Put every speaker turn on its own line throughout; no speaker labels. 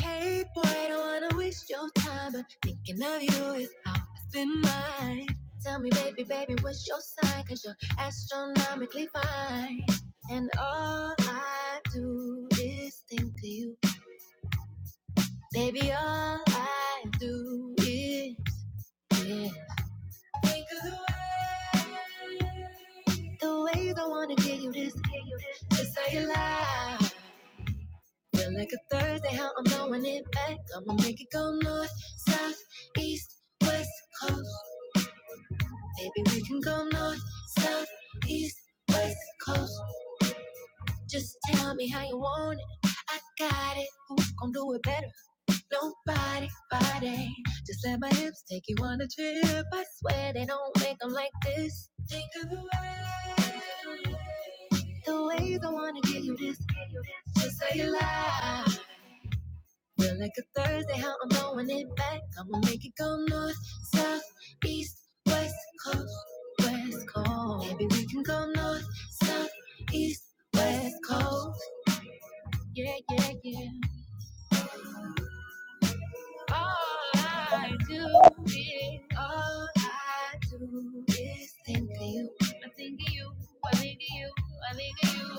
Hey, boy, I don't wanna waste your time, but thinking of you is how I spend mine. Tell me, baby, baby, what's your sign? you you're astronomically fine. And all I do is think of you. Baby, all I do is yeah. think of the way. The ways I wanna give you this, give you this, this how you lie. Feel like a Thursday, how I'm throwing it back. I'ma make it go north, south, east, west coast. Baby, we can go north, south, east, west coast. Just tell me how you want it. I got it. Who gon' do it better? Nobody, body. Just let my hips take you on a trip. I swear they don't make 'em like this. Think of the way, the ways I wanna give you this, just so you lie. Feel like a Thursday, how I'm throwing it back. I'ma make it go north, south, east, west, coast, west, coast. Maybe we can go north, south, east, west, coast. Yeah, yeah, yeah. All I do is, all I do is think of you. I think of you, I think of you, I think of you.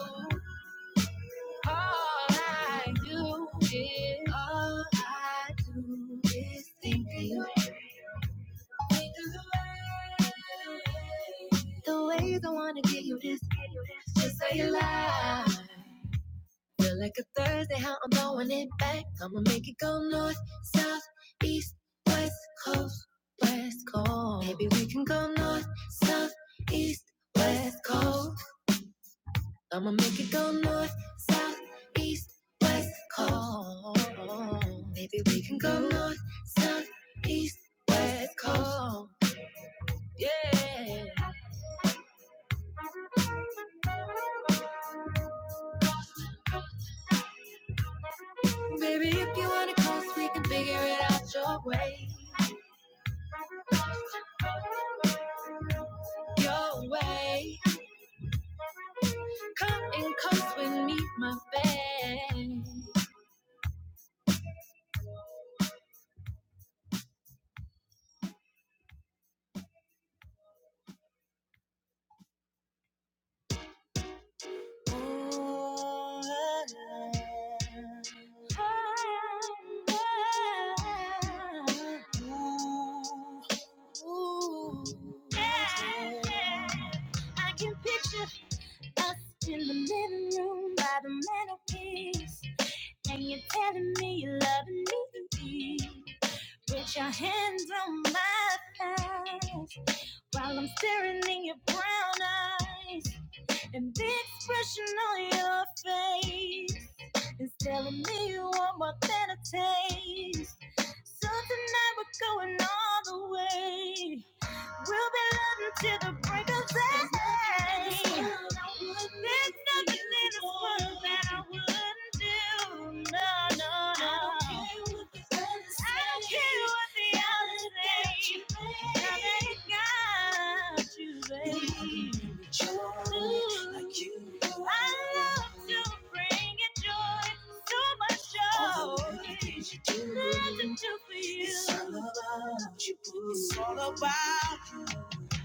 All I do is, all I do is think of you. The ways I wanna give you this, just so you lie. Feel like a Thursday, how I'm throwing it back. I'ma make it go north, south, east, west, coast, west, coast. Maybe we can go north, south, east, west, coast. I'ma make it go north, south, east, west, coast. Maybe we can go north, south, east, west, coast. Yeah. Baby, if you wanna coast, we can figure it out your way. Your way. Come and coast with me, my babe. Ooh, ah, ah, ooh, yeah, yeah. I can picture us in the living room by the mantelpiece. And you're telling me you're loving me. Put your hands on my thighs while I'm staring in your brown eyes. And the expression on your face is telling me you want more than a taste. So tonight we're going all the way. We'll be loving till the break of day. There's nothing in this world that I wouldn't do. No, no, no. I don't care what the others say. Now they got you, baby like I love to bring it joy, so much joy. All the little things you do, It's all about you.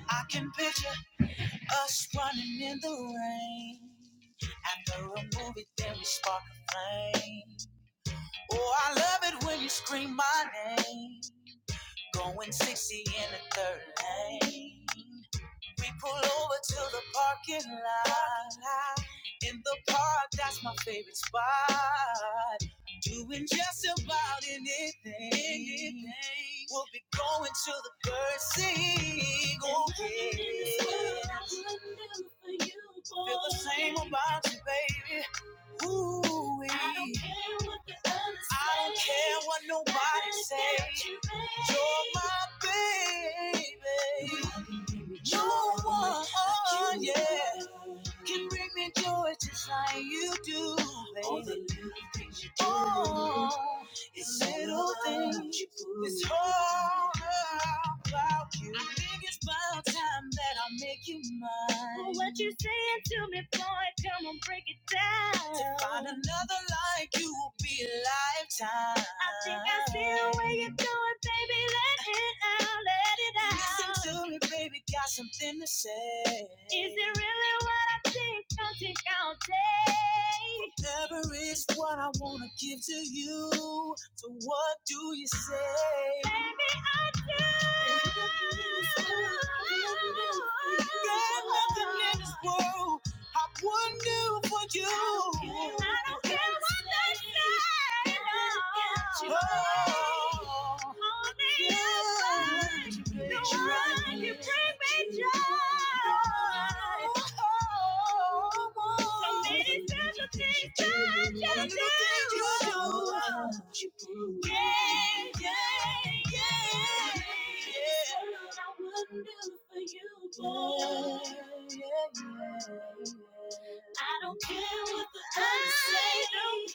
I can picture us running in the rain. After a movie, then we spark a flame. Oh, I love it when you scream my name. Going 60 in the third lane. We pull over to the parking lot. In the park, that's my favorite spot. Doing just about anything. Anything. We'll be going to the bird scene. Oh, yeah. Feel the same about you, baby. Ooh, I don't care what the others say. I don't say. care what nobody says. You're my baby. No one, yeah, can bring me joy just like you do, baby. Oh, it's little things. you do. It's all about you. I think it's about time that I make you mine. Well, what you saying to me, boy? Come on, break it down. To find another like you will be a lifetime. I think I see the way you're going, baby. Let it out, let it out. Listen to me, baby, got something to say. Is it really what I think? Don't take all day. Whatever is what I wanna give to you. So what do you say? Baby, I do. Got nothing in this world I wouldn't do for you. I don't care what they say. Yeah. yeah, yeah. I don't care what the others say. I don't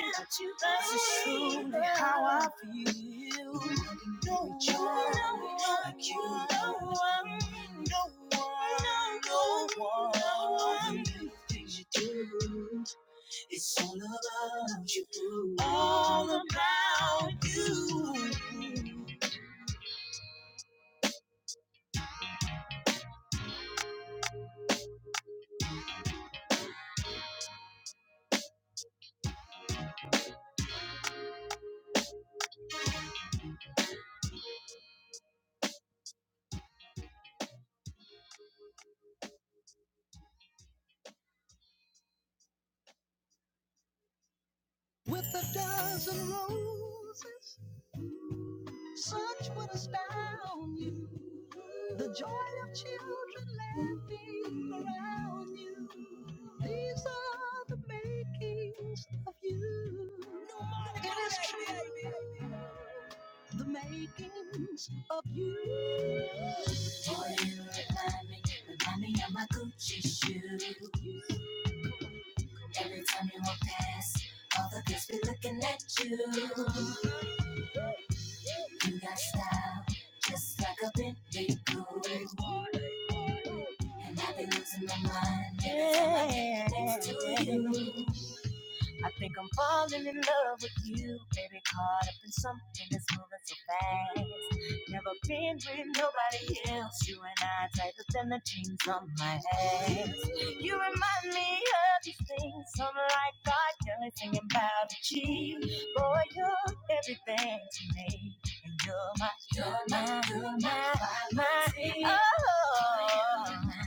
care. Not you, say. this is truly how I feel. No one, no one, like you, no one, no one, no one, no one. The Things you do, it's all about you, all about you. With a dozen roses, such would astound you. It is true. Yeah. I think I'm falling in love with you, baby. Caught up in something that's moving so fast. Never been with nobody else. You and I tighter than the jeans on my hands. You remind me of these things. I'm like God, you're singing about a cheat. Boy, you're everything to me. And you're my, my, you're my, my, my. Oh,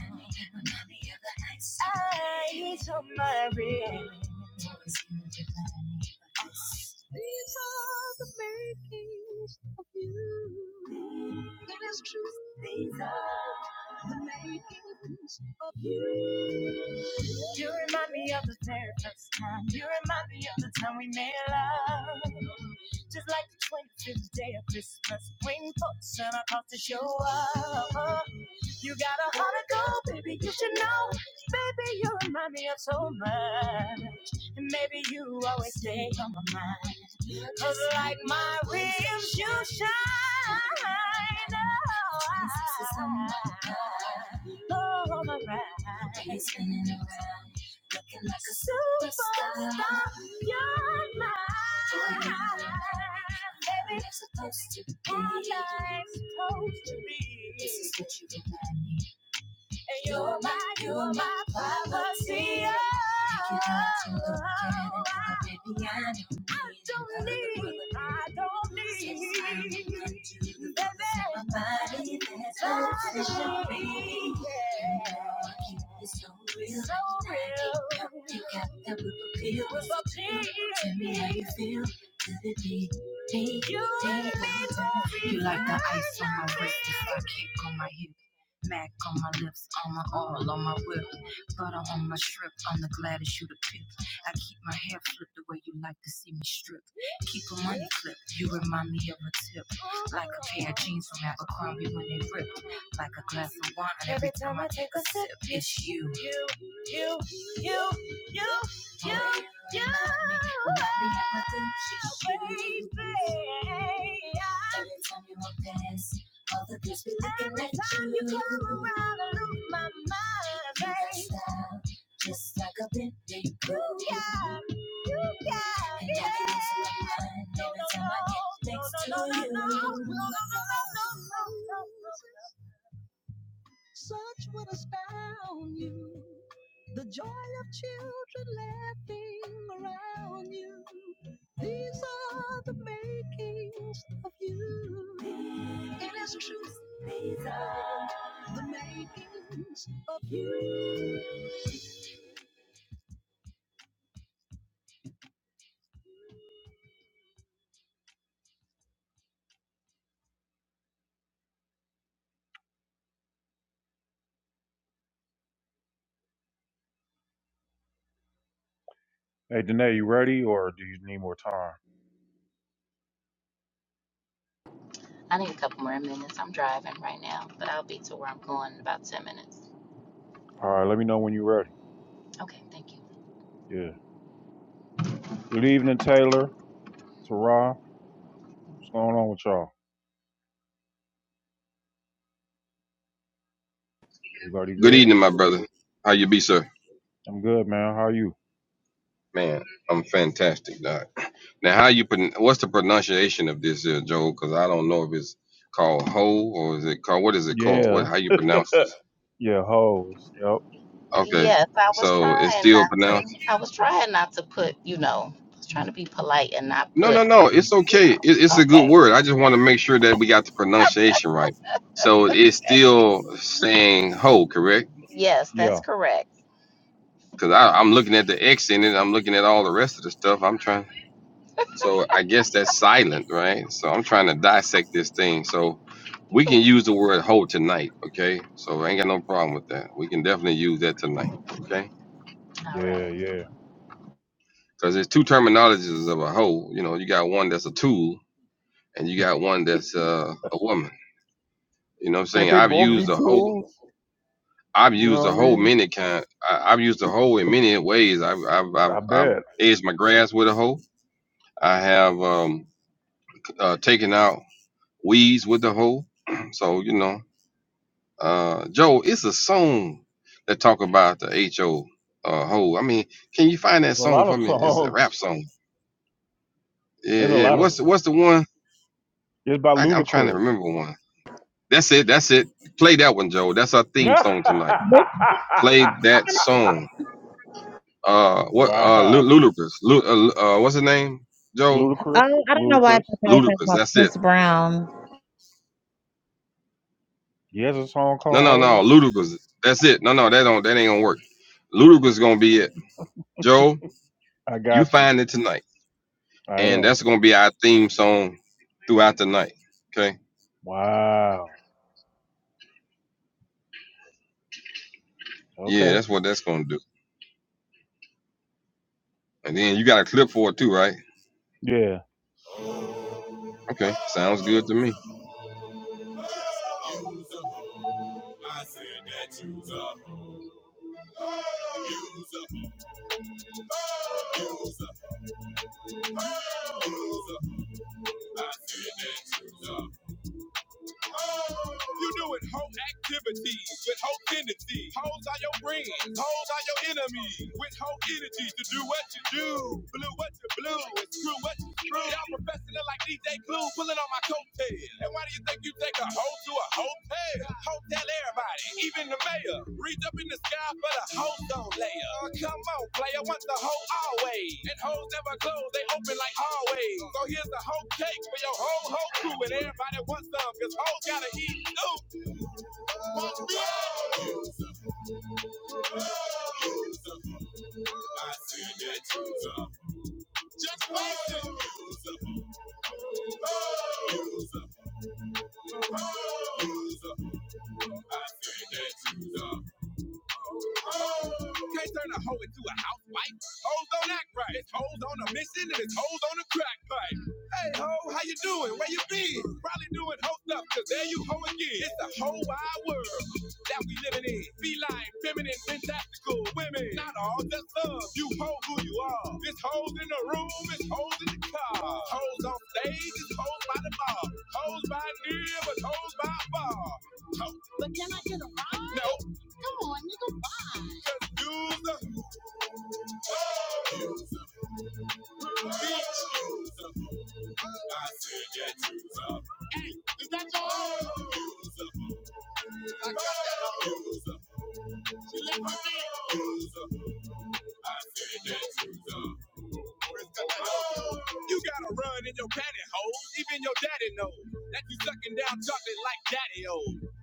eyes on my ring. It is true. dare first time. You remind me of the time we made love. Just like the 25th day of Christmas. Waiting for the Santa Claus to show up. You got a heart to go, baby, you should know. Baby, you remind me of so much. And maybe you always stay on my mind. Cause like my rims, you shine. Oh, oh my ride. spinning around, looking like a Superstar, you're mine. Baby, you're supposed to be. all I'm supposed to be. This is what you remind me. And you're my, you're my poverty. Take it out to it, baby, I don't need I don't need, I don't need. Baby, my body, that's what it should be. Yeah. Keep so real, so real. You got that whip appeal. Tell me how you feel. Could it be? me? You, you like the ice on my wrist, the side kick on my hip. Mac on my lips, on my all, on my whip. Butter on my strip, I'm the gladdest you to pick. I keep my hair flipped the way you like to see me strip. Keep a money clip, you remind me of a tip. Like a pair of jeans from Abercrombie when they rip. Like a glass of wine every time I take a sip. It's you. You, you, oh, baby. Every time you walk past, all the girls be looking at you. Every time you. come around, I lose my mind, baby. just like a Bentley groove. Yeah, you got it. no, no, no, no, no. Hey, Danae, you ready or do you need more time?
I need a couple more minutes. I'm driving right now, but I'll be to where I'm going in about 10 minutes.
All right, let me know when you're ready.
Okay, thank you.
Yeah. Good evening, Taylor, Tara. What's going on with y'all? Everybody
Good
good?
evening, my brother. How you be, sir?
I'm good, man. How are you?
Man, I'm fantastic, Doc. Now, how you pron- What's the pronunciation of this, here, Joe? Because I don't know if it's called ho or is it called what is it called? What
Yeah.
how you pronounce this?
Yeah, hoes. Yep.
Okay,
Yes, I was
so it's
trying
still
not to.
pronounced.
I was trying not to put, you know, I was trying to be polite and not
No, no,
put,
no. It's
you
okay. It,
know.
it's a good
Okay.
word. I just want to make sure that we got the pronunciation right. So it's still saying ho, correct?
Yes, that's
Yeah.
correct.
Because I'm looking at the X in it. I'm looking at all the rest of the stuff. I'm trying. So I guess that's silent, right? So I'm trying to dissect this thing. So we
All
can use the word whole tonight, okay? So I ain't got no problem with that. We can definitely use that tonight, okay?
Yeah,
right.
yeah.
Because there's two terminologies of a hoe. You know, you got one that's a tool and you got one that's uh, a woman. You know what I'm
Can't
saying?
they
I've
both be
used a whole.
tools?
I've
You
used
know
a
what I
whole
mean?
many kind. I, I've used a whole in many ways. I've I've I've,
I
I've
bet.
edged my grass with a hoe. I have um, uh, taken out weeds with the hoe. So you know, Uh, Joe, it's a song that talk about the HO uh hole. I mean, can you find that
There's a
song
lot
for
of
me? It's a rap
songs.
song. Yeah,
There's a
yeah.
lot of
What's the- what's the one?
it's by
I, I'm trying to
Ludacris.
remember one. That's it. That's it. Play that one, Joe. That's our theme song tonight.
Which,
Play that song. Uh, what? Uh,
wow.
Lu- Ludacris. Lu- uh, uh, what's his name? Joe.
Ludacris?
um, I don't know why I
Ludacris.
thought I was talking
Ludacris.
about
That's it.
Chris Brown.
He has a song
No,
called
no, no.
Hoes?
Ludacris. That's it. No, no. That don't. That ain't gonna work. Ludacris gonna be it. Joe,
I
you
got you.
find it tonight.
I
and
am.
that's gonna be our theme song throughout the night. Okay.
Wow.
Yeah,
Okay.
that's what that's gonna do. And then you got a clip for it too, right?
Yeah.
Okay. Sounds good to me.
You doing whole activities with whole energy. Hoes are your friends, hoes are your enemies. With whole energies to do what you do, blue what you blue, and screw what Y'all professing it like DJ Clue, pulling on my coattail. And why do you think you take a hoe to a hotel? Hotel everybody, even the mayor. Reach up in the sky for the hoes don't layer. Oh, come on, player, want the hoe always. And hoes never close, they open like always. So here's the hoe cake for your whole whole crew, and everybody wants some, cause hoes gotta eat too. I see that you up. Just wait to use up. Use up. Use up. I see that you up. Oh, Can't turn a hoe into a housewife. Hoes don't act right. It's hoes on a mission and it's hoes on a crack pipe. Hey ho, how you doing? Where you been? Probably doing hoe stuff, cause there you hoe again. It's a whole wide world that we living in. Feline, feminine, fantastical women. Not all just love. You hoe who you are. It's hoes in the room, it's hoes in the car. Hoes on stage, it's hoes by the bar. Hoes by near, but hoes by bar. Ho, no. Come on. Just yeah, Is that your own? Use up. I got that Use up. She left my Use up. I said, yeah, use up. You gotta run in your pantyhose. Even your daddy knows that you sucking down chocolate like daddy o.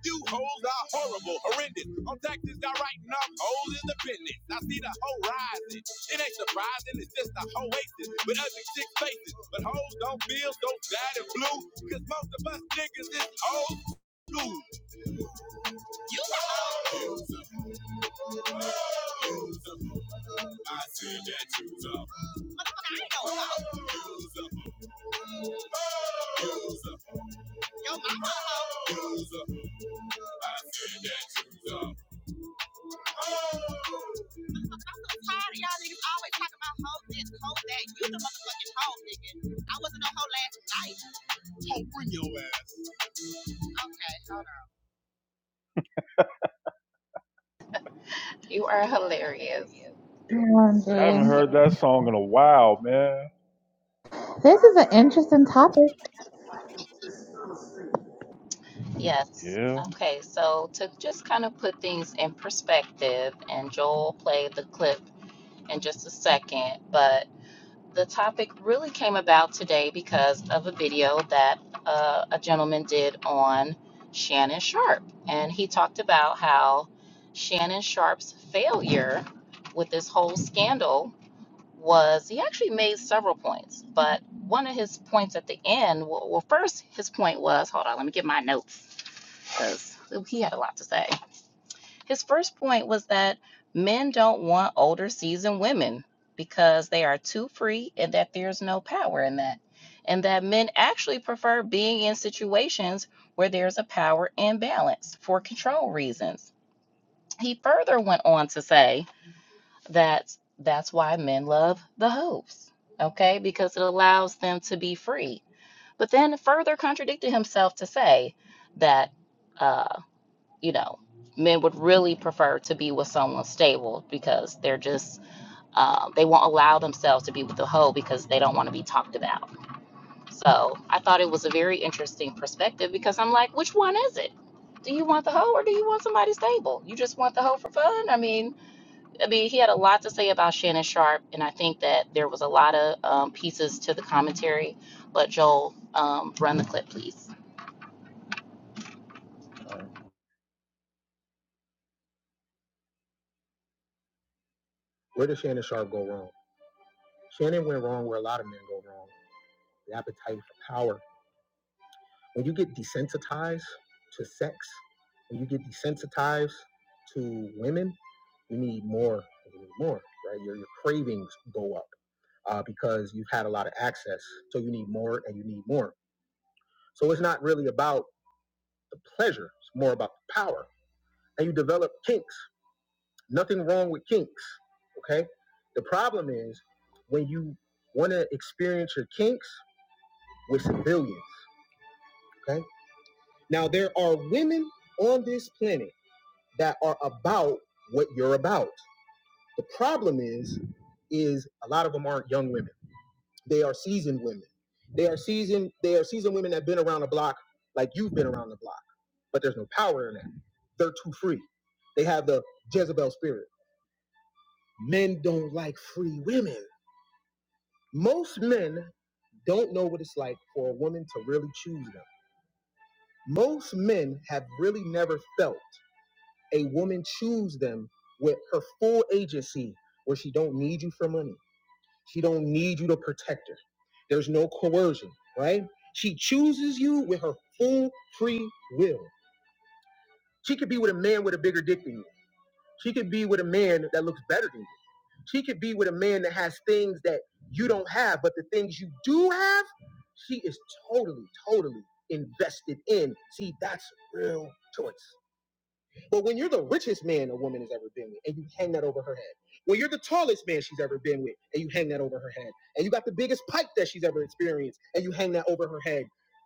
You hoes are horrible, horrendous. On taxes, y'all writing off hoes in the business. I see the hoe rising. It ain't surprising, it's just a hoe wasted with ugly six faces. But hoes don't feel so bad and blue, cause most of us niggas is old. school. You hoes. Use 'em. Use 'em. I said that use 'em. I know. I
You are hilarious.
haven't
OMG.
heard that song in a while, man.
This is an interesting topic.
Yes.
Yeah.
Okay, so to just kind of put things in perspective, and Joel played the clip in just a second, but The topic really came about today because of a video that uh, a gentleman did on Shannon Sharp. And he talked about how Shannon Sharp's failure with this whole scandal was he actually made several points, but one of his points at the end, well, well first, his point was hold on, let me get my notes because he had a lot to say. His first point was that men don't want older, seasoned women because they are too free and that there's no power in that. And that men actually prefer being in situations where there's a power imbalance for control reasons. He further went on to say that that's why men love the hoops, okay, because it allows them to be free. But then further contradicted himself to say that. uh, you know, men would really prefer to be with someone stable because they're just, um, they won't allow themselves to be with a hoe because they don't want to be talked about. So I thought it was a very interesting perspective because I'm like, which one is it? Do you want the hoe or do you want somebody stable? You just want the hoe for fun? I mean, I mean, he had a lot to say about Shannon Sharp, and I think that there was a lot of um, pieces to the commentary. But Joel, um, run the clip, please.
all right. Where did Shannon Sharp go wrong? Shannon went wrong where a lot of men go wrong. The appetite for power. When you get desensitized to sex, when you get desensitized to women, you need more. You need more, right? Your, your cravings go up uh, because you've had a lot of access. So you need more and you need more. So it's not really about the pleasure. It's more about the power. And you develop kinks. Nothing wrong with kinks. Okay. The problem is when you want to experience your kinks with civilians. Okay. Now, there are women on this planet that are about what you're about. The problem is, is a lot of them aren't young women. They are seasoned women. They are seasoned. They are seasoned women that have been around the block, like you've been around the block. but there's no power in it. They're too free. They have the Jezebel spirit. Men don't like free women. Most men don't know what it's like for a woman to really choose them. Most men have really never felt a woman choose them with her full agency where she don't need you for money. She don't need you to protect her. There's no coercion, right? She chooses you with her full free will. She could be with a man with a bigger dick than you. She could be with a man that looks better than you. She could be with a man that has things that you don't have, but the things you do have, she is totally, totally invested in. See, that's real choice. But when you're the richest man a woman has ever been with, and you hang that over her head, when you're the tallest man she's ever been with, and you hang that over her head, and you got the biggest pipe that she's ever experienced, and you hang that over her head,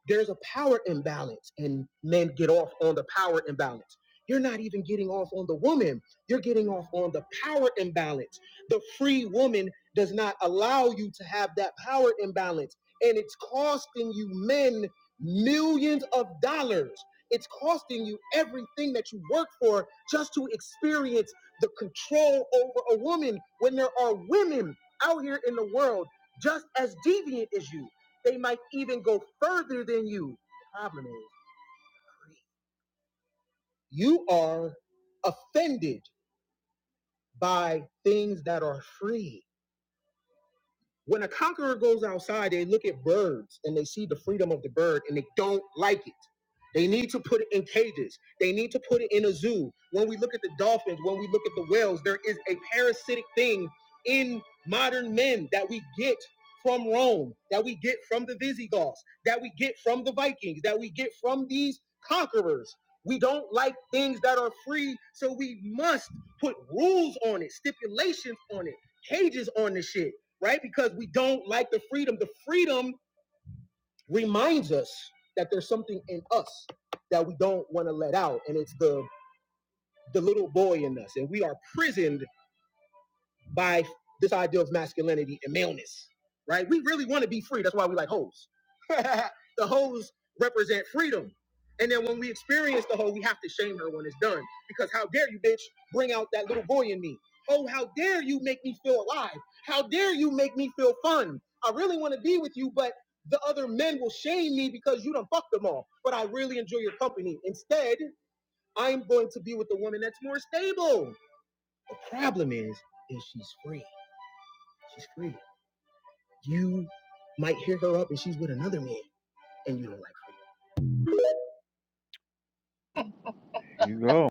there's a power imbalance, and men get off on the power imbalance. You're not even getting off on the woman. You're getting off on the power imbalance. The free woman does not allow you to have that power imbalance. And it's costing you men millions of dollars it's costing you everything that you work for just to experience the control over a woman when there are women out here in the world just as deviant as you. They might even go further than you. The Problem is, you are offended by things that are free. When a conqueror goes outside, they look at birds and they see the freedom of the bird and they don't like it. They need to put it in cages. They need to put it in a zoo. When we look at the dolphins, when we look at the whales, there is a parasitic thing in modern men that we get from Rome, that we get from the Visigoths, that we get from the Vikings, that we get from these conquerors. We don't like things that are free, so we must put rules on it, stipulations on it, cages on the shit right? Because we don't like the freedom. The freedom reminds us that there's something in us that we don't want to let out, and it's the the little boy in us, and we are prisoned by this idea of masculinity and maleness, right? We really want to be free. That's why we like hoes. the hoes represent freedom. And then when we experience the hoe, we have to shame her when it's done. Because how dare you, bitch, bring out that little boy in me? Oh, how dare you make me feel alive? How dare you make me feel fun? I really want to be with you, but the other men will shame me because you done fucked them all. But I really enjoy your company. Instead, I'm going to be with the woman that's more stable. The problem is, is she's free. She's free. You might hear her up and she's with another man and you don't like her. There you go.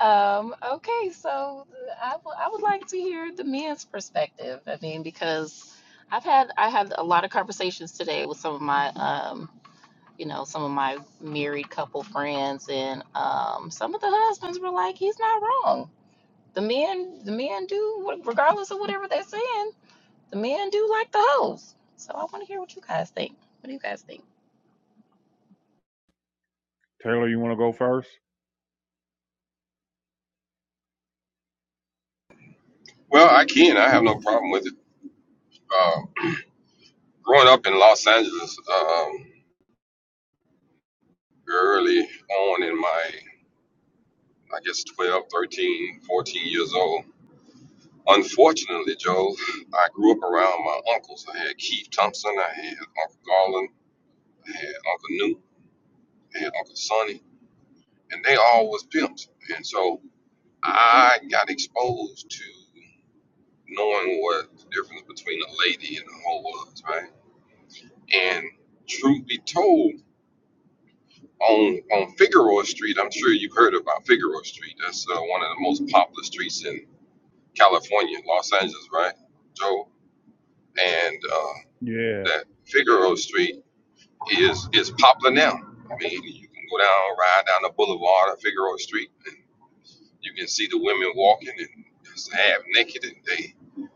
Um, okay, so I w- I would like to hear the men's perspective. I mean, because I've had I had a lot of conversations today with some of my um, you know, some of my married couple friends, and um, some of the husbands were like, "He's not wrong. The men, the men do, what- regardless of whatever they're saying, the men do like the hoes." So I want to hear what you guys think. What do you guys think?
Taylor, you want to go first?
Well, I can. I have no problem with it. Uh, growing up in Los Angeles, um, early on in my, I guess 12, 13, 14 years old. Unfortunately, Joe, I grew up around my uncles. I had Keith Thompson, I had Uncle Garland, I had Uncle Newt, I had Uncle Sonny, and they all was pimps. And so I got exposed to knowing what the difference between a lady and a hoe was, right? And truth be told, on on Figueroa Street, I'm sure you've heard about Figueroa Street. That's uh, one of the most popular streets in California, Los Angeles, right, Joe? And uh,
Yeah.
that Figueroa Street is is popular now. I mean, you can go down, ride down the boulevard of Figueroa Street, and You can see the women walking and just half naked and they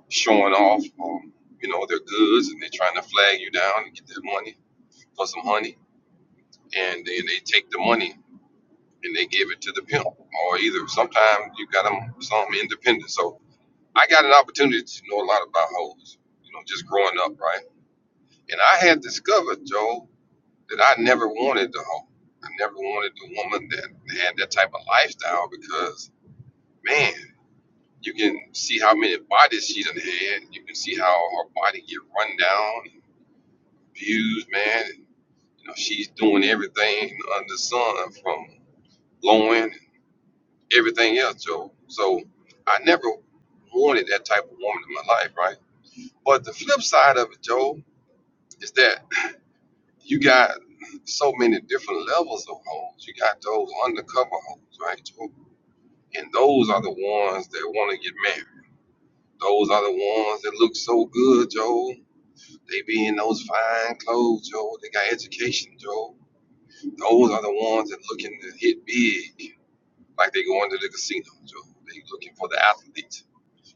showing off, um, you know, their goods and they're trying to flag you down and get their money for some honey. And then they take the money and they give it to the pimp or either. Sometimes you got them some independent. So I got an opportunity to know a lot about hoes, you know, just growing up, right? And I had discovered, Joe, that I never wanted the hoe. I never wanted the woman that had that type of lifestyle because, man, You can see how many bodies she done had. You can see how her body get run down, abused, man. And, you know, she's doing everything under the sun from blowing and everything else, Joe. So I never wanted that type of woman in my life, right? But the flip side of it, Joe, is that you got so many different levels of hoes. You got those undercover hoes, right, Joe? And those are the ones that want to get married. Those are the ones that look so good, Joe. They be in those fine clothes, Joe. They got education, Joe. Those are the ones that looking to hit big, like they going to the casino, Joe. They looking for the athlete.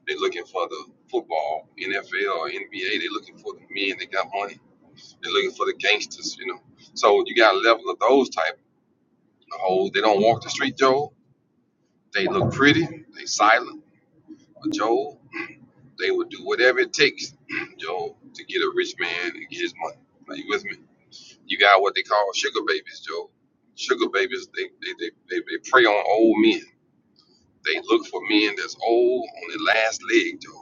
They looking for the football, NFL or NBA. They looking for the men that got money. They looking for the gangsters, you know. So you got a level of those type of hoes. They don't walk the street, Joe. They look pretty. They silent, but Joe, they will do whatever it takes, Joe, to get a rich man and get his money. Are you with me? You got what they call sugar babies, Joe. Sugar babies, they they they, they, they prey on old men. They look for men that's old on their last leg, Joe.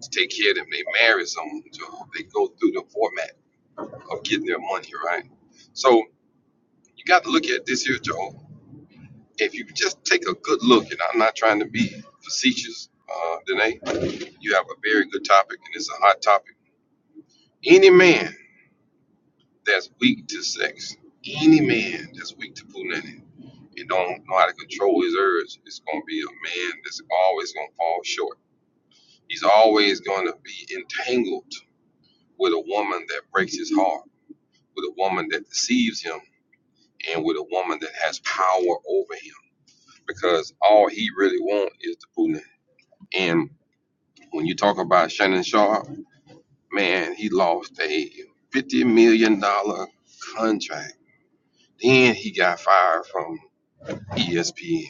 To take care of them, they marry someone, Joe. They go through the format of getting their money, right? So you got to look at this here, Joe. If you just take a good look, and I'm not trying to be facetious, uh, Danae, you have a very good topic, and it's a hot topic. Any man that's weak to sex, any man that's weak to punani, You don't know how to control his urge. It's going to be a man that's always going to fall short. He's always going to be entangled with a woman that breaks his heart, with a woman that deceives him, and with a woman that has power over him. Because all he really wants is the Putin. And when you talk about Shannon Sharp, man, he lost a fifty million dollar contract. Then he got fired from ESPN.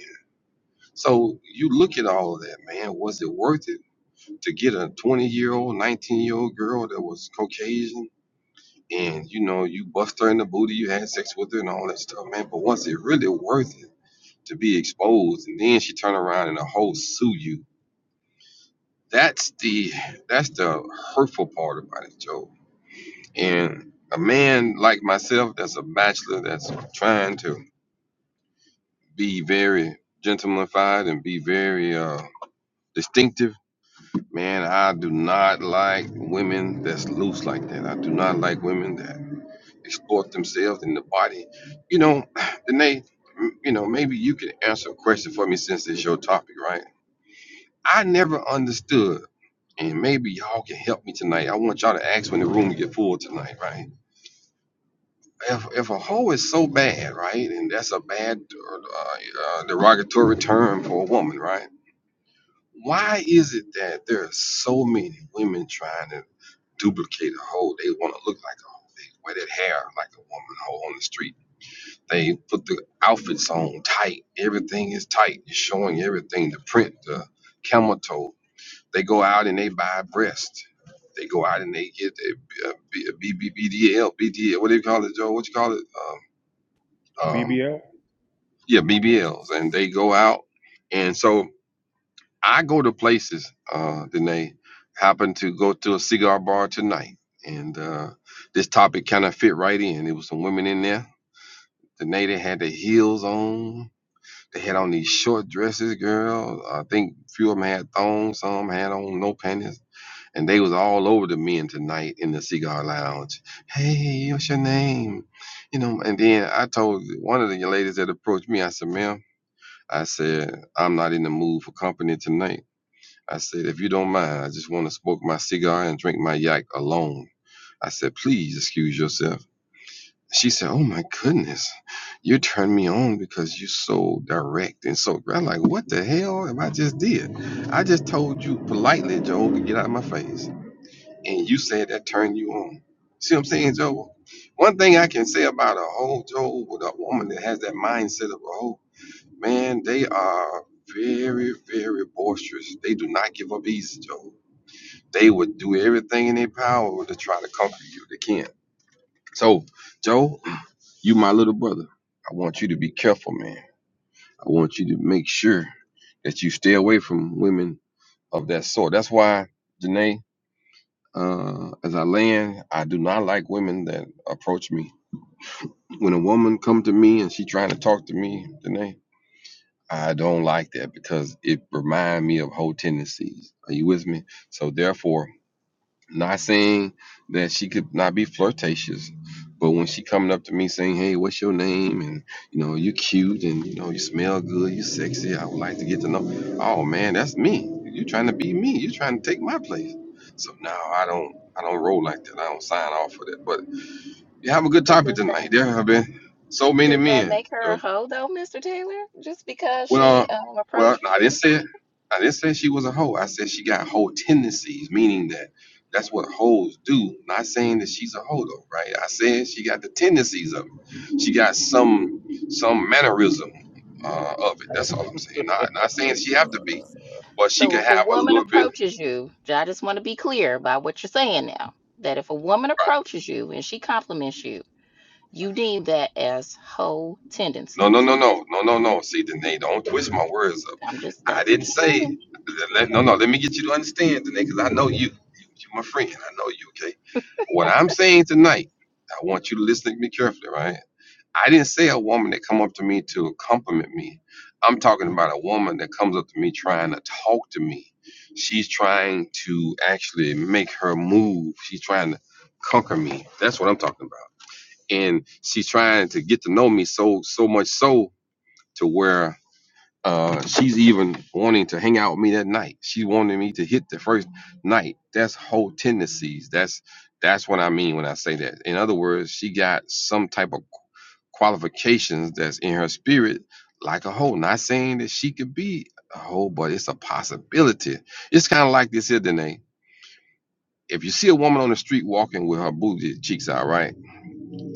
So you look at all of that, man. Was it worth it? to get a 20 year old, 19 year old girl that was Caucasian and you know, you bust her in the booty, you had sex with her and all that stuff, man. But was it really worth it to be exposed? And then she turned around and a whole sue you. That's the that's the hurtful part about it, Joe. And a man like myself that's a bachelor that's trying to be very gentlemanified and be very uh distinctive Man, I do not like women that's loose like that. I do not like women that exploit themselves in the body. You know, Danae, m- you know, maybe you can answer a question for me since it's your topic, right? I never understood, and maybe y'all can help me tonight. I want y'all to ask when the room get full tonight, right? If, if a hoe is so bad, right, and that's a bad uh, uh, derogatory term for a woman, right? Why is it that there are so many women trying to duplicate a hoe? They want to look like a hoe. They wear that hair like a woman hoe on the street. They put the outfits on tight. Everything is tight. It's showing everything. The print, the camel toe. They go out and they buy a breast. They go out and they get a, a, B- a B- B- BDL, BDL. What do you call it, Joe? What you call it? Um, um,
BBL?
yeah, B B Ls. And they go out. And so I go to places, uh, Danae. Happened to go to a cigar bar tonight, and uh, this topic kind of fit right in. It was some women in there. Danae, they had their heels on. They had on these short dresses, girl. I think few of them had thongs, some had on no panties, and they was all over the men tonight in the cigar lounge. Hey, what's your name? You know, and then I told one of the ladies that approached me. I said, "Ma'am," I said, "I'm not in the mood for company tonight." I said, if you don't mind, I just want to smoke my cigar and drink my yak alone. I said, please excuse yourself. She said, oh my goodness, you turned me on because you're so direct and so. I'm like, what the hell am I just did? I just told you politely, Joe, to get out of my face. And you said that turned you on. See what I'm saying, Joe? One thing I can say about a whole Joe with a woman that has that mindset of a hoe, man, they are very, very boisterous. They do not give up easy, Joe they would do everything in their power to try to comfort you. They can't. So, Joe, you my little brother. I want you to be careful, man. I want you to make sure that you stay away from women of that sort. That's why, Janae, uh, as I land, I do not like women that approach me. When a woman come to me and she trying to talk to me, Janae, I don't like that because it remind me of whole tendencies. Are you with me? So therefore, Not saying that she could not be flirtatious, but when she coming up to me saying, "Hey, what's your name?" and you know, you cute and you know, you smell good, you sexy. I would like to get to know. Oh man, that's me. You trying to be me? You trying to take my place? So now I don't, I don't roll like that. I don't sign off for that. But you have a good
But
topic
does that
tonight. There have been so many
does that
men.
make her a hoe though, Mr. Taylor? Just because she
Well,
um
well,
approaches
no,
you?
I didn't say it. I didn't say she was a hoe. I said she got hoe tendencies, meaning that that's what hoes do. Not saying that she's a hoe though, right? I said she got the tendencies of it. She got some some mannerism uh, of it. That's all I'm saying. Not not saying she have to be, but she
So
could
if a
have a
woman
little bit.
approaches you, I just want to be clear about what you're saying now. That if a woman approaches you and she compliments you, you deem that as hoe
No,
tendencies.
no, no, no, no, no, no. See, Danae, don't twist my words up.
I'm just
I
that's
didn't
what you said.
say. Let, no, no. Let me get you to understand, Danae, because I know you. you. You're my friend. I know you. Okay. What I'm saying tonight, I want you to listen to me carefully, right? I didn't say a woman that come up to me to compliment me. I'm talking about a woman that comes up to me trying to talk to me. She's trying to actually make her move. She's trying to conquer me. That's what I'm talking about. And she's trying to get to know me so so much so to where uh, she's even wanting to hang out with me that night. She wanted me to hit the first night. That's whole tendencies. That's that's what I mean when I say that. In other words, she got some type of qualifications that's in her spirit, like a whole. Not saying that she could be a whole, but it's a possibility. It's kind of like this here, Danae. If you see a woman on the street walking with her booty cheeks out, right,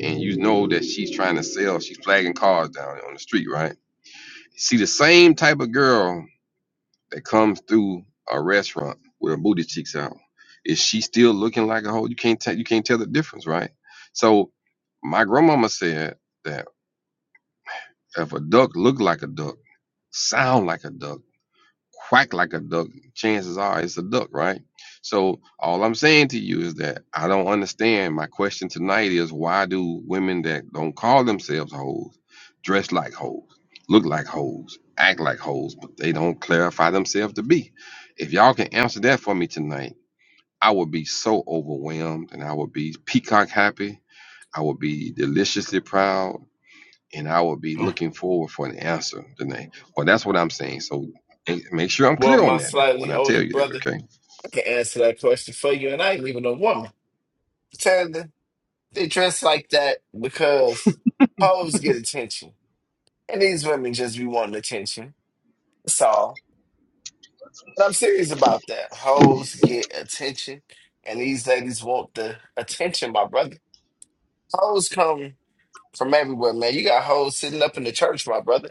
and you know that she's trying to sell, she's flagging cars down on the street, right? See the same type of girl that comes through a restaurant with her booty cheeks out, is she still looking like a hoe? You can't tell you can't tell the difference, right? So my grandmama said that if a duck look like a duck, sound like a duck quack like a duck, chances are it's a duck, right? So all I'm saying to you is that I don't understand. My question tonight is why do women that don't call themselves hoes dress like hoes, look like hoes, act like hoes, but they don't clarify themselves to be? If y'all can answer that for me tonight, I would be so overwhelmed and I would be peacock happy. I would be deliciously proud and I will be looking forward for an answer, Danae. But that's what I'm saying. So eh, make sure I'm
Well,
clear on
my
that now when
slightly
I
older
tell you that,
brother
okay?
I can answer that question for you, and I ain't even a woman. Tanda, they dress like that because hoes get attention, and these women just be wanting attention. That's all. But I'm serious about that. Hoes get attention, and these ladies want the attention, my brother. Hoes come from everywhere, man. You got hoes sitting up in the church, my brother.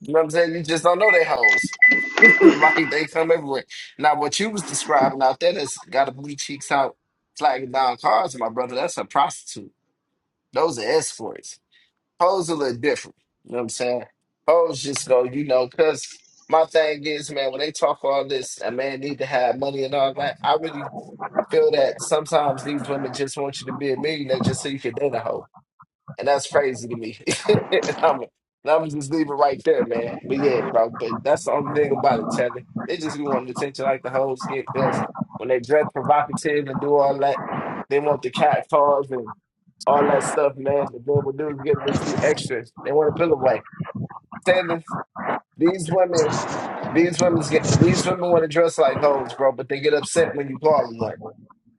You know what I'm saying? You just don't know they hoes. like they come everywhere. Now, what you was describing out there that's got a blue cheeks out flagging down cars, my brother, that's a prostitute. Those are escorts. Hoes a little different. You know what I'm saying? Hoes just go, you know, because my thing is, man, when they talk all this, a man need to have money and all that, I really feel that sometimes these women just want you to be a millionaire just so you can date a hoe. And that's crazy to me. I'm, I'm just leaving right there, man. But yeah, bro. But that's the only thing about it, Taylor. They just be wanting attention like the hoes get because when they dress provocative and do all that, they want the cat calls and all that stuff, man. But then what dudes get a little too extra. They want to feel away. Taylor, these women, these women get these women want to dress like hoes, bro. But they get upset when you call them one,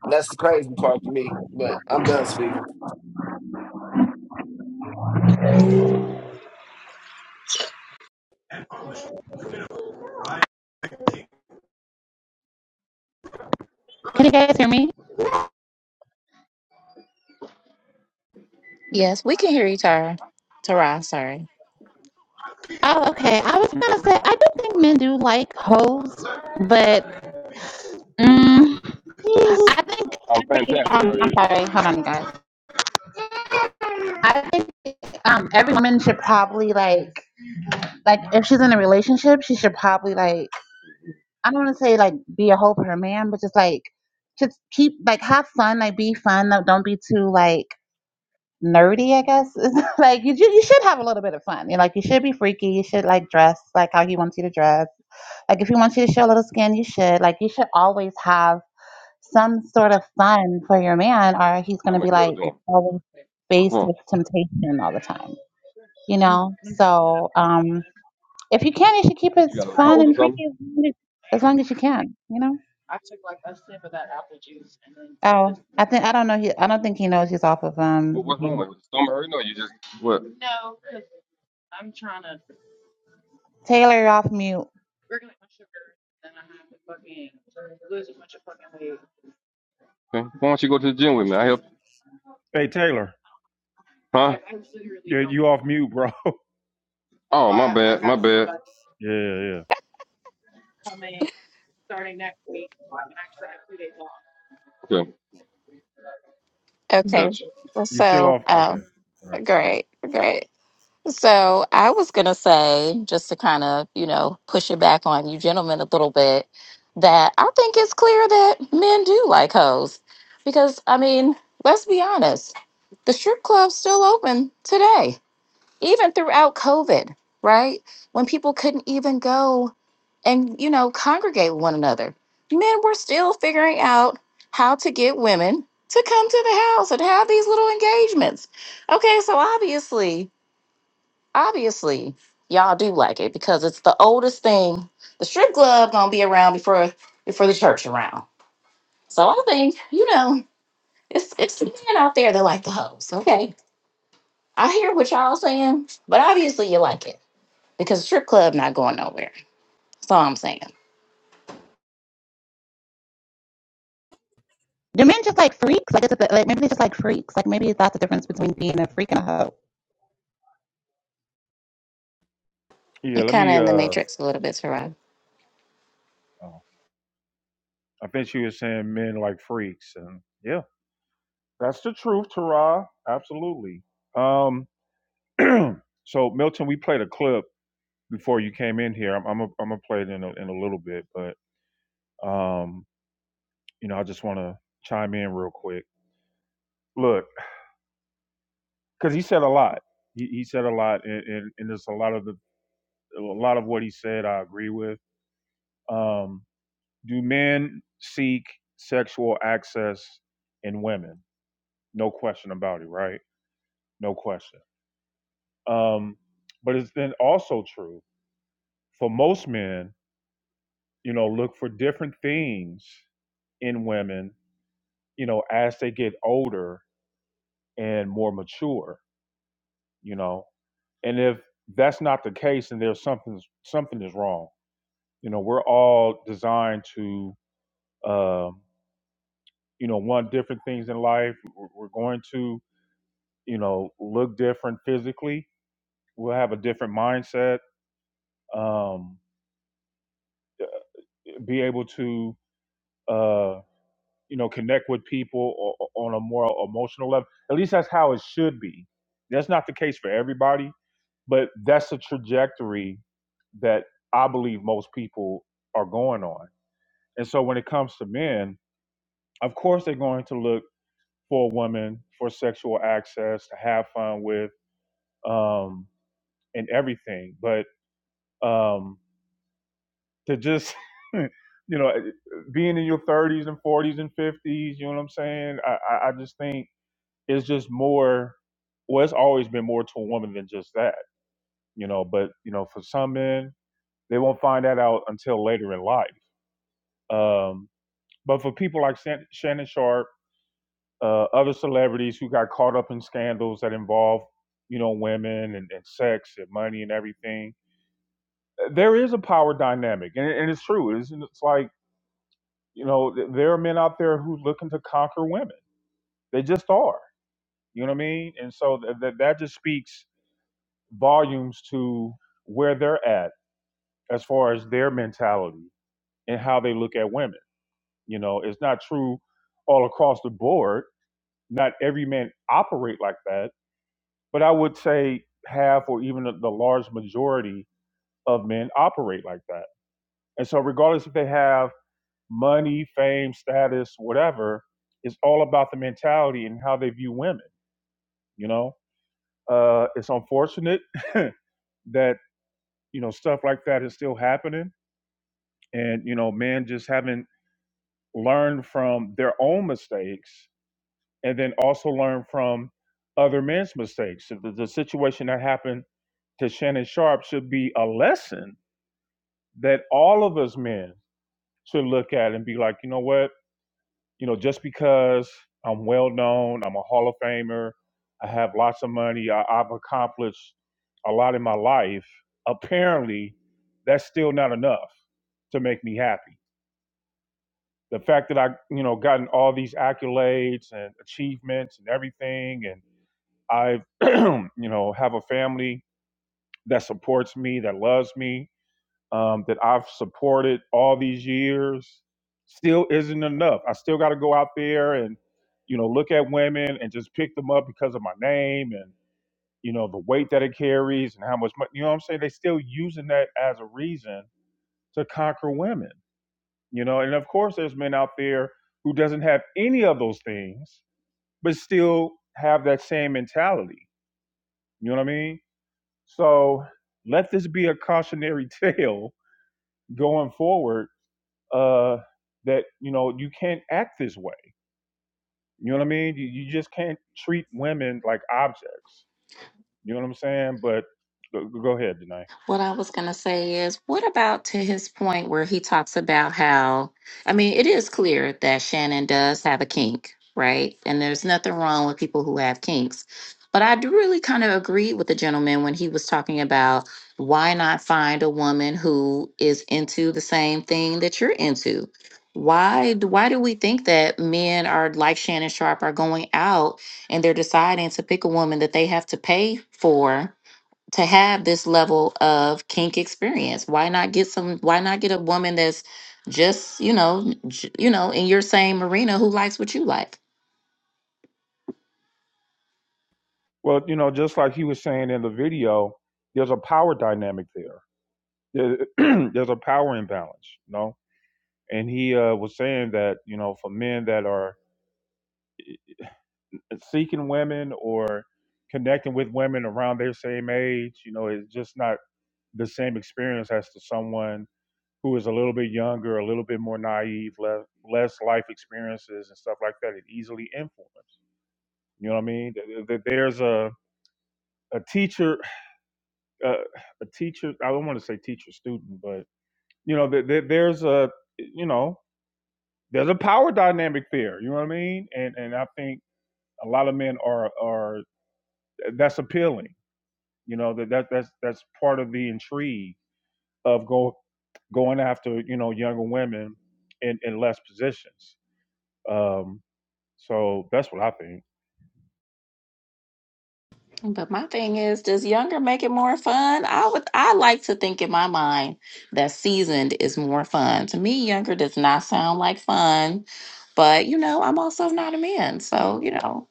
and that's the crazy part for me. But I'm done speaking.
Can you guys hear me?
Yes, we can hear you, Tara. Tara, sorry.
Oh, okay. I was gonna say I do think men do like hoes, but mm, I think
How
every um,
are
I'm
you?
sorry, hold on, you guys. I think um every woman should probably like like if she's in a relationship, she should probably like I don't want to say like be a hoe for her man, but just like just keep like have fun, like be fun. Like, don't be too like nerdy, I guess. It's like you, ju- you should have a little bit of fun. You know, like you should be freaky. You should like dress like how he wants you to dress. Like if he wants you to show a little skin, you should. Like you should always have some sort of fun for your man, or he's
How
gonna
my
be
girl
like
doing?
always
What's
faced
wrong?
with temptation all the time. You know. So um, if you can, you should keep
What
it
you got a
fun
cold or
and
something?
freaky as long as, as long as you can. You know. Oh, I think I don't know. He, I don't think he knows he's off of
What,
um.
what's wrong?
mute.
With you? Stomach hurting or you just what?
Taylor, you're off mute.
Okay. Why don't you go to the gym with
Hey, Taylor.
me? Huh?
Yeah, you off mute, bro.
Oh,
yeah, yeah.
okay,
Okay.
gotcha.
You still
So,
off? Okay.
oh,
All right.
great, great. So I was going to say, just to kind of, you know, push it back on you gentlemen a little bit, that I think it's clear that men do like hoes. Because, I mean, let's be honest, the strip club's still open today, even throughout COVID, right? When people couldn't even go and, you know, congregate with one another. Men were still figuring out how to get women to come to the house and have these little engagements. Okay, so obviously obviously y'all do like it because it's the oldest thing. The strip club gonna be around before before the church around. So I think you know it's it's the men out there that like the hoes. Okay, I hear what y'all saying, but obviously you like it because the strip club not going nowhere. That's all I'm saying.
Do men just like freaks? Like it's a like maybe they just like freaks. Like maybe that's the difference between being a freak and a hoe.
Yeah,
You're
let
kind
me.
of in the
uh
matrix a little bit, Taraji.
oh, I think she was saying men like freaks. And yeah, that's the truth, Tara. Absolutely. Um. So, Milton, we played a clip before you came in here. I'm I'm going I'm gonna play it in a, in a little bit, but um, you know, I just want to chime in real quick. look, because he said a lot. He, he said a lot, and, and, and there's a lot of the a lot of what he said I agree with. Um, do men seek sexual access in women? No question about it, right? No question. Um, but it's then also true for most men. You know, look for different things in women. You know, as they get older and more mature. You know, and if that's not the case, then there's something something is wrong you know we're all designed to um, you know want different things in life we're we're going to you know look different physically we'll have a different mindset um, be able to uh, you know connect with people o- o- on a more emotional level at least that's how it should be that's not the case for everybody but that's a trajectory that i believe most people are going on and so when it comes to men of course they're going to look for a woman for sexual access to have fun with um, and everything. But um, to just, you know, being in your 30s and 40s and 50s, you know what I'm saying? I, I I just think it's just more, well, it's always been more to a woman than just that, you know. But, you know, for some men, they won't find that out until later in life. Um, but for people like San- Shannon Sharp, uh, other celebrities who got caught up in scandals that involve, you know, women and, and sex and money and everything. Uh, There is a power dynamic, and, and it's true. It's, it's like, you know, th- there are men out there who looking to conquer women. They just are. You know what I mean? And so th- th- that just speaks volumes to where they're at as far as their mentality and how they look at women. You know, it's not true all across the board. Not every man operate like that But I would say half or even the, large majority of men operate like that. And so, regardless if they have money, fame, status, whatever, it's all about the mentality and how they view women. You know, uh, it's unfortunate that you know stuff like that is still happening, and you know, men just haven't learned from their own mistakes, and then also learn from other men's mistakes. So The, the situation that happened to Shannon Sharp should be a lesson that all of us men should look at and be like, you know what? You know, just because I'm well known, I'm a Hall of Famer, I have lots of money, I, I've accomplished a lot in my life, apparently that's still not enough to make me happy. The fact that I, you know, gotten all these accolades and achievements and everything, and I've, you know, have a family that supports me, that loves me, um, that I've supported all these years still isn't enough. I still got to go out there and, you know, look at women and just pick them up because of my name and, you know, the weight that it carries and how much money, you know what I'm saying? they still using that as a reason to conquer women, you know? And of course, there's men out there who doesn't have any of those things, but still have that same mentality. You know what I mean? So let this be a cautionary tale going forward uh, that you know you can't act this way. You know what I mean? You, you just can't treat women like objects. You know what I'm saying? But go, go ahead, Danae.
What I was going to say is, what about to his point where he talks about how, I mean, it is clear that Shannon does have a kink, right? And there's nothing wrong with people who have kinks. But I do really kind of agree with the gentleman when he was talking about why not find a woman who is into the same thing that you're into? Why do, why do we think that men are like Shannon Sharp are going out and they're deciding to pick a woman that they have to pay for? to have this level of kink experience why not get some why not get a woman that's just you know j- you know in your same arena who likes what you like
Well, you know, just like he was saying in the video, there's a power dynamic there. There- There's a power imbalance, you know. And he uh, was saying that you know, for men that are seeking women or connecting with women around their same age, you know, it's just not the same experience as to someone who is a little bit younger, a little bit more naive, less less life experiences and stuff like that, it easily influences. You know what I mean? Th- th- There's a a teacher, uh, a teacher. I don't want to say teacher student, but you know, th- th- there's a you know, there's a power dynamic there. You know what I mean? And and I think a lot of men are are that's appealing. You know that that that's that's part of the intrigue of go going after you know younger women in in less positions. Um, So that's what I think.
but my thing is does younger make it more fun i would i like to think in my mind that seasoned is more fun to me younger does not sound like fun but you know i'm also not a man so you know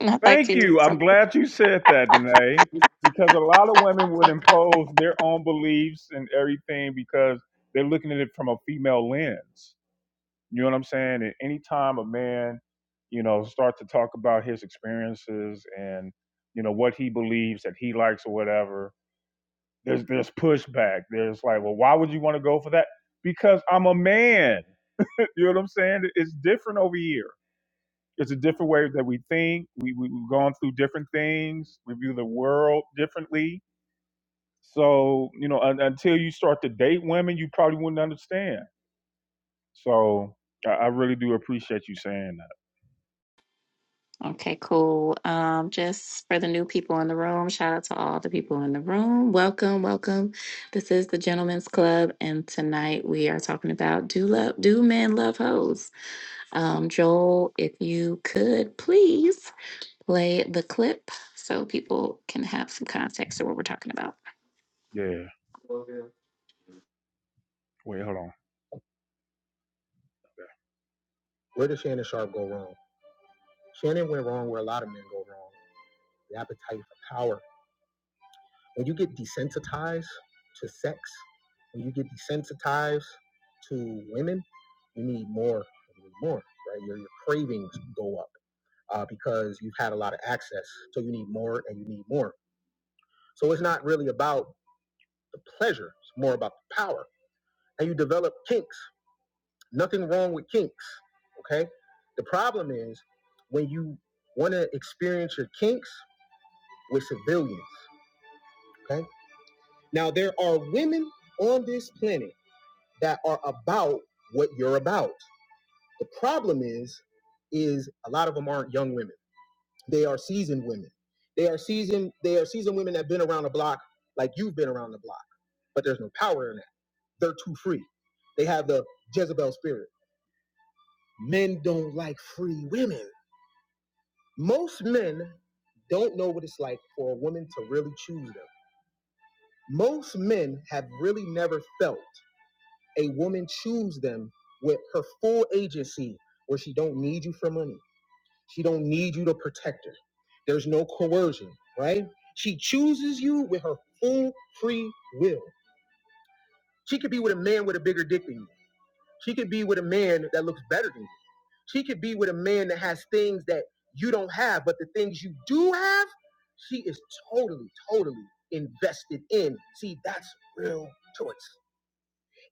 i'd like
Thank you.
to
I'm glad you said that, Danae, because a lot of women would impose their own beliefs and everything because they're looking at it from a female lens. You know what I'm saying? And anytime a man, you know, start to talk about his experiences and you know what he believes that he likes or whatever, there's there's pushback. There's like, well, why would you want to go for that? Because I'm a man. You know what I'm saying? It's different over here. It's a different way that we think. We, we, we've gone through different things. We view the world differently. So, you know, un, until you start to date women, you probably wouldn't understand. So I, I really do appreciate you saying that.
Okay, cool. Um, just for the new people in the room, shout out to all the people in the room. Welcome, welcome. This is the Gentlemen's Club, and tonight we are talking about do love do men love hoes? Um, Joel, if you could please play the clip so people can have some context to what we're talking about.
Yeah. Wait, hold on. Where did Shannon Sharp go wrong? Shannon went wrong where a lot of men go wrong the appetite for power. When you get desensitized to sex, when you get desensitized to women, you need more and you need more, right? Your, your cravings go up uh, because you've had a lot of access. So you need more and you need more. So it's not really about the pleasure, it's more about the power. And you develop kinks. Nothing wrong with kinks, okay? The problem is when you want to experience your kinks with civilians Okay. Now there are women on this planet that are about what you're about. The problem is, is a lot of them aren't young women. They are seasoned women. They are seasoned. They are seasoned women that've been around the block, like you've been around the block. But there's no power in that. They're too free. They have the Jezebel spirit. Men don't like free women. Most men don't know what it's like for a woman to really choose them. Most men have really never felt a woman choose them with her full agency where she don't need you for money she don't need you to protect her there's no coercion right she chooses you with her full free will she could be with a man with a bigger dick than you she could be with a man that looks better than you she could be with a man that has things that you don't have but the things you do have she is totally totally invested in see that's real choice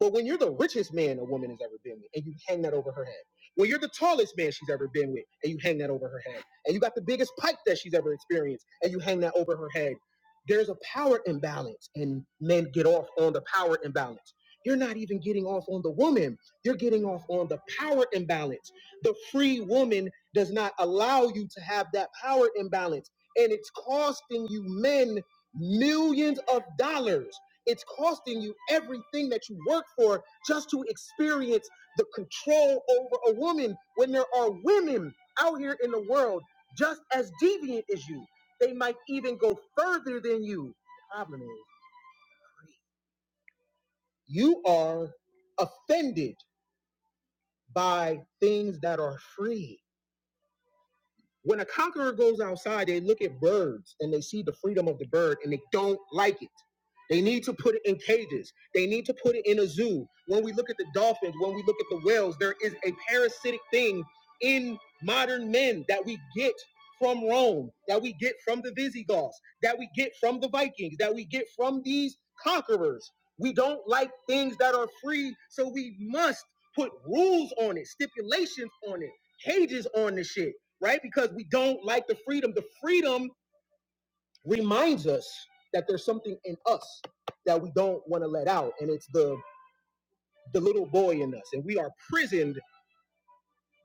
but when you're the richest man a woman has ever been with, and you hang that over her head, when you're the tallest man she's ever been with, and you hang that over her head, and you got the biggest pipe that she's ever experienced, and you hang that over her head, there's a power imbalance, and men get off on the power imbalance. You're not even getting off on the woman. You're getting off on the power imbalance. The free woman does not allow you to have that power imbalance. And it's costing you men millions of dollars it's costing you everything that you work for just to experience the control over a woman when there are women out here in the world just as deviant as you. They might even go further than you. The problem is, you are offended by things that are free. When a conqueror goes outside, they look at birds and they see the freedom of the bird and they don't like it. They need to put it in cages. They need to put it in a zoo. When we look at the dolphins, when we look at the whales, there is a parasitic thing in modern men that we get from Rome, that we get from the Visigoths, that we get from the Vikings, that we get from these conquerors. We don't like things that are free, so we must put rules on it, stipulations on it, cages on the shit right? Because we don't like the freedom. The freedom reminds us that there's something in us that we don't want to let out, and it's the the little boy in us, and we are prisoned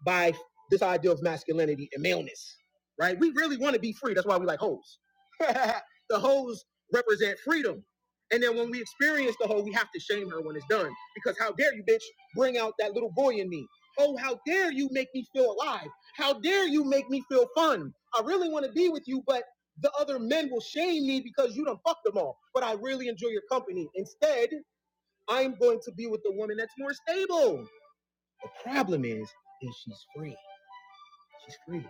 by this idea of masculinity and maleness, right? We really want to be free. That's why we like hoes. the hoes represent freedom. And then when we experience the hoe, we have to shame her when it's done. Because how dare you, bitch, bring out that little boy in me. Oh, how dare you make me feel alive. How dare you make me feel fun. I really want to be with you, but the other men will shame me because you done fucked them all. But I really enjoy your company. Instead, I'm going to be with the woman that's more stable. The problem is, is she's free. She's free.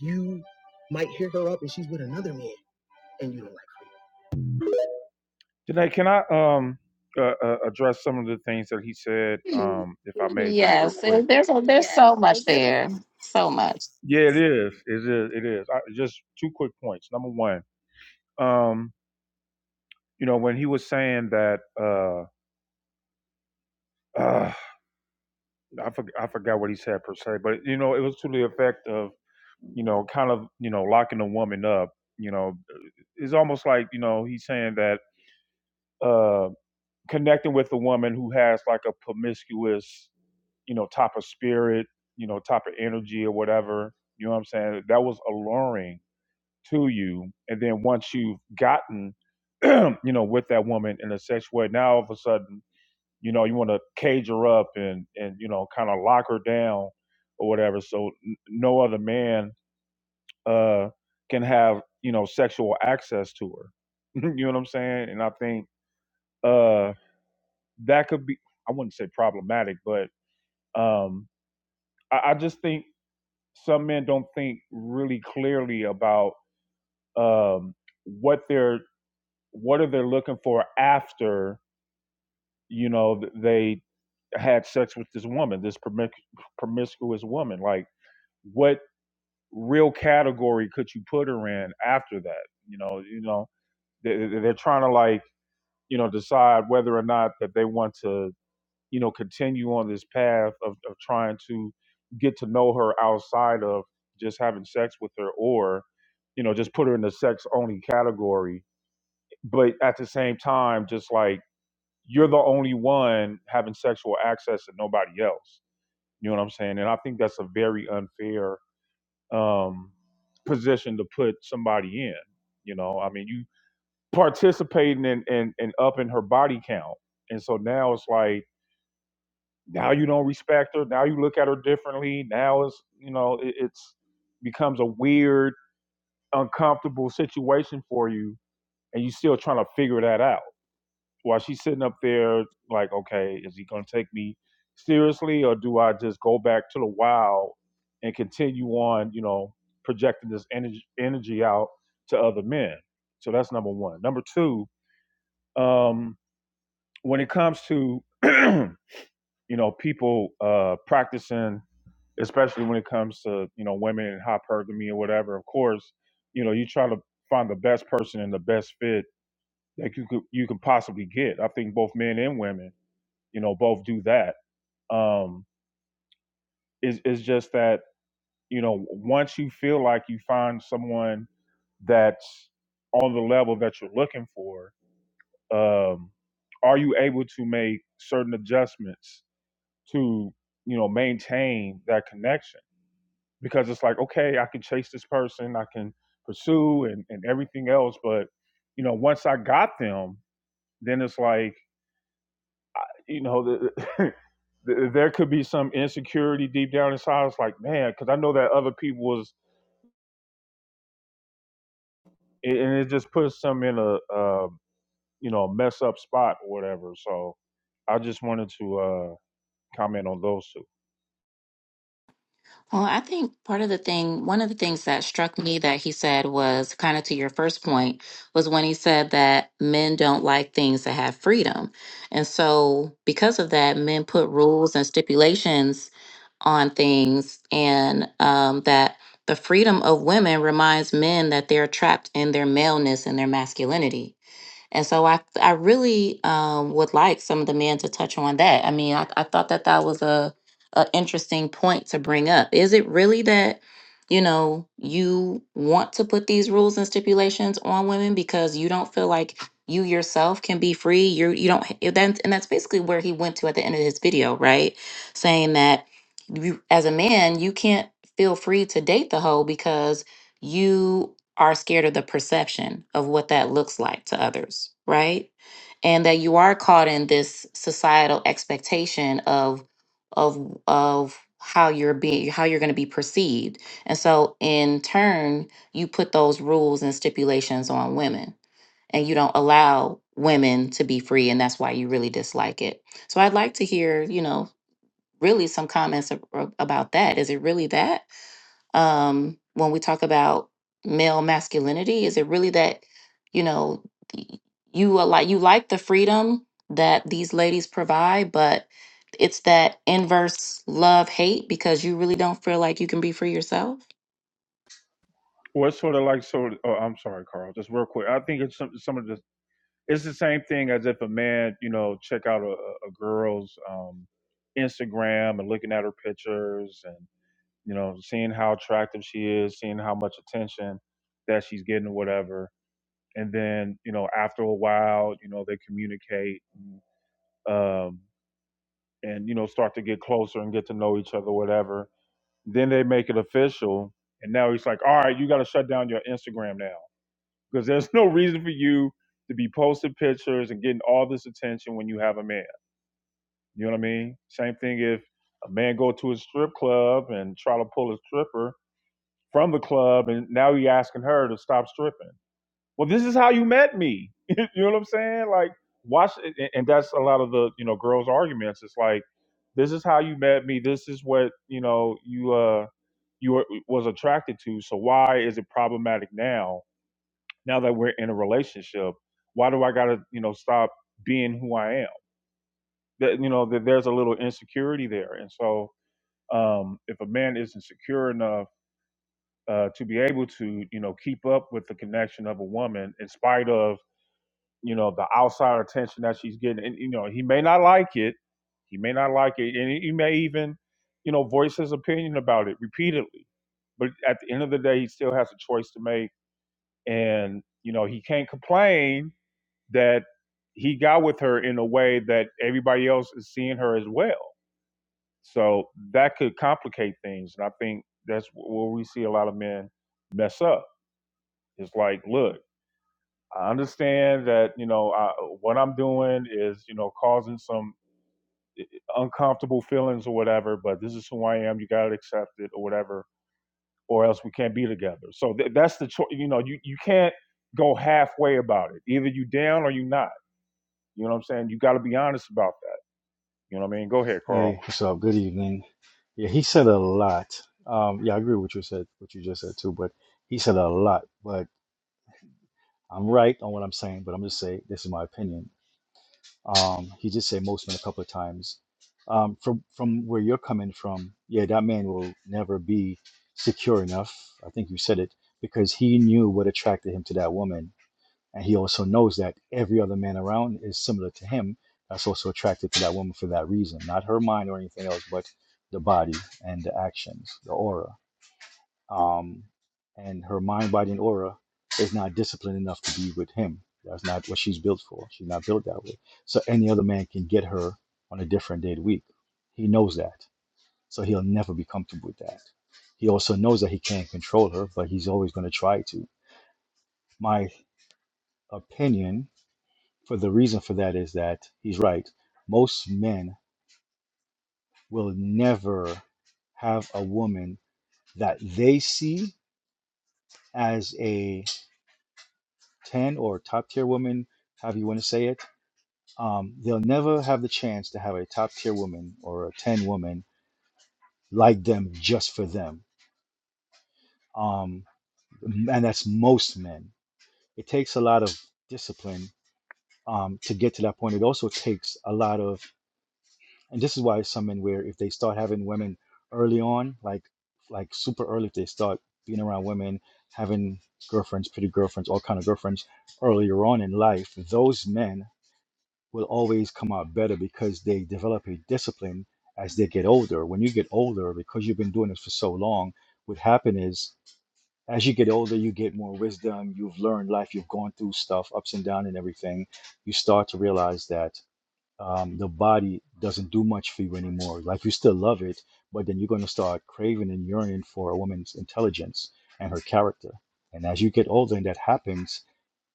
You might hear her up and she's with another man and you don't like her. Janae, can I um uh, uh, address some of the things that he said,
Mm,
um, if I may, just real
Yes,
quick?
and there's there's so much there, so much.
Yeah, it is. It is. It is. I, just two quick points. Number one, um, you know, when he was saying that, uh, uh I forg I forgot what he said per se, but you know, it was to the effect of, you know, kind of, you know, locking a woman up. You know, it's almost like you know he's saying that. uh, connecting with a woman who has like a promiscuous, you know, type of spirit, you know, type of energy or whatever, you know what I'm saying? That was alluring to you. And then once you've gotten, you know, with that woman in a sexual way, now all of a sudden, you know, you want to cage her up and, and, you know, kind of lock her down or whatever. So n- no other man, uh, can have, you know, sexual access to her. you know what I'm saying? And I think, uh, that could be I wouldn't say problematic, but um, I, I just think some men don't think really clearly about um, what they're what are they looking for after you know they had sex with this woman, this promiscuous woman. Like, what real category could you put her in after that? You know, you know, they- they're trying to like you know decide whether or not that they want to you know, continue on this path of, of trying to get to know her outside of just having sex with her or, you know, just put her in the sex only category. But at the same time, just like you're the only one having sexual access and nobody else. You know what I'm saying? And I think that's a very unfair um, position to put somebody in. You know, I mean, you participating in, in, in upping her body count. And so now it's like, Now you don't respect her. Now you look at her differently. Now it's you know it, it's becomes a weird, uncomfortable situation for you, and you're still trying to figure that out. While she's sitting up there, like, okay, is he gonna take me seriously, or do I just go back to the wild and continue on, you know, projecting this energy energy out to other men? So that's number one. Number two, um, when it comes to you know, people uh, practicing, especially when it comes to, you know, women and hypergamy or whatever. Of course, you know, you try to find the best person and the best fit that you could, you can possibly get. I think both men and women, you know, both do that. Um, it's, it's just that, you know, once you feel like you find someone that's on the level that you're looking for, um, are you able to make certain adjustments to, you know, maintain that connection? because it's like okay i can chase this person i can pursue and, and everything else but you know once i got them then it's like you know the, the, there could be some insecurity deep down inside it's like man because i know that other people was and it just puts them in a uh, you know mess up spot or whatever so i just wanted to uh comment on those two
Well, I think part of the thing, one of the things that struck me that he said was kind of to your first point, was when he said that men don't like things that have freedom. And so, because of that, men put rules and stipulations on things, and um, that the freedom of women reminds men that they're trapped in their maleness and their masculinity. And so I, I really um, would like some of the men to touch on that. I mean, I, I thought that that was a, a interesting point to bring up. Is it really that, you know, you want to put these rules and stipulations on women because you don't feel like you yourself can be free? You you don't. h- That's, and that's basically where he went to at the end of his video, right? Saying that you, as a man, you can't feel free to date the hoe because you are scared of the perception of what that looks like to others, right? And that you are caught in this societal expectation of of of how you're being how you're going to be perceived. And so in turn, you put those rules and stipulations on women and you don't allow women to be free and that's why you really dislike it. So I'd like to hear, you know, really some comments ab- ab- about that. Is it really that? um, when we talk about male masculinity? Is it really that you know you a lot you like the freedom that these ladies provide, but it's that inverse love hate because you really don't feel like you can be free yourself?
well, it's sort of like sort of, oh, I'm sorry, Carl. Just real quick, I think it's some, some of the it's the same thing as if a man, you know, check out a, a girl's um, Instagram and looking at her pictures and you know seeing how attractive she is, seeing how much attention that she's getting or whatever, and then you know after a while, you know they communicate um, and you know start to get closer and get to know each other, whatever. Then they make it official, and now he's like, all right, you got to shut down your Instagram now because there's no reason for you to be posting pictures and getting all this attention when you have a man You know what I mean? Same thing if a man go to a strip club and try to pull a stripper from the club, and now you asking her to stop stripping. Well, this is how you met me. you know what I'm saying? Like, watch, and and that's a lot of the you know girls' arguments. It's like, this is how you met me. This is what you know you uh you were, was attracted to. So why is it problematic now? Now that we're in a relationship, why do I gotta you know stop being who I am? That you know that there's a little insecurity there, and so um, if a man isn't secure enough uh, to be able to, you know, keep up with the connection of a woman in spite of, you know, the outside attention that she's getting, and you know, he may not like it, he may not like it, and he may even, you know, voice his opinion about it repeatedly. But at the end of the day, he still has a choice to make, and you know, he can't complain that he got with her in a way that everybody else is seeing her as well So that could complicate things. And I think that's where we see a lot of men mess up. It's like, look, I understand that, you know, I, what I'm doing is, you know, causing some uncomfortable feelings or whatever, but this is who I am. You got to accept it or whatever, or else we can't be together. So th- that's the choice. You know, you, you can't go halfway about it. Either you down or you not. You know what I'm saying? You got to be honest about that. You know what I mean? Go ahead, Carl.
Hey, what's up? Good evening. Yeah, he said a lot. Um, yeah, I agree with what you said, what you just said too, but he said a lot. But I'm right on what I'm saying, but I'm just saying this is my opinion. Um, he did say most men a couple of times. Um, from from where you're coming from, yeah, that man will never be secure enough. I think you said it because he knew what attracted him to that woman and he also knows that every other man around is similar to him. That's also attracted to that woman for that reason, not her mind or anything else, but the body and the actions, the aura. Um, and her mind, body, and aura is not disciplined enough to be with him. That's not what she's built for. She's not built that way. So any other man can get her on a different day of the week. He knows that. So he'll never be comfortable with that. He also knows that he can't control her, but he's always going to try to. My opinion For the reason for that is that he's right. Most men will never have a woman that they see as a 10 or top tier woman, however you want to say it. Um, they'll never have the chance to have a top tier woman or a 10 woman like them just for them. Um, and that's most men. It takes a lot of discipline um, to get to that point. It also takes a lot of And this is why some men where if they start having women early on, like like super early, if they start being around women, having girlfriends, pretty girlfriends, all kind of girlfriends earlier on in life, those men will always come out better because they develop a discipline as they get older. When you get older, because you've been doing this for so long, what happen is as you get older, you get more wisdom. You've learned life. You've gone through stuff, ups and downs, and everything. You start to realize that um, the body doesn't do much for you anymore. Like you still love it, but then you're going to start craving and yearning for a woman's intelligence and her character. And as you get older and that happens,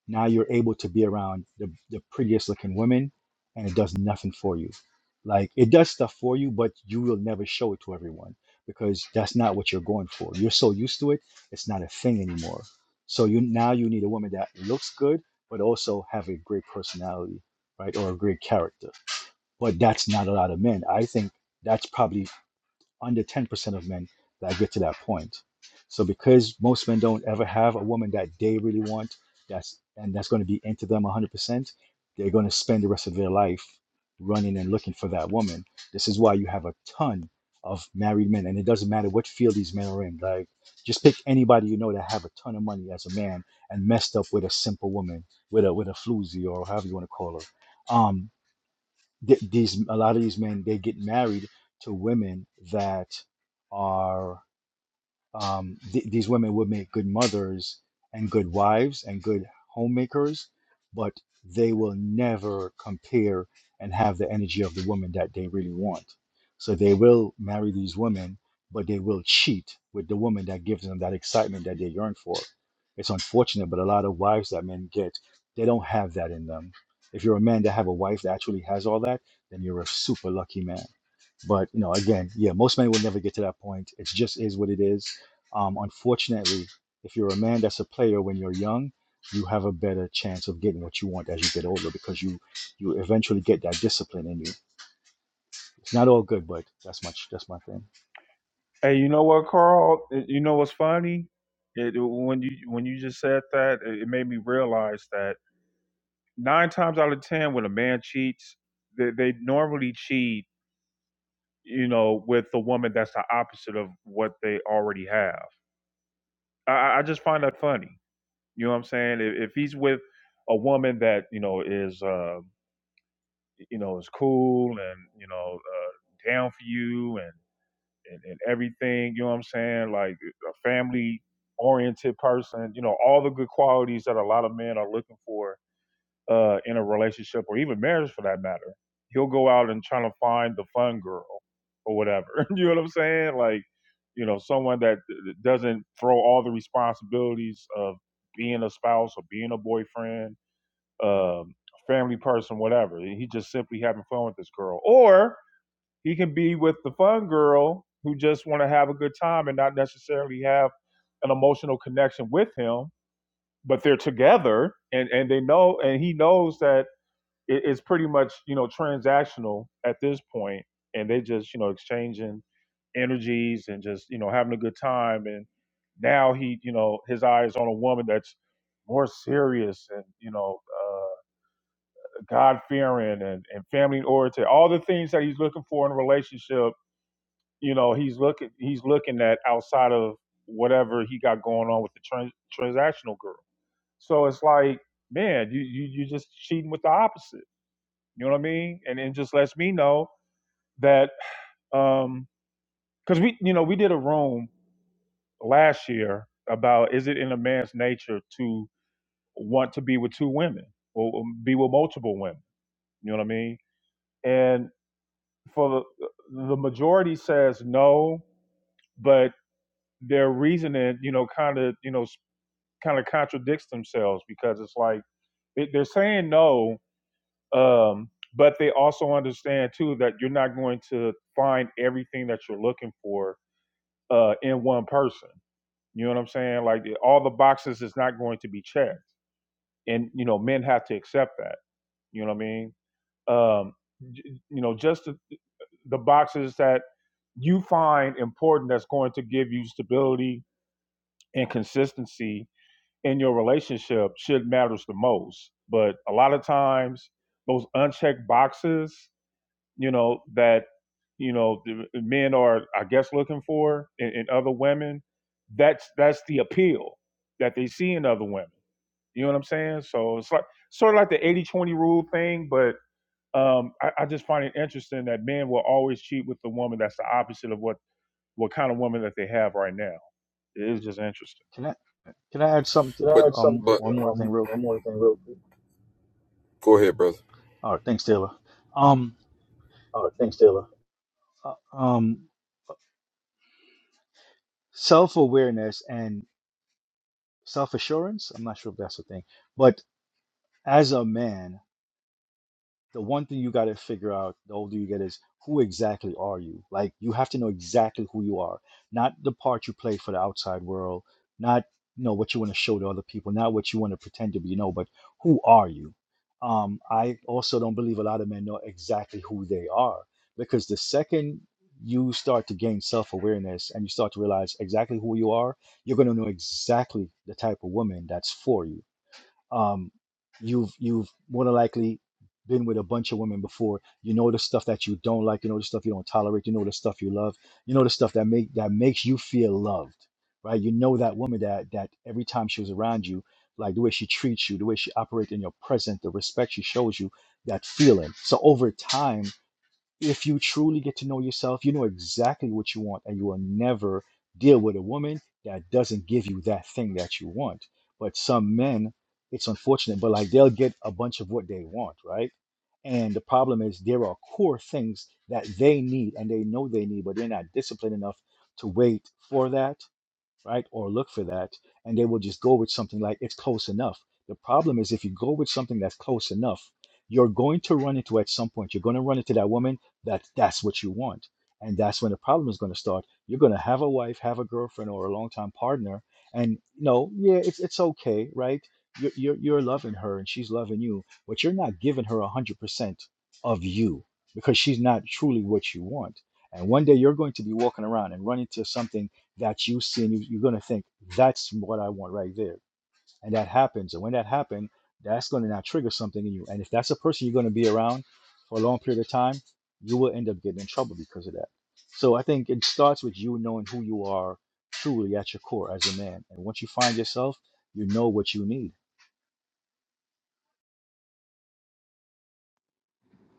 now you're able to be around the, the prettiest looking women and it does nothing for you. Like it does stuff for you, but you will never show it to everyone because that's not what you're going for. You're so used to it, it's not a thing anymore. So you now you need a woman that looks good, but also have a great personality, right? Or a great character but that's not a lot of men. I think that's probably under 10% of men that get to that point. So because most men don't ever have a woman that they really want, that's and that's going to be into them 100%, they're going to spend the rest of their life running and looking for that woman. This is why you have a ton of married men and it doesn't matter what field these men are in. Like just pick anybody you know that have a ton of money as a man and messed up with a simple woman, with a with a floozy or however you want to call her. Um, th- these a lot of these men they get married to women that are um, th- these women would make good mothers and good wives and good homemakers, but they will never compare and have the energy of the woman that they really want. So they will marry these women, but they will cheat with the woman that gives them that excitement that they yearn for. It's unfortunate, but a lot of wives that men get, they don't have that in them. If you're a man that have a wife that actually has all that, then you're a super lucky man. But you know, again, yeah, most men will never get to that point. It just is what it is. Um, unfortunately, if you're a man that's a player when you're young, you have a better chance of getting what you want as you get older because you you eventually get that discipline in you. It's not all good, but that's much that's my thing.
Hey, you know what, Carl? Uh, You know what's funny? It, when you when you just said that, it it made me realize that nine times out of ten, when a man cheats, they, they normally cheat, you know, with the woman that's the opposite of what they already have. I, I I just find that funny. You know what I'm saying? If, if he's with a woman that you know is uh, you know is cool and you know uh, down for you and and, and everything. You know what I'm saying? Like a family oriented person. You know, all the good qualities that a lot of men are looking for uh, in a relationship or even marriage for that matter. He'll go out and try to find the fun girl or whatever. you know what I'm saying? Like, you know, someone that doesn't throw all the responsibilities of being a spouse or being a boyfriend, um, family person, whatever. He just simply having fun with this girl. Or he can be with the fun girl who just want to have a good time and not necessarily have an emotional connection with him, but they're together and and they know and he knows that it- it's pretty much you know transactional at this point, point. and they just you know exchanging energies and just you know having a good time and now he you know his eyes on a woman that's more serious and you know uh, god fearing and, and family oriented all the things that he's looking for in a relationship you know he's looking he's looking at outside of whatever he got going on with the trans, transactional girl so it's like man you you you just cheating with the opposite you know what i mean and it just lets me know that um because we you know we did a room last year about is it in a man's nature to want to be with two women or be with multiple women you know what i mean and for the, the majority says no but their reasoning, you know, kind of, you know, kind of contradicts themselves because it's like they- they're saying no, um, but they also understand too that you're not going to find everything that you're looking for uh, in one person. You know what I'm saying? Like eh, all the boxes is not going to be checked, and you know men have to accept that. You know what I mean? Um, you know, just the, the boxes that you find important that's going to give you stability and consistency in your relationship should matters the most. But a lot of times, those unchecked boxes, you know, that you know the men are, I guess, looking for in, in other women, that's that's the appeal that they see in other women. You know what I'm saying? So it's like sort of like the eighty twenty rule thing, but um, I, I just find it interesting that men will always cheat with the woman that's the opposite of what what kind of woman that they have right now. It is just interesting.
Can I can I add something?
Can I But add something?
Um,
but
one more thing,
Um,
real
one
quick.
more thing, real quick. go ahead, brother.
All right, thanks, Taylor. Um,
Uh, thanks, Taylor.
uh, um, self awareness and self assurance. I'm not sure if that's a thing, but as a man the one thing you got to figure out the older you get is who exactly are you like you have to know exactly who you are not the part you play for the outside world not you know what you want to show to other people not what you want to pretend to be you know but who are you um i also don't believe a lot of men know exactly who they are because the second you start to gain self-awareness and you start to realize exactly who you are you're going to know exactly the type of woman that's for you um, you've you've more than likely been with a bunch of women before. You know the stuff that you don't like. You know the stuff you don't tolerate. You know the stuff you love. You know the stuff that make that makes you feel loved, right? You know that woman that that every time she was around you, like the way she treats you, the way she operates in your present, the respect she shows you, that feeling. So over time if you truly get to know yourself, you know exactly what you want, and you will never deal with a woman that doesn't give you that thing that you want. But some men, it's unfortunate, but like they'll get a bunch of what they want, right? And the problem is there are core things that they need and they know they need, but they're not disciplined enough to wait for that right? Or look for that, and they will just go with something like it's close enough. The problem is if you go with something that's close enough, you're going to run into at some point. You're going to run into that woman that that's what you want, and that's when the problem is going to start. You're going to have a wife, have a girlfriend, or a longtime partner, and no, yeah, it's it's okay, right? You're you're, you're loving her and she's loving you, but you're not giving her a hundred percent of you because she's not truly what you want. And one day you're going to be walking around and run into something that you see and you, you're going to think that's what i want right there and that happens and when that happens that's going to now trigger something in you and if that's a person you're going to be around for a long period of time you will end up getting in trouble because of that so i think it starts with you knowing who you are truly at your core as a man and once you find yourself you know what you need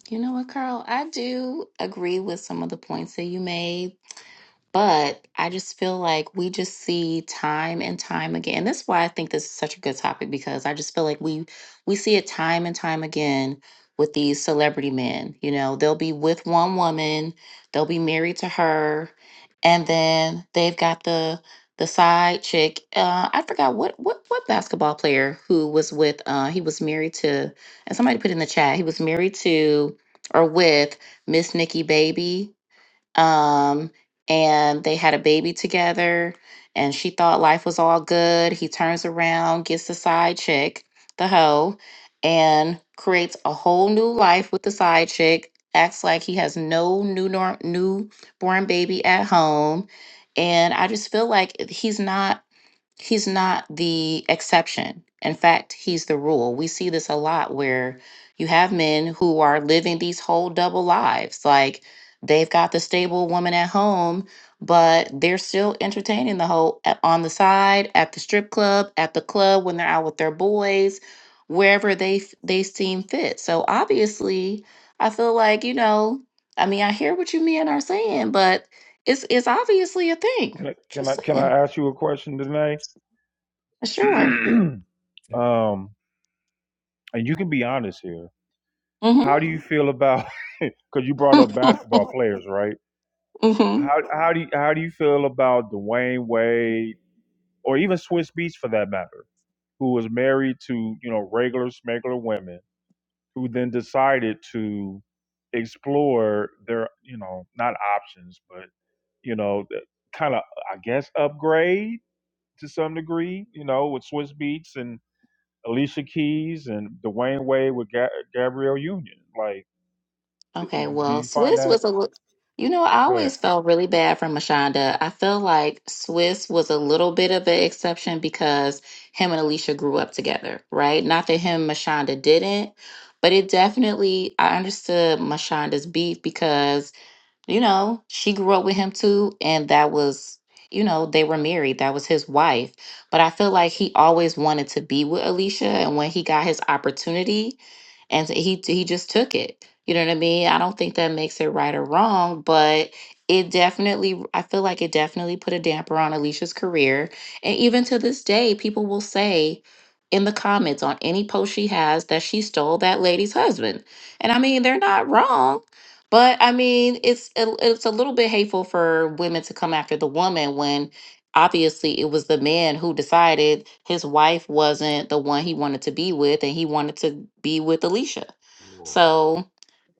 You know what, Carl? I do agree with some of the points that you made But I just feel like we just see time and time again. And that's why I think this is such a good topic because I just feel like we we see it time and time again with these celebrity men. You know, they'll be with one woman, they'll be married to her, and then they've got the the side chick. Uh, I forgot what what what basketball player who was with. Uh, he was married to, and somebody put in the chat. He was married to or with Miss Nikki Baby um, and they had a baby together. And she thought life was all good. He turns around, gets the side chick, the hoe, and creates a whole new life with the side chick. Acts like he has no new nor- newborn baby at home, and I just feel like he's not he's not the exception. In fact, he's the rule. We see this a lot where you have men who are living these whole double lives. Like they've got the stable woman at home, but they're still entertaining the whole a- on the side, at the strip club, at the club when they're out with their boys, wherever they f- they seem fit. So obviously, I feel like, you know, I mean, I hear what you men are saying, but it's it's obviously a thing.
Can I can I
Just
can
saying.
I ask you a question, Danae?
Sure.
um, and you can be honest here. How
Mm-hmm.
do you feel about? Because you brought up basketball players, right?
Mm-hmm.
How how do you, how do you feel about Dwayne Wade or even Swiss Beats for that matter, who was married to you know regular smuggler women, who then decided to explore their you know not options but you know kind of I guess upgrade to some degree, you know, with Swiss Beats and Alicia Keys and Dwayne Wade with Ga- Gabrielle Union. Like, d-
Okay,
do
well,
you find
Swiss
that?
was a little, you know, I
Go ahead,
always felt really bad for Mashonda. I feel like Swiss was a little bit of an exception because him and Alicia grew up together, right? Not that him and Mashonda didn't, but it definitely, I understood Mashonda's beef because, you know, she grew up with him too, and that was, you know, they were married. That was his wife. But I feel like he always wanted to be with Alicia, and when he got his opportunity, and he he just took it. You know what I mean? I don't think that makes it right or wrong, but it definitely I feel like it definitely put a damper on Alicia's career. And even to this day, people will say in the comments on any post she has that she stole that lady's husband. And I mean, they're not wrong. But I mean, it's a, it's a little bit hateful for women to come after the woman when obviously it was the man who decided his wife wasn't the one he wanted to be with and he wanted to be with Alicia. So,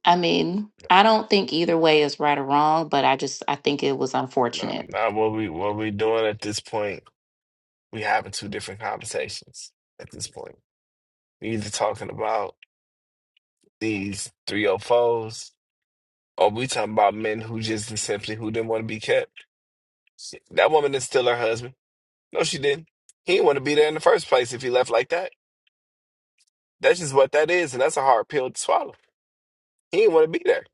I mean, I don't think either way is right or wrong, but I just I think it was
Not,
unfortunate.
not what we what we doing at this point. We having two different conversations at this point. We either talking about these 304s or we talking about men who just simply who didn't want to be kept. That woman is still her husband. No, she didn't. He didn't want to be there in the first place if he left like that. That's just what that is, and that's a hard pill to swallow. He didn't want to be there.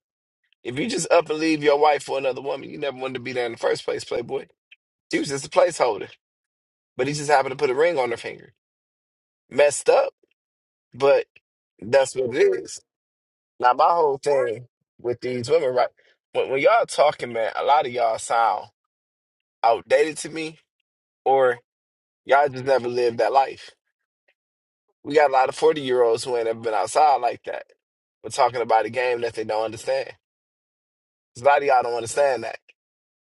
If you just up and leave your wife for another woman, you never wanted to be there in the first place, Playboy. She was just a placeholder. But he just happened to put a ring on her finger. Messed up, but That's what it is. Now my whole thing with these women, right? When when y'all talking, man, a lot of y'all sound outdated to me, or y'all just never lived that life. We got a lot of forty year olds who ain't ever been outside like that. We're talking about a game that they don't understand. 'Cause A lot of y'all don't understand that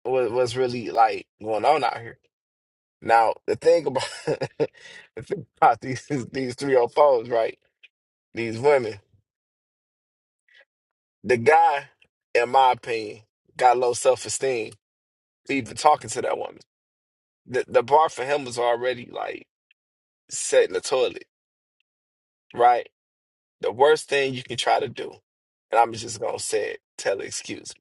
what, what's really like going on out here. Now the thing about the thing about these these three or fours, right? These women, the guy, in my opinion, got low self esteem even talking to that woman. The the bar for him was already like set in the toilet, right? The worst thing you can try to do, and I'm just gonna say it, tell the excuse.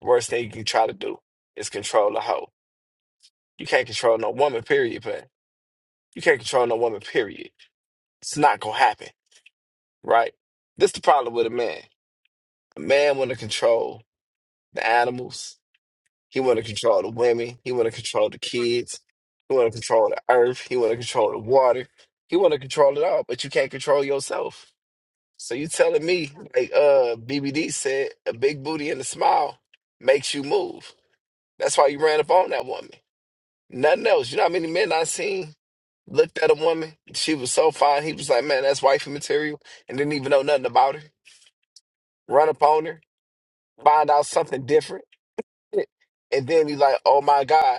Worst thing you can try to do is control a hoe. You can't control no woman, period, but you can't control no woman, period. It's not gonna happen, right? This the problem with a man. A man wanna control the animals, He want to control the women. He want to control the kids. He want to control the earth. He want to control the water. He want to control it all, but you can't control yourself. So you telling me, like uh BBD said, a big booty and a smile makes you move. That's why you ran up on that woman. Nothing else. You know how many men I seen looked at a woman. She was so fine. He was like, man, that's wifey material, and didn't even know nothing about her. Run up on her, find out something different, and then he's like, oh my god.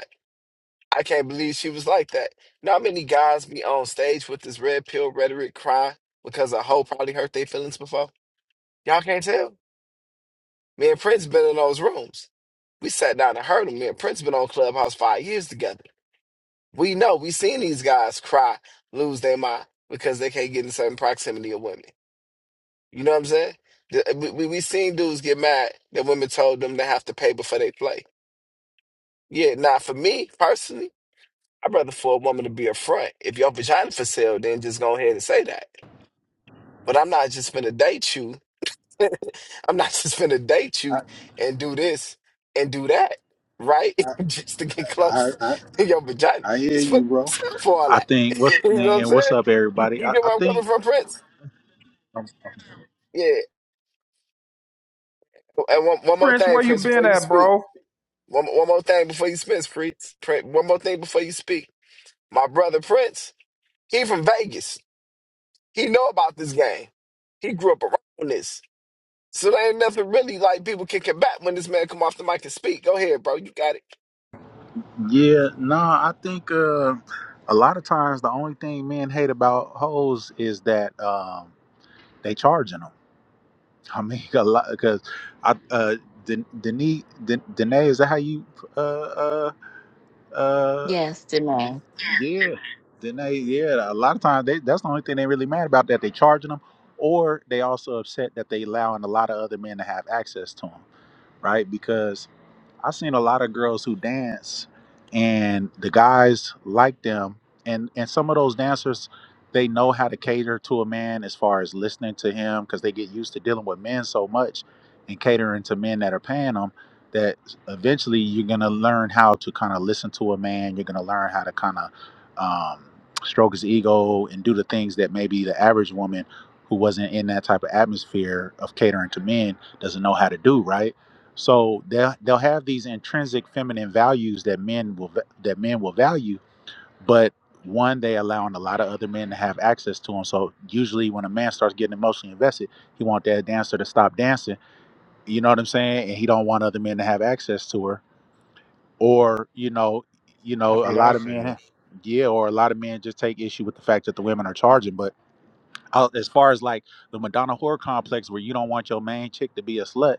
I can't believe she was like that. Not many guys be on stage with this red pill rhetoric crying because a hoe probably hurt their feelings before. Y'all can't tell. Me and Prince been in those rooms. We sat down and heard them. Me and Prince been on Clubhouse five years together. We know. We seen these guys cry, lose their mind because they can't get in certain proximity of women. You know what I'm saying? The- uh, We, we we seen dudes get mad that women told them they have to pay before they play. Yeah, not for me personally. I'd rather for a woman to be a front. If your vagina for sale, then just go ahead and say that. But I'm not just gonna date you. I'm not just gonna date
I,
you and do this and do that, right?
I,
just to get
I,
close
I
to your vagina.
hear
Just put
you, bro.
yourself for all
I
that.
think what's
You know what I'm
and what's
saying?
up,
You,
everybody.
you
I,
get
I
where I'm coming
think,
from, Prince?
um,
Yeah. And one, one more
Prince.
thing,
Where you
Prince,
been
before you
at,
speak.
bro?
One, one more thing before you speak, Prince. Prince. One more thing before you speak. My brother Prince, he from Vegas. He know about this game. He grew up around this. So there ain't nothing really like people kicking back when this man come off the mic and speak. Go ahead, bro. You got it.
yeah, nah. I think uh, a lot of times the only thing men hate about hoes is that um, they charging them. I mean, a lot because I uh, Den- Denise, Den- Danae, is that how you? Uh, uh, uh,
Yes, Demar.
yeah, Danae. Yeah, a lot of times they, that's the only thing they really mad about that they charging them, or they also upset that they allowing a lot of other men to have access to them. right? Because I've seen a lot of girls who dance and the guys like them and and some of those dancers they know how to cater to a man as far as listening to him because they get used to dealing with men so much and catering to men that are paying them that eventually you're going to learn how to kind of listen to a man you're going to learn how to kind of um, stroke his ego and do the things that maybe the average woman who wasn't in that type of atmosphere of catering to men doesn't know how to do right so they'll they'll have these intrinsic feminine values that men will va- that men will value, but one they allowing a lot of other men to have access to them. So usually when a man starts getting emotionally invested, he want that dancer to stop dancing. You know what I'm saying? And he don't want other men to have access to her. Or you know, you
That's
know, a
what I
lot of
said.
men, yeah, or a lot of men just take issue with the fact that the women are charging, but out as far as like the Madonna horror complex where you don't want your main chick to be a slut.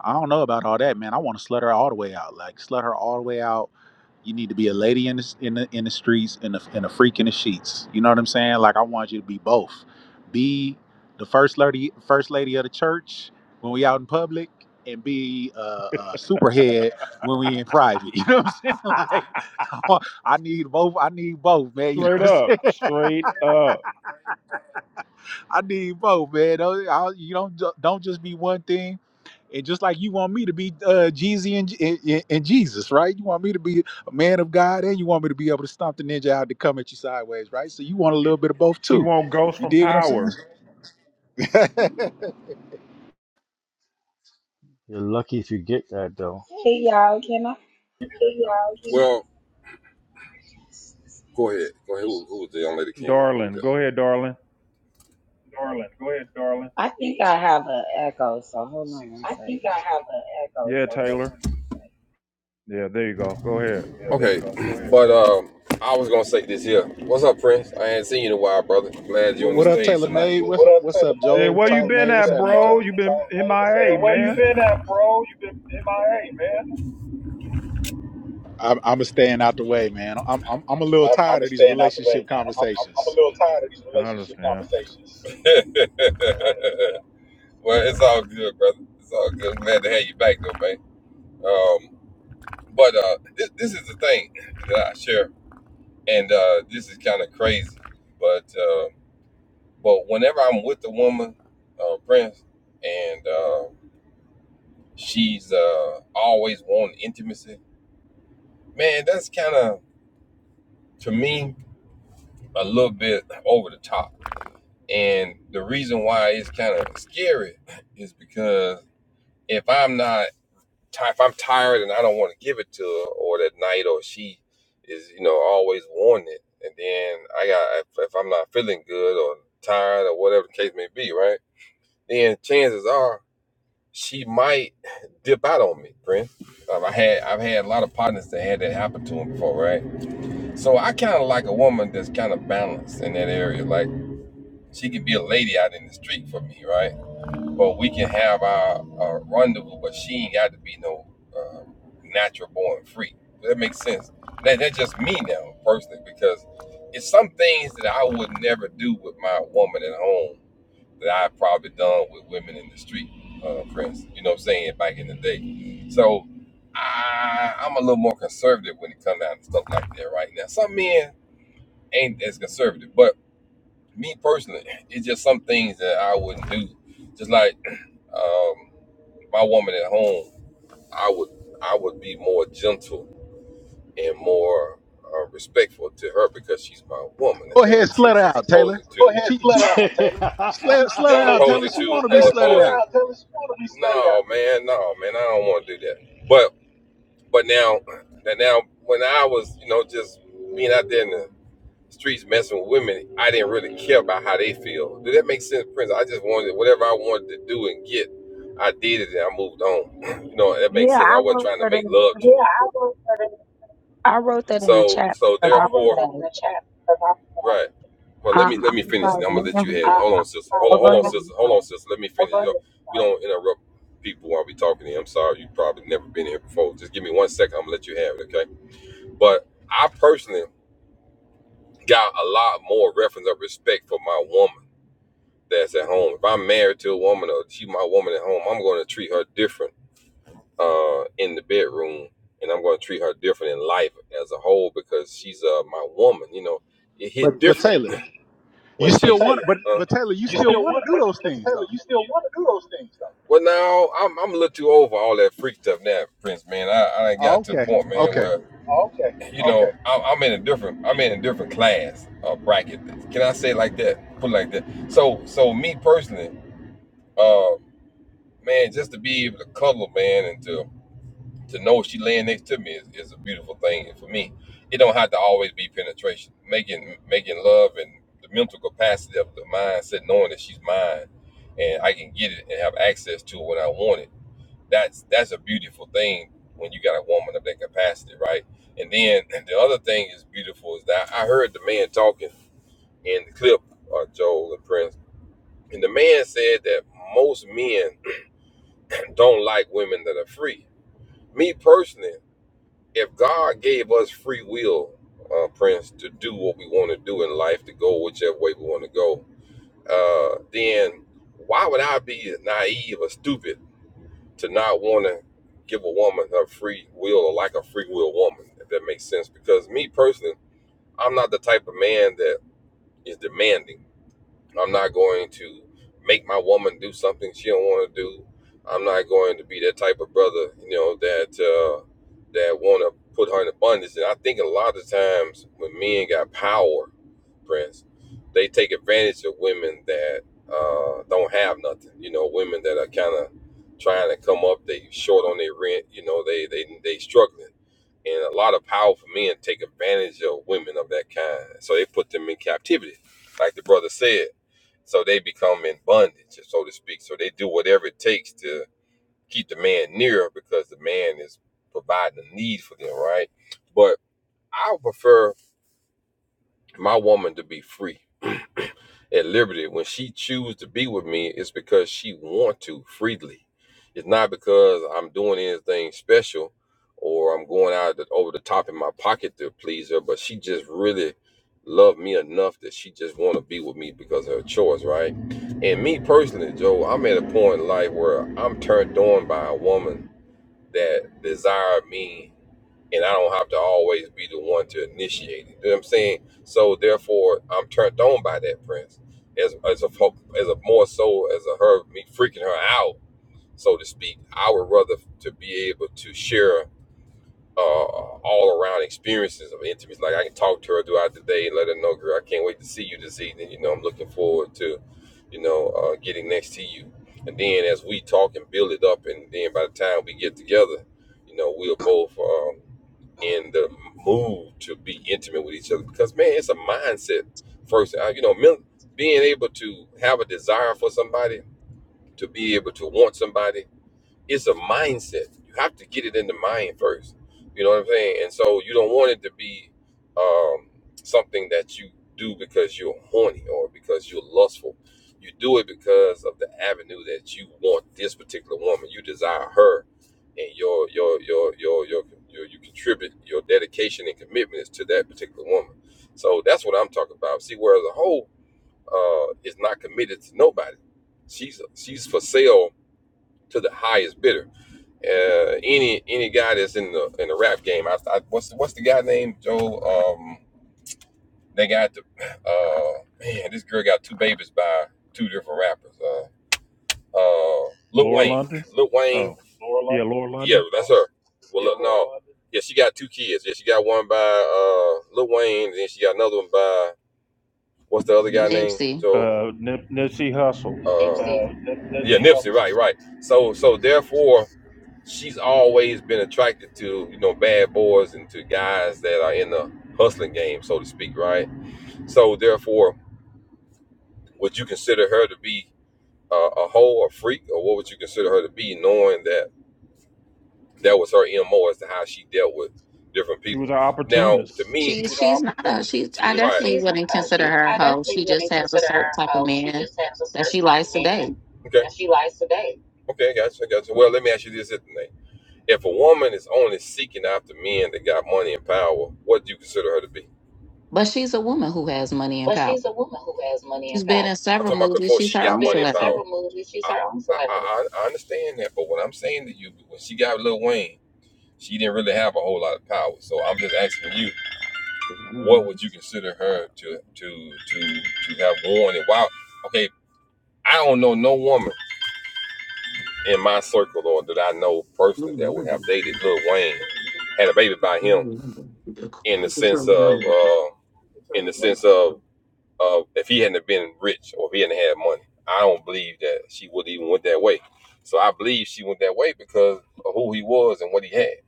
I don't know about all that, man. I want to slut her all the way out. Like slut her all the way out. You need to be a lady in the in the, in the streets and a, and a freak in the sheets. You know what I'm saying? Like I want you to be both. Be the first lady first lady of the church when we out in public, and be a, a superhead when we in private. You know what I'm saying? Like I, want- I need both. I need both, man. You know
Straight
what
up,
I'm saying?
straight up.
I need both, man. Don't, I, you don't ju- don't just be one thing. And just like you want me to be uh, Jeezy and, J- and, and Jesus, right? You want me to be a man of God, and you want me to be able to stomp the ninja out to come at you sideways, right? So you want a little bit of both
She
too.
won't Ghost
You
from
dig what I'm
Power,
saying?
you're lucky if you get that though
Hey y'all, can I?
Well, go ahead. Go ahead. Who, who was the young lady came on? Who was
darling.
that?
Go ahead, darling.
I think I have an echo, so hold on one second.
Yeah, Taylor. Yeah, there you go. Go ahead.
Okay, but um, I was gonna say this here. What's up, Prince? I ain't seen you in a while, brother. Glad you're
Well,
on the
what up,
stage
Taylor
tonight.
May? What's
What up,
what's
Taylor
up,
Yeah,
May?
Joel?
where
What's
you
up?
Tyler
been
May?
What's
What's
at,
up,
happening with y'all?
bro?
Gold?
You been
Time May? What's up? Hey,
MIA,
where you
man.
been at, bro? You been MIA, man.
I'm I'm a staying out the way, man. I'm I'm I'm a little
I'm, I'm
tired
been
of these
staying out the way,
relationship
man. I'm, I'm, I'm a
conversations.
little tired of these
I
relationship
understand.
conversations. well, it's all good, brother. It's all good. Glad to have you back, though, man. Um, but uh, this, this is the thing that I share, and uh, this is kind of crazy, but. Uh, But whenever I'm with the woman, uh, Prince, and uh, she's uh, always wanting intimacy, man, that's kind of to me a little bit over the top. And the reason why it's kind of scary is because if I'm not ti if I'm tired and I don't want to give it to her, or that night, or she is, you know, always wanting it, and then I got if, if I'm not feeling good or tired or whatever the case may be, right? Then chances are she might dip out on me, friend. Um, I had I've had a lot of partners that had that happen to them before, right? So I kind of like a woman that's kind of balanced in that area. Like she could be a lady out in the street for me, right? But we can have our, our rendezvous, but she ain't got to be no uh, natural born freak. Does That makes sense. That that's just me now personally because it's some things that I would never do with my woman at home that I've probably done with women in the street, uh, for instance. You know what I'm saying? Back in the day. So I, I'm a little more conservative when it comes down to stuff like that right now. Some men ain't as conservative, but me personally, it's just some things that I wouldn't do. Just like um, my woman at home, I would I would be more gentle and more uh, respectful to her because she's my woman, if
Go
that
ahead,
makes
slut her
sense, as
out, Taylor.
opposing to. Go ahead,
She
slut
she
her out,
the
Taylor.
slut,
She,
slut
she,
her
as
out, Taylor.
opposing
She
to as
want to be slutted
opposing.
out.
out, Taylor. to No, man, no, man, I don't want to do that. But but now that now when I was you know just being out there in the streets messing with women, I didn't really care about how they feel. Did that make sense, Prince? I just wanted whatever I wanted to do and get. I did it and I moved on. you know that makes
Yeah,
sense.
I
I wasn't
wrote
trying to
that
make love
in.
to.
I wrote that in the
So
chat
so
because I
therefore.
was
Right. Well,
like,
let me
um, I
let me finish. and
was like,
I'm gonna let
man,
you
who-
have it. Hold on, sister. Hold
oh,
on,
go ahead.
hold on,
I'm
sister. Hold on,
sorry.
sister. Let me finish. You know, we don't interrupt people while we talking to you. I'm sorry, you probably never been here before. Just give me one second. I'm gonna let you have it, okay? But I personally got a lot more reference of respect for my woman that's at home. If I'm married to a woman or she my woman at home, I'm gonna treat her different uh, in the bedroom, and I'm gonna treat her different in life as a whole because she's uh, my woman. You know, it hit
But but
different
Taylor,
when
you
But, she but
still want
Taylor,
but
huh?
but Taylor, you
you
still
still
want to
want,
do
but,
those
but
things
Taylor,
though.
you still want to do those things though. well now I'm I'm a little too over all that freak stuff now, Prince man. I, I ain't
Oh,
got to a
okay,
point, man,
okay.
where Oh, okay, you okay. know, okay. I'm, I'm in a different, I'm in a different class or bracket. Can I say it like that? Put it like that. So, so me personally, uh, man, just to be able to cuddle, man, and to to know she laying next to me is, is a beautiful thing. And for me, it don't have to always be penetration. Making making love and the mental capacity of the mindset, knowing that she's mine, and I can get it and have access to it when I want it. That's that's a beautiful thing when you got a woman of that capacity, right? And then and the other thing is beautiful is that I heard the man talking in the clip, uh, Joel and Prince, and the man said that most men don't like women that are free. Me personally if God gave us free will, uh, Prince, to do what we want to do in life, to go whichever way we want to go, uh, then why would I be naive or stupid to not want to give a woman her free will or like a free will woman, if that makes sense? Because me personally, I'm not the type of man that is demanding. I'm not going to make my woman do something she don't want to do. I'm not going to be that type of brother, you know, that uh, that want to put her in abundance. And I think a lot of times when men got power, Prince, they take advantage of women that uh, don't have nothing. You know, women that are kind of trying to come up. They short on their rent. You know, they they they struggling. And a lot of powerful men take advantage of women of that kind. So they put them in captivity, like the brother said so they become in bondage, so to speak. So they do whatever it takes to keep the man near because the man is providing a need for them, right? But I would prefer my woman to be free at liberty. When she choose to be with me, it's because she want to freely. It's not because I'm doing anything special or I'm going out the, over the top in my pocket to please her. But she just really loved me enough that she just want to be with me because of her choice, right? And me personally, Joe, I'm at a point in life where I'm turned on by a woman that desire me and I don't have to always be the one to initiate it. You know what I'm saying? So therefore, I'm turned on by that prince as as a fo- as a more so as a her me freaking her out, so to speak. I would rather to be able to share uh, all around experiences of intimacy. Like I can talk to her throughout the day and let her know, girl, I can't wait to see you this evening. You know, I'm looking forward to, you know, uh, getting next to you. And then as we talk and build it up, and then by the time we get together, you know, we're both. um, in the mood to be intimate with each other because man it's a mindset first uh, you know men, being able to have a desire for somebody to be able to want somebody it's a mindset. You have to get it in the mind first. You know what I'm saying? And so you don't want it to be um, something that you do because you're horny or because you're lustful. You do it because of the avenue that you want this particular woman. You desire her, and your your your your your, your you contribute your dedication and commitment is to that particular woman. So that's what I'm talking about. See, whereas a hoe uh, is not committed to nobody, she's she's for sale to the highest bidder uh, any any guy that's in the in the rap game, I, I what's what's the guy named Joe? Um, they got the uh man, this girl got two babies by two different rappers. Uh, uh, Lil
Laura
Wayne,
London.
Lil Wayne.
Oh,
Laura
yeah,
London.
Laura
Yeah,
London.
that's her. Well, look, no, yeah, she got two kids. Yeah, she got one by uh Lil Wayne, and then she got another one by what's the other guy
Yes.
named
Nipsey.
Joe?
Uh, Nip- Nipsey
Uh,
Hussle.
Nipsey. Yeah, Nipsey. Right, right. So so therefore. she's always been attracted to you know bad boys and to guys that are in the hustling game, so to speak, right? So therefore, would you consider her to be a, a hoe, a freak, or what would you consider her to be, knowing that that was her mo as to how she dealt with different
She was
people?
an
Now, to
opportunist.
me, She
She
was an
she's not a
opportunist.
she.
she was
I
She right.
definitely
She's not.
wouldn't
Uh,
consider
she.
her a
I
hoe.
definitely
She just
wouldn't
has a
consider
certain
her a
type of
hoe. She
man
just has a
that
certain
she
type of
likes to
man
date.
Okay, that she likes to date. okay, gotcha, gotcha. Well, let me ask you this, Nate. If a woman is only seeking after men that got money and power, what do you consider her to be?
But she's a woman who has money and
But
power.
she's a woman who has money
She's
and
been
power.
in
I'm
several
talking about
movies.
before
She's
she
her
got
own
money and power.
celebrity.
several movies. her own I, I, I I understand that, but what I'm saying to you, when she got Lil Wayne, she didn't really have a whole lot of power. So I'm just asking you, what would you consider her to to to to have worn it? Wow. Okay, I don't know no woman in my circle or that I know personally that would have dated Lil Wayne, had a baby by him, in the sense of. uh, in the sense of of if he hadn't been rich or if he hadn't had money, I don't believe that she would even went that way. So I believe she went that way because of who he was and what he had.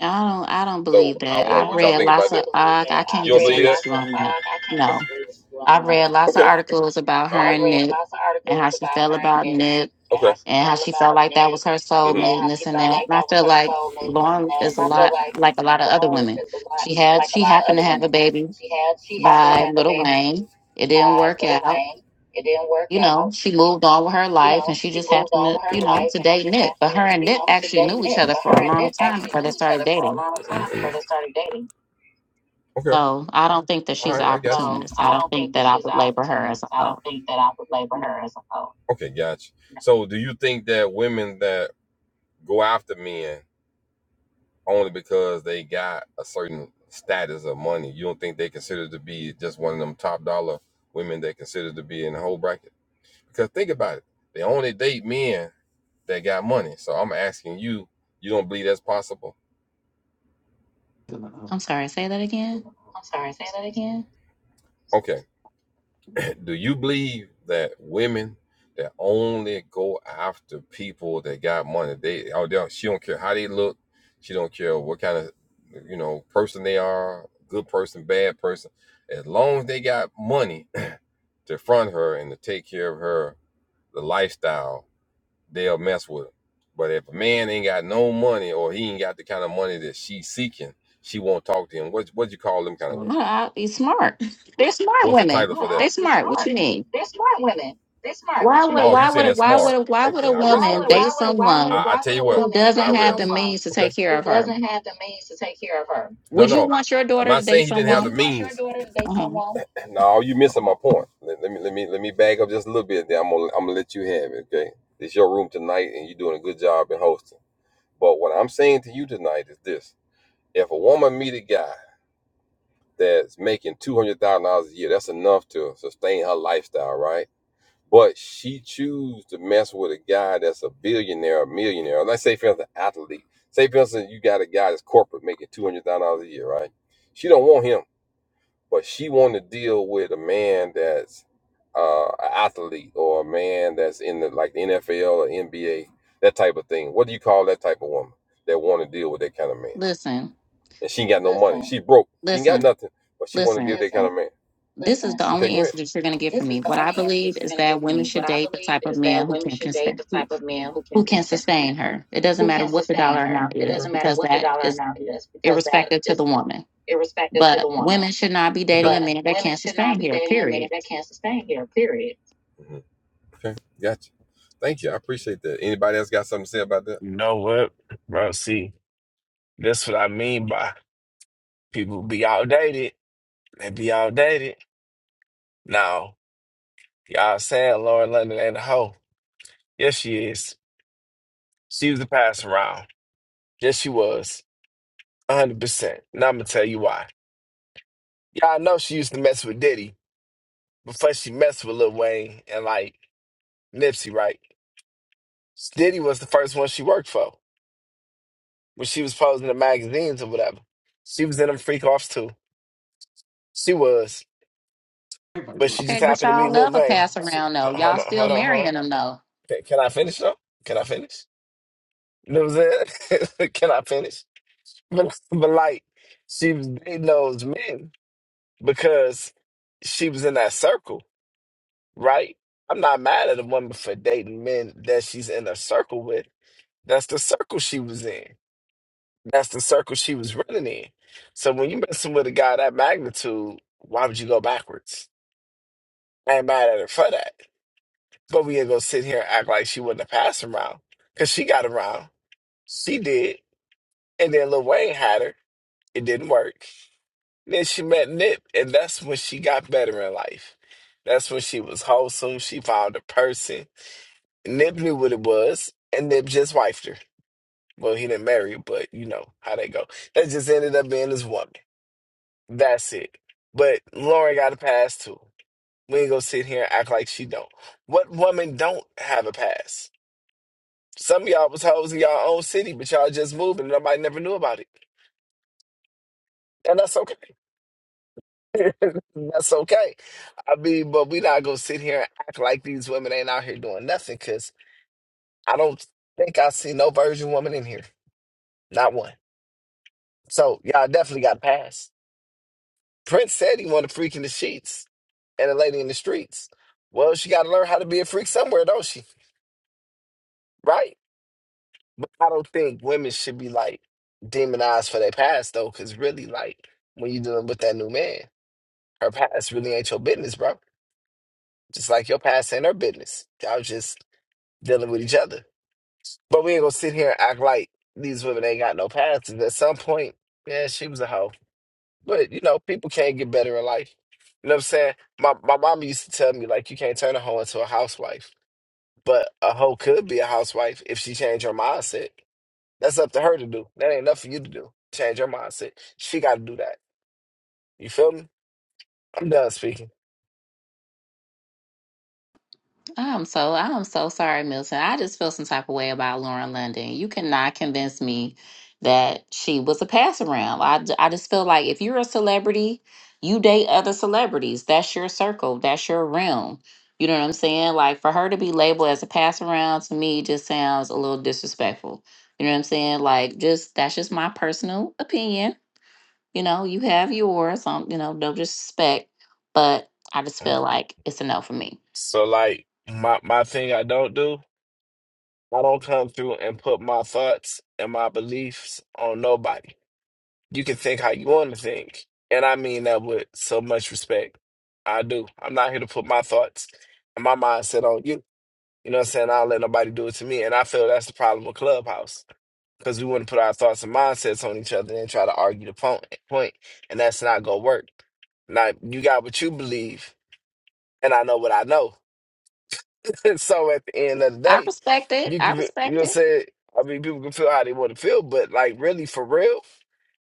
I don't I don't
So
believe
I
that.
want
I've
what y'all
read
think about
lots
that. I
of
don't believe that.
I I
I you
can't
don't read believe
disagree
that?
with
Lots
you
of,
on
uh,
that.
I can't
No,
disagree with you on
I've read
that.
lots
Okay.
of
No. All
articles about her
right. I
and
read
Nick
lots of
and how
articles
she
about
felt
her and
about
Nip.
Nick
And okay.
and how she felt like that was her soulmate and this and that. And I feel like Lauren is a lot like a lot of other women. She had she happened to have a baby by Lil
Mhm
Wayne. It didn't
by
work
Little
out.
Wayne. It didn't work
You know,
out.
she moved on with her
You
life and
know,
she
she
just
moved
happened
all
to,
of her
you know,
life
to
and she
date
just
Nick. But
happened
her
to,
and
you
Nick
know, to
actually
date
knew each
Nick.
other
But
for a
her and
long
Nick
time
actually
before they
knew each
started
other for a
dating.
long time before they started dating. Okay.
So I don't think that
All
she's an
right. I guess. So
opportunist. I
I
don't
don't think
think
that
that I
she's an
would label her as
opportunist.
a
I
oh.
don't think that I would label
No.
her as a hoe. Okay, gotcha. No. So, do you think that women that go after men only because they got a certain status of money, you don't think they consider to be just one of them top dollar women they consider to be in the whole bracket? Because think about it, they only date men that got money. So I'm asking you, you don't believe that's possible?
I'm sorry, say that again.
I'm sorry, say that again. Okay. Do you believe that women that only go after people that got money, they oh they don't, she don't care how they look, she don't care what kind of you know person they are, good person, bad person, as long as they got money to front her and to take care of her, the lifestyle. they'll mess with him. But if a man ain't got no money or he ain't got the kind of money that she's seeking, she won't talk to him. What what you call them kind of women?
Uh, you smart. They're smart
What's the
women.
title No, for I, that?
They're
it's
smart. What
smart.
you mean?
They're smart women. They're smart.
Why
What you mean?
would
Oh, you
why
saying they're
would why
smart?
would why would
Okay,
a
I rest Why my would
woman
place. why
date
would why would I, why I
someone
why tell you a what,
who
woman I
doesn't have the
rest. someone
means to
Okay.
take care
who
of her?
doesn't have the means to take care of her? No,
Would you
no.
want your
I'm
daughter to
not saying
date
he didn't Would have
someone
the means. want your daughter to
uh
date
huh.
someone? No, you missing my point. Let, let me let me let me back up just a little bit. Then I'm gonna I'm gonna let you have it. Okay, it's your room tonight, and you're doing a good job in hosting. But what I'm saying to you tonight is this: If a woman meet a guy that's making two hundred thousand dollars a year. That's enough to sustain her lifestyle, right? But she choose to mess with a guy that's a billionaire, a millionaire. Let's say for instance, an athlete. Say for instance, you got a guy that's corporate making two hundred thousand dollars a year, right? She don't want him, but she want to deal with a man that's uh, an athlete or a man that's in the like the NFL or NBA, that type of thing. What do you call that type of woman that want to deal with that kind of man?
Listen,
and she ain't got no money. Listen, She broke. She ain't got
listen,
nothing, but she want to deal
listen.
with that kind listen, of
This
listen,
is
man.
the
listen. Okay,
only
go ahead.
answer that you're going to get from
This is
me.
the
What I
only answer
believe
that you're
is
going to
that
get from
women
me.
should
What I
date the
believe
type of
is
men
that
who
women
can
should date
sustain,
the type of man who can
who can
sustain,
sustain her. It doesn't
who
matter
can
what the
sustain
dollar
her.
amount
It Okay.
is
doesn't matter
because
what the
that
dollar
is
amount is because that
irrespective to
is
the woman.
irrespective to the
But
woman.
women should not be
Okay.
dating a
But
man that
women
can't
should not
sustain
be
her.
dating a man
Period.
that can't sustain her. Period. hmm Okay. Gotcha. Thank you. I appreciate that. Anybody else got something to say about that?
You know what, bro? See, that's what I mean by people be outdated. They be outdated. Now, y'all said Lauren London ain't a hoe. Yes, she is. She was a pass around. Yes, she was. 100%. And I'm going to tell you why. Y'all know she used to mess with Diddy before she messed with Lil Wayne and like Nipsey, right? Diddy was the first one she worked for when she was posing the magazines or whatever. She was in them freak offs too. She was, but she just
Okay, but
happened to meet
y'all
Lil
love a
Wayne.
pass
She,
around though. Y'all
hold on,
still
hold on, hold on.
marrying them though.
Can, can I finish though? Can I finish? You know what I'm saying? can I finish? But, but like, she was dating those men because she was in that circle, right? I'm not mad at a woman for dating men that she's in a circle with. That's the circle she was in. That's the circle she was running in. So when you're messing with a guy that magnitude, why would you go backwards? I ain't mad at her for that. But we ain't gonna sit here and act like she wouldn't have passed around. Cause she got around. She did. And then Lil Wayne had her. It didn't work. Then she met Nip, and that's when she got better in life. That's when she was wholesome. She found a person. Nip knew what it was, and Nip just wifed her. Well, he didn't marry, her, but you know how they go. That just ended up being his woman. That's it. But Lauren got a pass too. We ain't gonna sit here and act like she don't. What woman don't have a pass? Some of y'all was hoes in y'all own city, but y'all just moved and nobody never knew about it. And that's okay. that's okay. I mean, but we not gonna sit here and act like these women ain't out here doing nothing because I don't think I see no virgin woman in here. Not one. So y'all definitely got a pass. Prince said he wanted a freak in the sheets and a lady in the streets. Well, she gotta learn how to be a freak somewhere, don't she? Right. But I don't think women should be like demonized for their past though, because really, like when you're dealing with that new man, her past really ain't your business, bro. Just like your past ain't her business. Y'all just dealing with each other. But we ain't gonna sit here and act like these women ain't got no past. And at some point, yeah, she was a hoe. But you know, people can't get better in life. You know what I'm saying? My my mama used to tell me like you can't turn a hoe into a housewife. But a hoe could be a housewife if she changed her mindset. That's up to her to do. That ain't enough for you to do. Change your mindset. She got to do that. You feel me? I'm done speaking.
I'm so I'm so sorry, Milton. I just feel some type of way about Lauren London. You cannot convince me that she was a pass around. I, j- I just feel like if you're a celebrity, you date other celebrities. That's your circle. That's your realm. You know what I'm saying? Like for her to be labeled as a pass around to me just sounds a little disrespectful. You know what I'm saying? Like just that's just my personal opinion. You know, you have yours. Um, you know, no disrespect, but I just feel like it's a no for me.
So like my my thing I don't do, I don't come through and put my thoughts and my beliefs on nobody. You can think how you want to think, and I mean that with so much respect. I do. I'm not here to put my thoughts and my mindset on you. You know what I'm saying? I don't let nobody do it to me, and I feel that's the problem with Clubhouse because we want to put our thoughts and mindsets on each other and try to argue the point, point, and that's not gonna work. Now you got what you believe, and I know what I know. so at the end of the
I
day,
respect it.
you
I
can, you know,
respect
what I'm
it.
saying I mean, people can feel how they want to feel, but like really for real,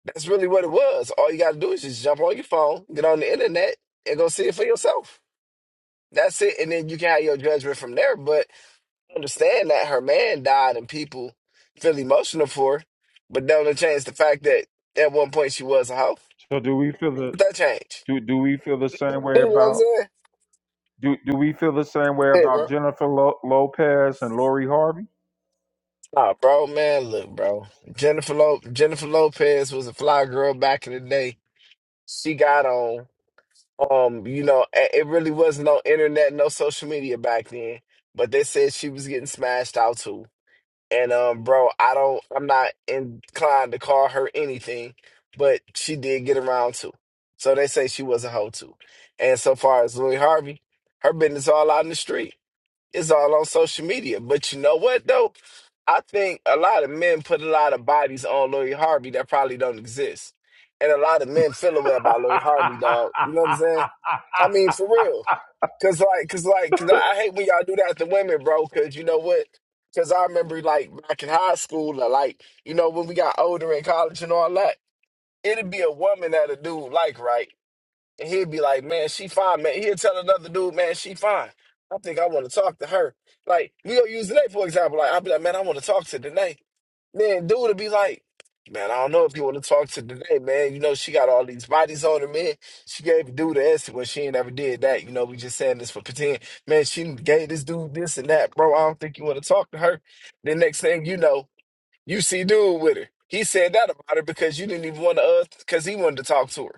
that's really what it was. All you got to do is just jump on your phone, get on the internet, and go see it for yourself. That's it, and then you can have your judgment from there. But understand that her man died and people feel emotional for her, but don't change the fact that at one point she was a hoe.
So do we feel the
What that change?
do do we feel the same way
You know what I'm
about
saying?
do do we feel the same way
Hey,
about
bro.
Jennifer Lo- Lopez and Lori Harvey?
Nah, bro, man, look, bro. Jennifer Lo- Jennifer Lopez was a fly girl back in the day. She got on. Um, you know, a- it really was no internet, no social media back then. But they said she was getting smashed out too. And um, bro, I don't, I'm not inclined to call her anything, but she did get around too. So they say she was a hoe too. And so far as Louis Harvey, her business all out in the street. It's all on social media. But you know what though? I think a lot of men put a lot of bodies on Louis Harvey that probably don't exist. And a lot of men feel away about Louis Harvey, dog. You know what I'm saying? I mean, for real. Cause like, cause like, cause I I hate when y'all do that to women, bro. Cause you know what? Cause I remember like back in high school, or like you know when we got older in college and all that, it'd be a woman that a dude like, right? And he'd be like, man, she fine, man. He'll tell another dude, man, she fine. I think I want to talk to her. Like, we'll use today, for example. Like, I'll be like, man, I want to talk to today. Then dude would be like, man, I don't know if you want to talk to today, man. You know, she got all these bodies on her, man. She gave a dude an answer when she ain't ever did that. You know, we just saying this for pretend. Man, she gave this dude this and that, bro. I don't think you want to talk to her. The next thing you know, you see dude with her. He said that about her because you didn't even want to, because he wanted to talk to her.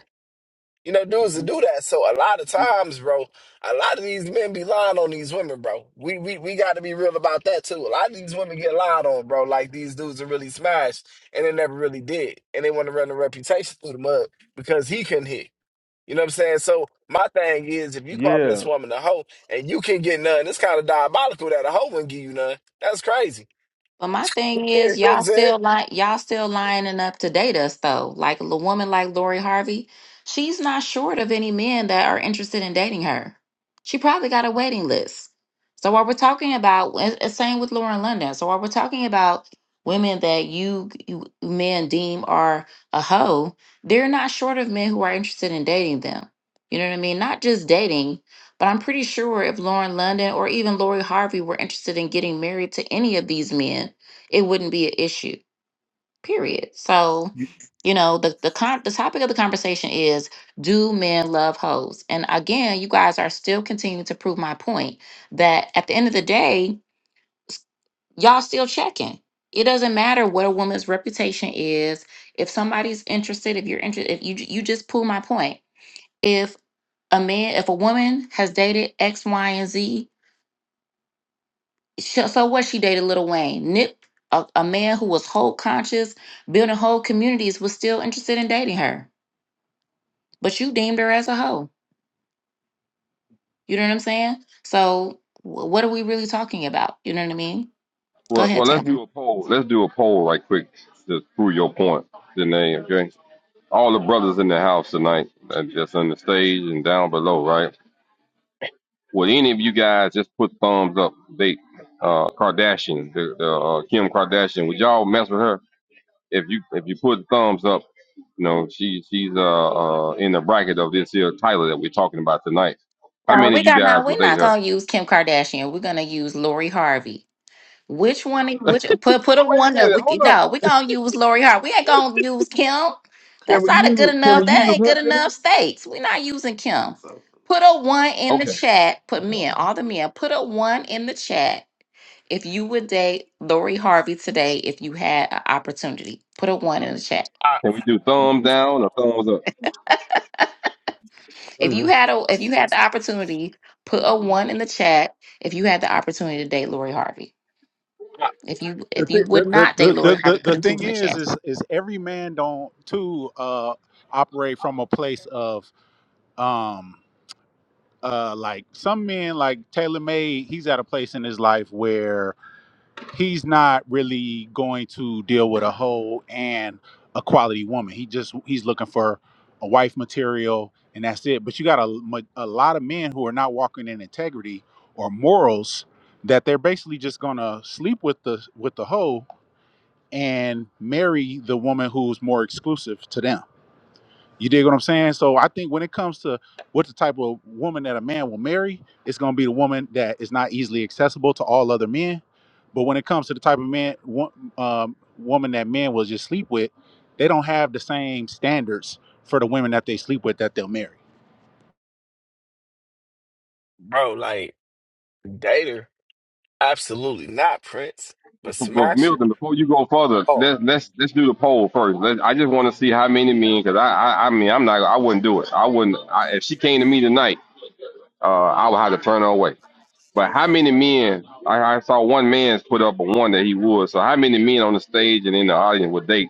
You know, dudes to do that. So a lot of times, bro, a lot of these men be lying on these women, bro. We we we got to be real about that too. A lot of these women get lied on, bro. Like these dudes are really smashed, and they never really did, and they want to run the reputation through the mud because he couldn't hit. You know what I'm saying? So my thing is, if you call this
Yeah,
woman a hoe and you can get none, it's kind of diabolical that a hoe wouldn't give you none. That's crazy.
But my thing
you
is,
know what I'm
y'all
saying?
still like y'all still lining up to date us though. Like a l- woman like Lori Harvey, she's not short of any men that are interested in dating her. She probably got a waiting list. So while we're talking about, and- and same with Lauren London. So while we're talking about women that you, you men deem are a hoe, they're not short of men who are interested in dating them. You know what I mean? Not just dating, But I'm pretty sure if Lauren London or even Lori Harvey were interested in getting married to any of these men, it wouldn't be an issue. Period. So, you know, the the con- the topic of the conversation is do men love hoes? And again, you guys are still continuing to prove my point that at the end of the day, y'all still checking. It doesn't matter what a woman's reputation is. If somebody's interested, if you're interested, if you you just pull my point. If a man, if a woman has dated X, Y, and Z Sh- So what? She dated Little Wayne, Nip, a, a man who was whole conscious, building whole communities, was still interested in dating her. But you deemed her as a hoe. You know what I'm saying? So wh- what are we really talking about? You know what I mean? Go
Well,
ahead,
well, let's
Taylor.
do a poll. Let's do a poll right quick to prove your point, Danae. Okay. All the brothers in the house tonight, uh, just on the stage and down below, right? Would any of you guys just put thumbs up? They, uh, Kardashian, the, the uh, Kim Kardashian. Would y'all mess with her if you if you put thumbs up? You know, she she's uh, uh in the bracket of this here Tyler that we're talking about tonight. How
No,
many
we
of you
got not.
guys
We're
would date
not
her?
gonna use Kim Kardashian. We're gonna use Lori Harvey. Which one? Which
Wait
put put a
a
one up?
minute,
We,
hold
can-
up.
no, we gonna use Lori Harvey. We ain't gonna use Kim.
Can
That's
we
not a good
use can we
enough.
use
That ain't
her
good enough
too?
stakes. We're not using Kim. Put a one in the
Okay.
chat. Put men, all the men, put a one in the chat if you would date Lori Harvey today if you had an opportunity. Put a one in the chat.
I,
Can we do thumbs down or thumbs up?
If you
um,
had a if you had the opportunity, put a one in the chat if you had the opportunity to date Lori Harvey.
I-
If you if you would
The,
not date Lori
the the
Harvey, put
the
a two
thing
in the chat.
is is is every man don't too uh operate from a place of um uh like some men like Taylor May, he's at a place in his life where. he's not really going to deal with a hoe and a quality woman. He just he's looking for a wife material and that's it. But you got a, a lot of men who are not walking in integrity or morals that they're basically just going to sleep with the with the hoe and marry the woman who's more exclusive to them. You dig what I'm saying? So I think when it comes to what the type of woman that a man will marry, it's gonna be the woman that is not easily accessible to all other men. But when it comes to the type of man, wo- um, woman that men will just sleep with, they don't have the same standards for the women that they sleep with that they'll marry.
bro, like date her, absolutely not, Prince, but
But but
smash her.
Milton, before you go further,
Oh,
let's let's let's do the poll first. Let, I just want to see how many men, because I, I I mean I'm not I wouldn't do it. I wouldn't I, if she came to me tonight, uh, I would have to turn her away. But how many men? I, I saw one man's put up a one that he would. So how many men on the stage and in the audience would date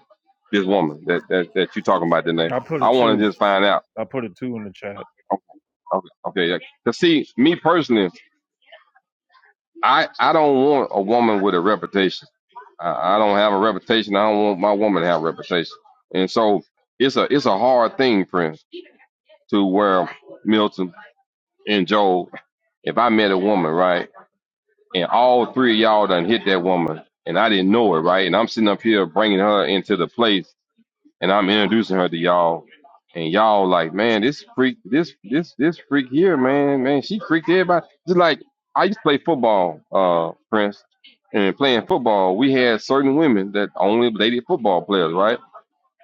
this woman that that, that you talking about tonight?
I put a
I want
two.
to just find out.
I put a two in the chat.
Okay, okay. okay. To see me personally, I I don't want a woman with a reputation. I, I don't have a reputation. I don't want my woman to have a reputation. And so it's a it's a hard thing, friends, to where Milton and Joel, if I met a woman, right, and all three of y'all done hit that woman, and I didn't know it, right, and I'm sitting up here bringing her into the place and I'm introducing her to y'all, and y'all like, man, this freak, this this this freak here, man, man, she freaked everybody. Just like I used to play football, uh, Prince, and playing football, we had certain women that only dated football players, right?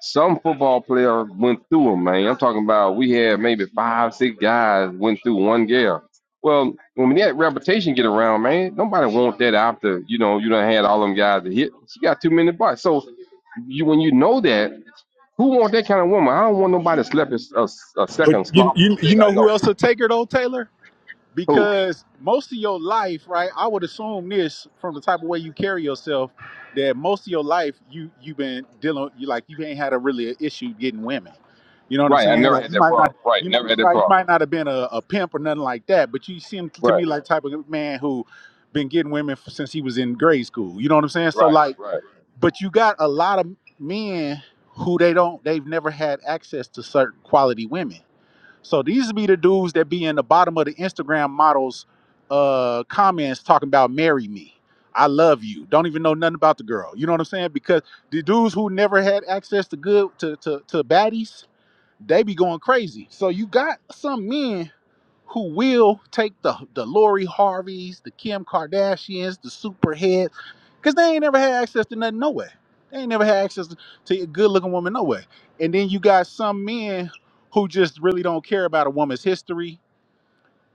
Some football player went through them, man. I'm talking about we had maybe five, six guys went through one girl. Well, when that reputation get around, man, nobody want that after you know you done had all them guys to hit. She got too many butts. So you when you know that. Who want that kind of woman? I don't want nobody that's left a, a, a
But
second
you,
sloppist
you,
that
you
I
know who
know.
else will take her though, Taylor?
Who?
because most of your life right i would assume this from the type of way you carry yourself that most of your life you you've been dealing you like you ain't had a really an issue getting women you know what i'm
Right. I
saying
never
like
had
you
that
might not
problem. Right.
you might
Never had
you
that
might, you
problem.
might not have been a, a pimp or nothing like that but you seem to
Right.
me like type of man who been getting women f- since he was in grade school you know what i'm saying so
Right.
like
Right.
but you got a lot of men who they don't they've never had access to certain quality women so these be the dudes that be in the bottom of the Instagram models uh comments talking about marry me. I love you. Don't even know nothing about the girl. You know what I'm saying? Because the dudes who never had access to good to to, to baddies, they be going crazy. So you got some men who will take the the Lori Harveys, the Kim Kardashians, the superheads, because they ain't never had access to nothing, no way. They ain't never had access to to a good looking woman, no way. And then you got some men who just really don't care about a woman's history,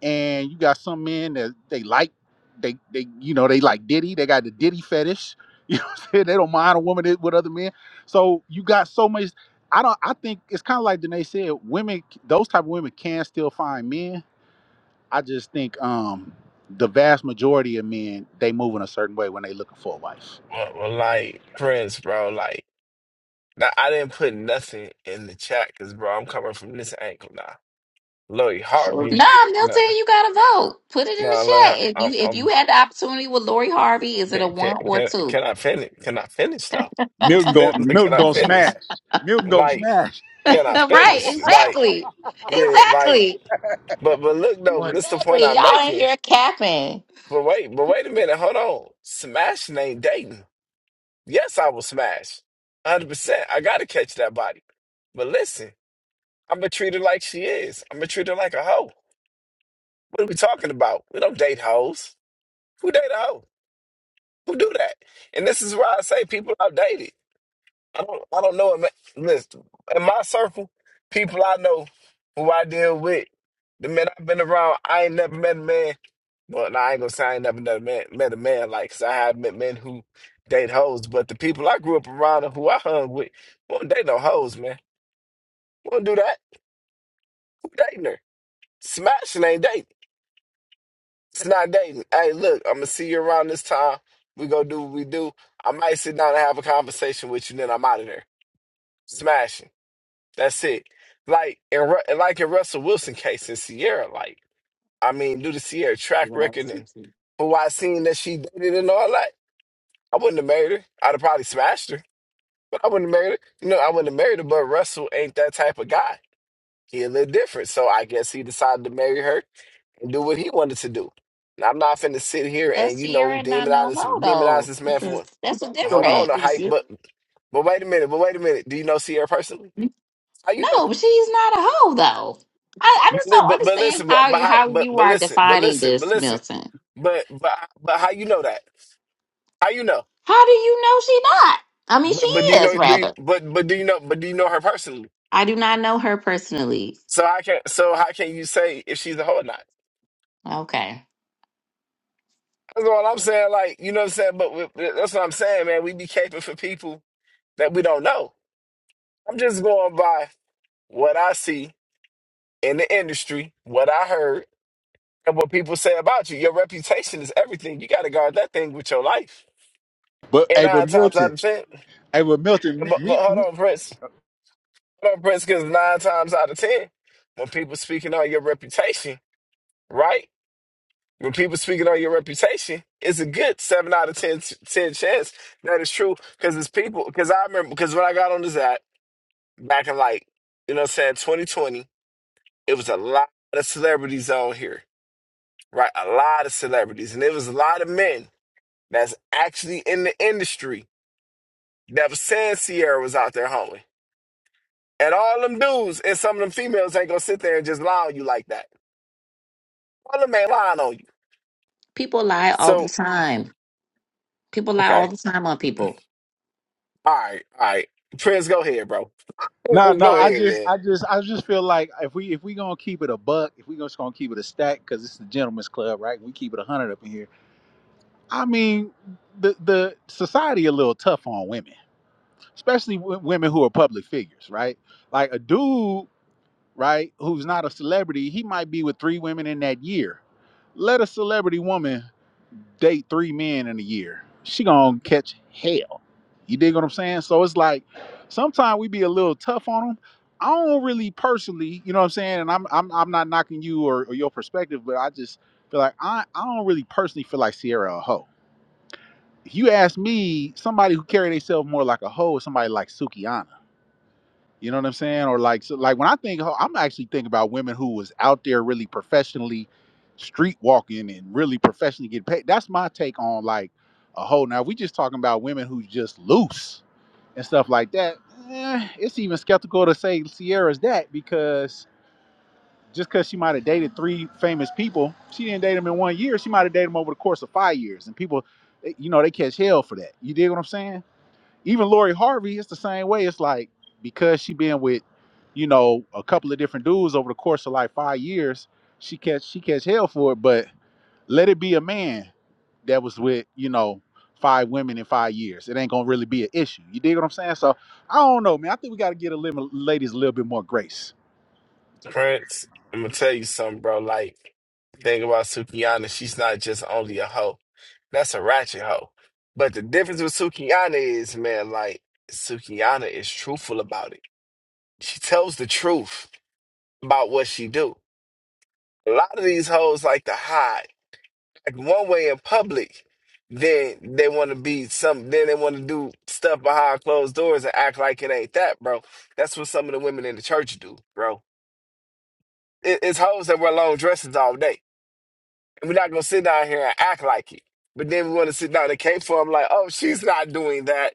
and you got some men that they like, they they you know they like Diddy, they got the Diddy fetish. You know what I'm saying? They don't mind a woman that- with other men. So you got so much. I don't. I think it's kind of like Danae said. Women, those type of women, can still find men I just think um, the vast majority of men they move in a certain way when they looking for a wife.
well, well, like friends, bro. Like, now, I didn't put nothing in the chat because, bro, I'm coming from this angle now. Lloyd Harvey,
Nah,
no,
Milton, you gotta vote. Put it in the
no,
chat.
like,
If
I'm,
you if you
I'm,
had the opportunity with Lori Harvey, is it a
can, can,
one or
can,
two?
can I finish? Can I finish though?
Milton going Milton
Can I
going to
finish?
smash. Milton going to
Like,
smash.
can I
right,
finish? Like,
exactly.
yeah, like,
Exactly.
but, but look though, this the point
Exactly.
I'm
Y'all in
making.
here capping.
But wait, but wait a minute, hold on. Smashing ain't dating. Yes, I will smash, one hundred percent. I gotta catch that body. But listen. I'm gonna treat her like she is. I'm gonna treat her like a hoe. What are we talking about? We don't date hoes. Who date a hoe? Who do that? And this is why I say people I've dated. I don't. I don't know. in my- Listen, in my circle, people I know who I deal with, the men I've been around, I ain't never met a man. Well, nah, I ain't gonna say I ain't never met a man, met a man like, 'cause I have met men who date hoes. But the people I grew up around and who I hung with, won't date no hoes, man. Won't do that. Who dating her? Smashing ain't dating. It's not dating. Hey, look, I'm gonna see you around this time. We gonna do what we do. I might sit down and have a conversation with you, then I'm out of there. Smashing. That's it. Like in Ru- like in Russell Wilson case in Sierra, like I mean, due to Sierra track record and who I seen that she dated and all that, I wouldn't have married her. I'd have probably smashed her, but I wouldn't have married her. You know, I wouldn't have married her. But Russell ain't that type of guy. He a little different, so I guess he decided to marry her and do what he wanted to do. And I'm not finna sit here
But
and you know
Sierra and not
demonize
no hoe
demonize
though.
this man for. Hold on, the hype, but but wait a minute, but wait a minute. Do you know Sierra personally?
That-
How you know
No,
that?
she's not a hoe though. I, I just
But
don't
but, but
understand
listen, but,
how
but
you
how-
how
but
you
but
are
listen, but
defining
listen, but
this,
listen,
Milton.
but but but how you know that? How you know?
How do you know she not? I mean she
But but do you
is
know? Do you,
rather.
but but do you know? But do you know her personally?
I do not know her personally.
So I can so how can you say if she's a hoe or not?
Okay.
That's all I'm saying. Like you know what I'm saying. But, but that's what I'm saying, man. We be caping for people that we don't know. I'm just going by. what I see in the industry, what I heard, and what people say about you. Your reputation is everything. You got to guard that thing with your life.
But
And
hey, but
nine times out
Milton,
of ten,
hey, but Milton,
and
me,
but, but
me,
hold
me-
on, Prince. Hold on, Prince, because nine times out of ten, when people speaking on your reputation, right? When people speaking on your reputation, it's a good seven out of 10, 10 chance that it's true. Because it's people. Because I remember. Because when I got on this app back in like, you know, what I'm saying 2020, it was a lot of celebrities on here right? A lot of celebrities, and there was a lot of men that's actually in the industry that was saying Sierra was out there hoeing. And all them dudes and some of them females ain't gonna sit there and just lie on you like that. All them ain't lying on you.
People lie all the
So,
time. People lie all
okay.
the time on people.
All right, all right. Prince, go ahead, bro.
Nah, nah.
go
I
ahead,
just,
man.
I just, I just feel like if we if we gonna keep it a buck, if we just gonna keep it a stack, because it's the gentleman's club, right? We keep it a hundred up in here. I mean, the the society a little tough on women. especially w- women who are public figures, right? Like a dude, right, who's not a celebrity, he might be with three women in that year. Let a celebrity woman date three men in a year. She gonna catch hell. You dig what I'm saying? So it's like sometimes we be a little tough on them. I don't really personally, you know what I'm saying, and I'm I'm, I'm not knocking you or, or your perspective, but I just feel like I, I don't really personally feel like Sierra a hoe. If you ask me, somebody who carry themselves more like a hoe is somebody like Sukianna. You know what I'm saying? Or like, so like when I think, ho- I'm actually thinking about women who was out there really professionally street walking and really professionally get paid. That's my take on like a whole. Now, if we just talking about women who's just loose and stuff like that. eh, it's even skeptical to say Sierra's that because just because she might have dated three famous people, she didn't date them in one year. She might have dated them over the course of five years, and people, they- you know, they catch hell for that. You dig what I'm saying? Even Lori Harvey, it's the same way. It's like because she been with, you know, a couple of different dudes over the course of like five years, she catch she catch hell for it. But let it be a man that was with, you know, five women in five years. It ain't gonna really be an issue. You dig what I'm saying? So I don't know, man. I think we gotta get a little ladies a little bit more grace.
Prince, I'm gonna tell you something, bro. Like, the thing about Sukiana, she's not just only a hoe. That's a ratchet hoe. But the difference with Sukiana is, man, like, Sukiana is truthful about it. She tells the truth about what she do. A lot of these hoes like to hide. Like one way in public, then they want to be some. Then they want to do stuff behind closed doors and act like it ain't that, bro. That's what some of the women in the church do, bro. It, it's hoes that wear long dresses all day, and we're not gonna sit down here and act like it. But then we want to sit down and cape for them, like, oh, she's not doing that.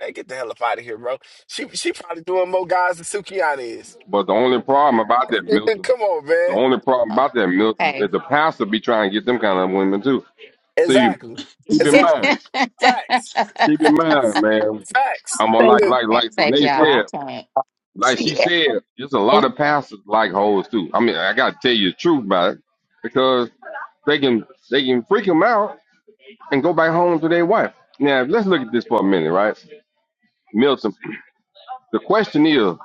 Hey, get the hell up out of here, bro. She she probably doing more guys than Sukiana is.
But the only problem about that, Milton,
Come on, man.
the only problem
Oh,
about that, Milton, is
Okay.
the pastor be trying to get them kind of women too. See,
Exactly.
keep in mind,
Exactly. Facts.
keep in mind, man.
Facts.
I'm gonna like,
Uh,
like,
Can't
like
take
Danae
y'all.
Facebook,
I
said,
can't.
like she
see,
said, there's a lot of pastors like hoes too. I mean, I gotta tell you the truth about it because they can, they can freak them out and go back home to their wife. Now, let's look at this for a minute, right? Milton, the question is,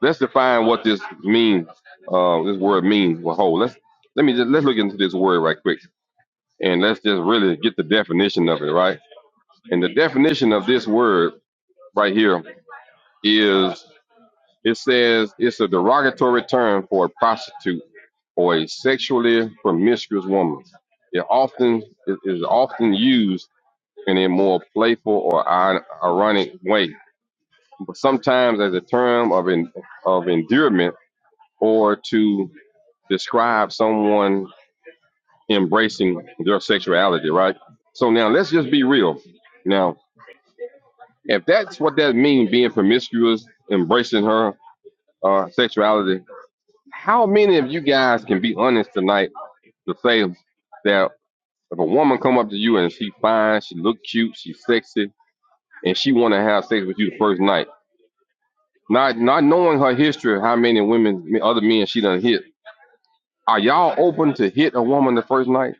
let's define what this means, uh, this word means, well, whole. Let's, let me just, let's look into this word right quick and let's just really get the definition of it, right? And the definition of this word right here is, it says it's a derogatory term for a prostitute or a sexually promiscuous woman. It often it is often used in a more playful or ironic way, but sometimes as a term of en- of endearment or to describe someone embracing their sexuality, right? So now let's just be real. Now, if that's what that means, being promiscuous, embracing her uh, sexuality, how many of you guys can be honest tonight to say that if a woman come up to you and she fine, she look cute, she's sexy, and she want to have sex with you the first night? Not not knowing her history, how many women, other men she done hit. Are y'all open to hit a woman the first night?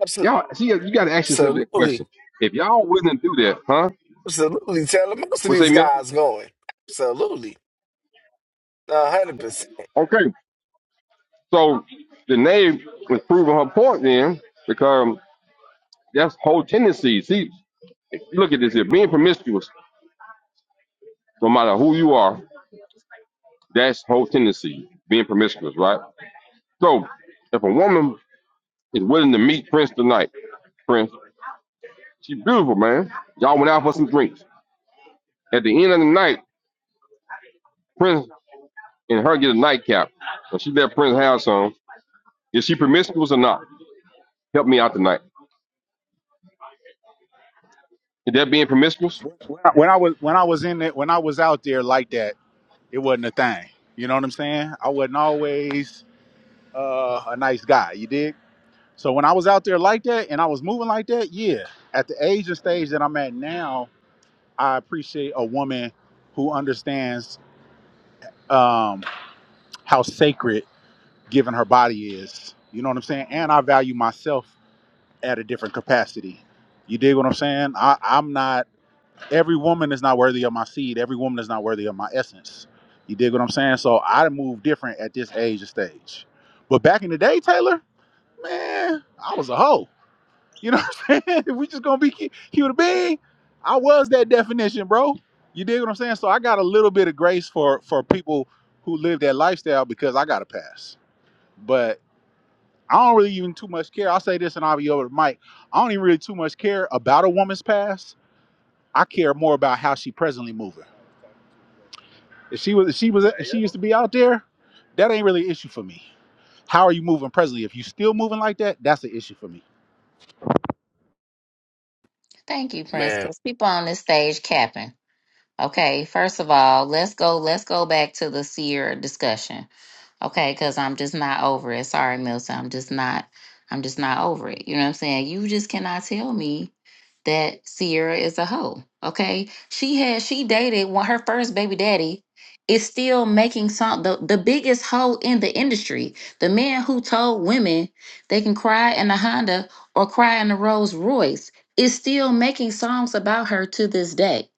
abso-
Y'all, see, you got to ask yourself that question.
Absolutely.
If y'all willing to do that, huh?
Absolutely. Taylor, most of
What's say,
these
Milton?
guys going. Absolutely. A hundred percent.
Okay, so the name was proving her point then, because that's whole tendency. See, if you look at this here, being promiscuous, no matter who you are, that's whole tendency, being promiscuous, right? So if a woman is willing to meet Prince tonight, Prince. She beautiful, man. Y'all went out for some drinks. At the end of the night, Prince and her get a nightcap. And she let Prince have some. Is she promiscuous or not? Help me out tonight. Is that being promiscuous?
When I, when I was when I was in it, when I was out there like that, it wasn't a thing. You know what I'm saying? I wasn't always uh, a nice guy. You dig? So when I was out there like that and I was moving like that, yeah, at the age and stage that I'm at now, I appreciate a woman who understands um, how sacred giving her body is. You know what I'm saying? And I value myself at a different capacity. You dig what I'm saying? I, I'm not, every woman is not worthy of my seed. Every woman is not worthy of my essence. You dig what I'm saying? So I move different at this age and stage. But back in the day, Taylor, man, I was a hoe. You know what I'm saying? If we just gonna be hu- human being, I was that definition, bro. You dig what I'm saying? So I got a little bit of grace for for people who live that lifestyle because I got a pass. But I don't really even too much care. I'll say this and I'll be over the mic. I don't even really too much care about a woman's past. I care more about how she presently moving. If she was if she was if she used to be out there, that ain't really an issue for me. How are you moving presently? If you still moving like that, that's an issue for me.
Thank you, Prince,
Man,
because people on this stage capping. Okay, first of all, let's go. Let's go back to the seer discussion. Okay, because I'm just not over it. Sorry, Milton. I'm just not I'm just not over it. You know what I'm saying? You just cannot tell me that Sierra is a hoe. Okay. She had she dated one her first baby daddy is still making some the, the biggest hoe in the industry. The man who told women they can cry in a Honda or cry in a Rolls Royce is still making songs about her to this day.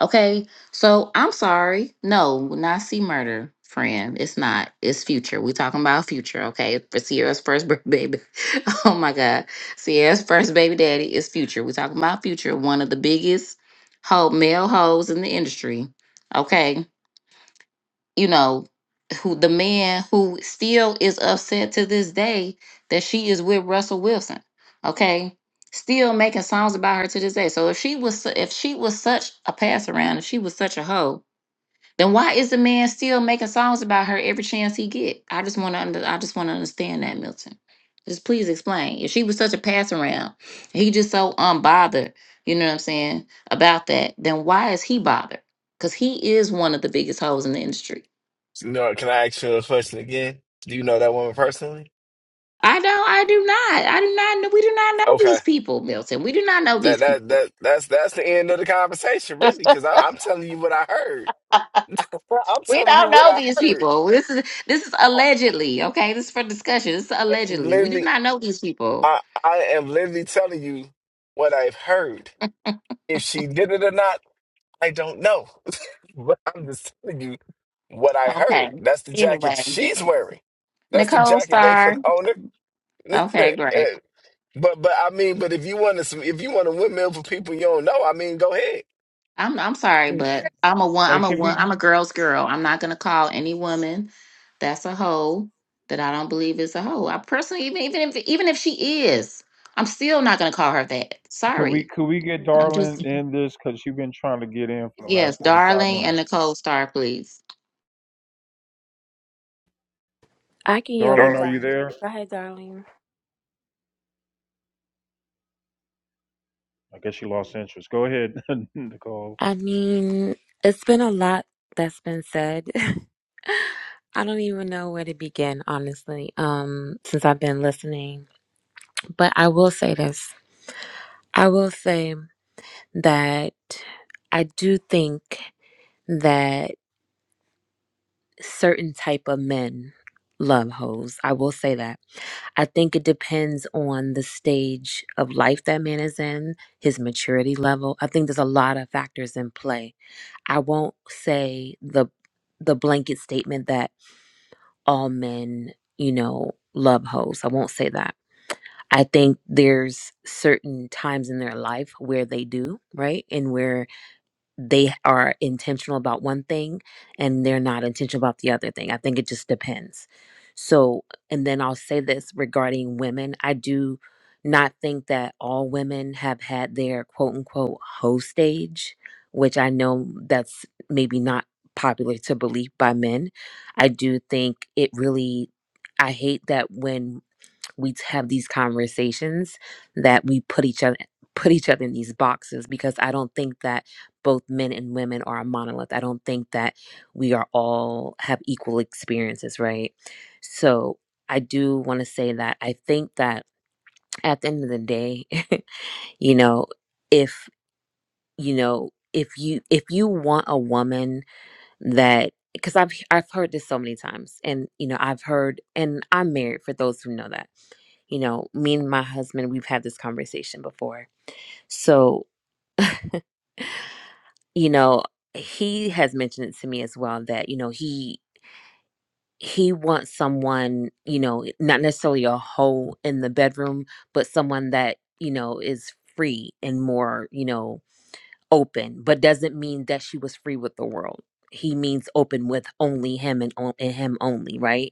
Okay. So I'm sorry. No, not see murder, friend. It's not. It's future. we talking about future, okay? For Sierra's first birth baby. oh my God. Sierra's first baby daddy is future. we talking about future, one of the biggest ho male hoes in the industry. Okay. You know, who the man who still is upset to this day that she is with Russell Wilson. Okay. Still making songs about her to this day. So if she was su- if she was such a pass around, if she was such a hoe, then why is the man still making songs about her every chance he get? I just want to under, I just want to understand that, Milton. Just please explain. If she was such a pass around, he just so unbothered, you know what I'm saying, about that, then why is he bothered? Cuz he is one of the biggest hoes in the industry.
you know, can I ask you a question again? Do you know that woman personally?
I don't I do not. I do not know we do not know
Okay.
these people, Milton. We do not know
That
these
that
people.
that that's that's the end of the conversation, really, because I'm telling you what I heard. I'm
We
telling you
don't
what
know
I
these
heard.
people. This is this is
I
allegedly, okay? This is for discussion. This is
am
allegedly. We do
literally,
not know these people.
I I am literally telling you what I've heard. If she did it or not, I don't know. But I'm just telling you what I
Okay.
heard. That's the jacket
Anyway,
she's wearing. That's the
Nicole
jacket they put
Star.
on her.
Okay, great.
And- but but I mean, but if you want to if you want to windmill for people you don't know, I mean, go ahead.
I'm I'm sorry, but I'm a one.
Hey,
I'm a
can we?
one. I'm a girl's girl. I'm not gonna call any woman that's a hoe that I don't believe is a hoe. I personally, even even if even if she is, I'm still not gonna call her that.
Could we
Sorry.
could we get
I'm
Darlin
just
in this? Cause she's been trying to get in for the
yes,
last forty five
darling and
minutes.
Nicole Star, please.
I can yield to
Darlin,
Darling.
are you
darling.
there?
Go ahead, darling.
I guess she lost interest. Go ahead, Nicole.
I mean, it's been a lot that's been said. I don't even know where to begin, honestly, um, since I've been listening. But I will say this. I will say that I do think that certain type of men love hoes. I will say that. I think it depends on the stage of life that man is in, his maturity level. I think there's a lot of factors in play I won't say the the blanket statement that all men, you know, love hoes. I won't say that. I think there's certain times in their life where they do, right? And where they are intentional about one thing and they're not intentional about the other thing. I think it just depends. So, and then I'll say this regarding women. I do not think that all women have had their quote unquote hoe stage, which I know that's maybe not popular to believe by men. I do think it really, I hate that when we have these conversations that we put each other put each other in these boxes because I don't think that both men and women are a monolith. I don't think that we are all have equal experiences, right? So I do want to say that I think that at the end of the day, you know, if you know, if you if you want a woman that because I've I've heard this so many times, and you know I've heard, and I'm married for those who know that. You know, me and my husband, we've had this conversation before. So you know, he has mentioned it to me as well that you know he he wants someone you know not necessarily a hoe in the bedroom, but someone that you know is free and more you know open, but doesn't mean that she was free with the world. He means open with only him and, on- and him only, right?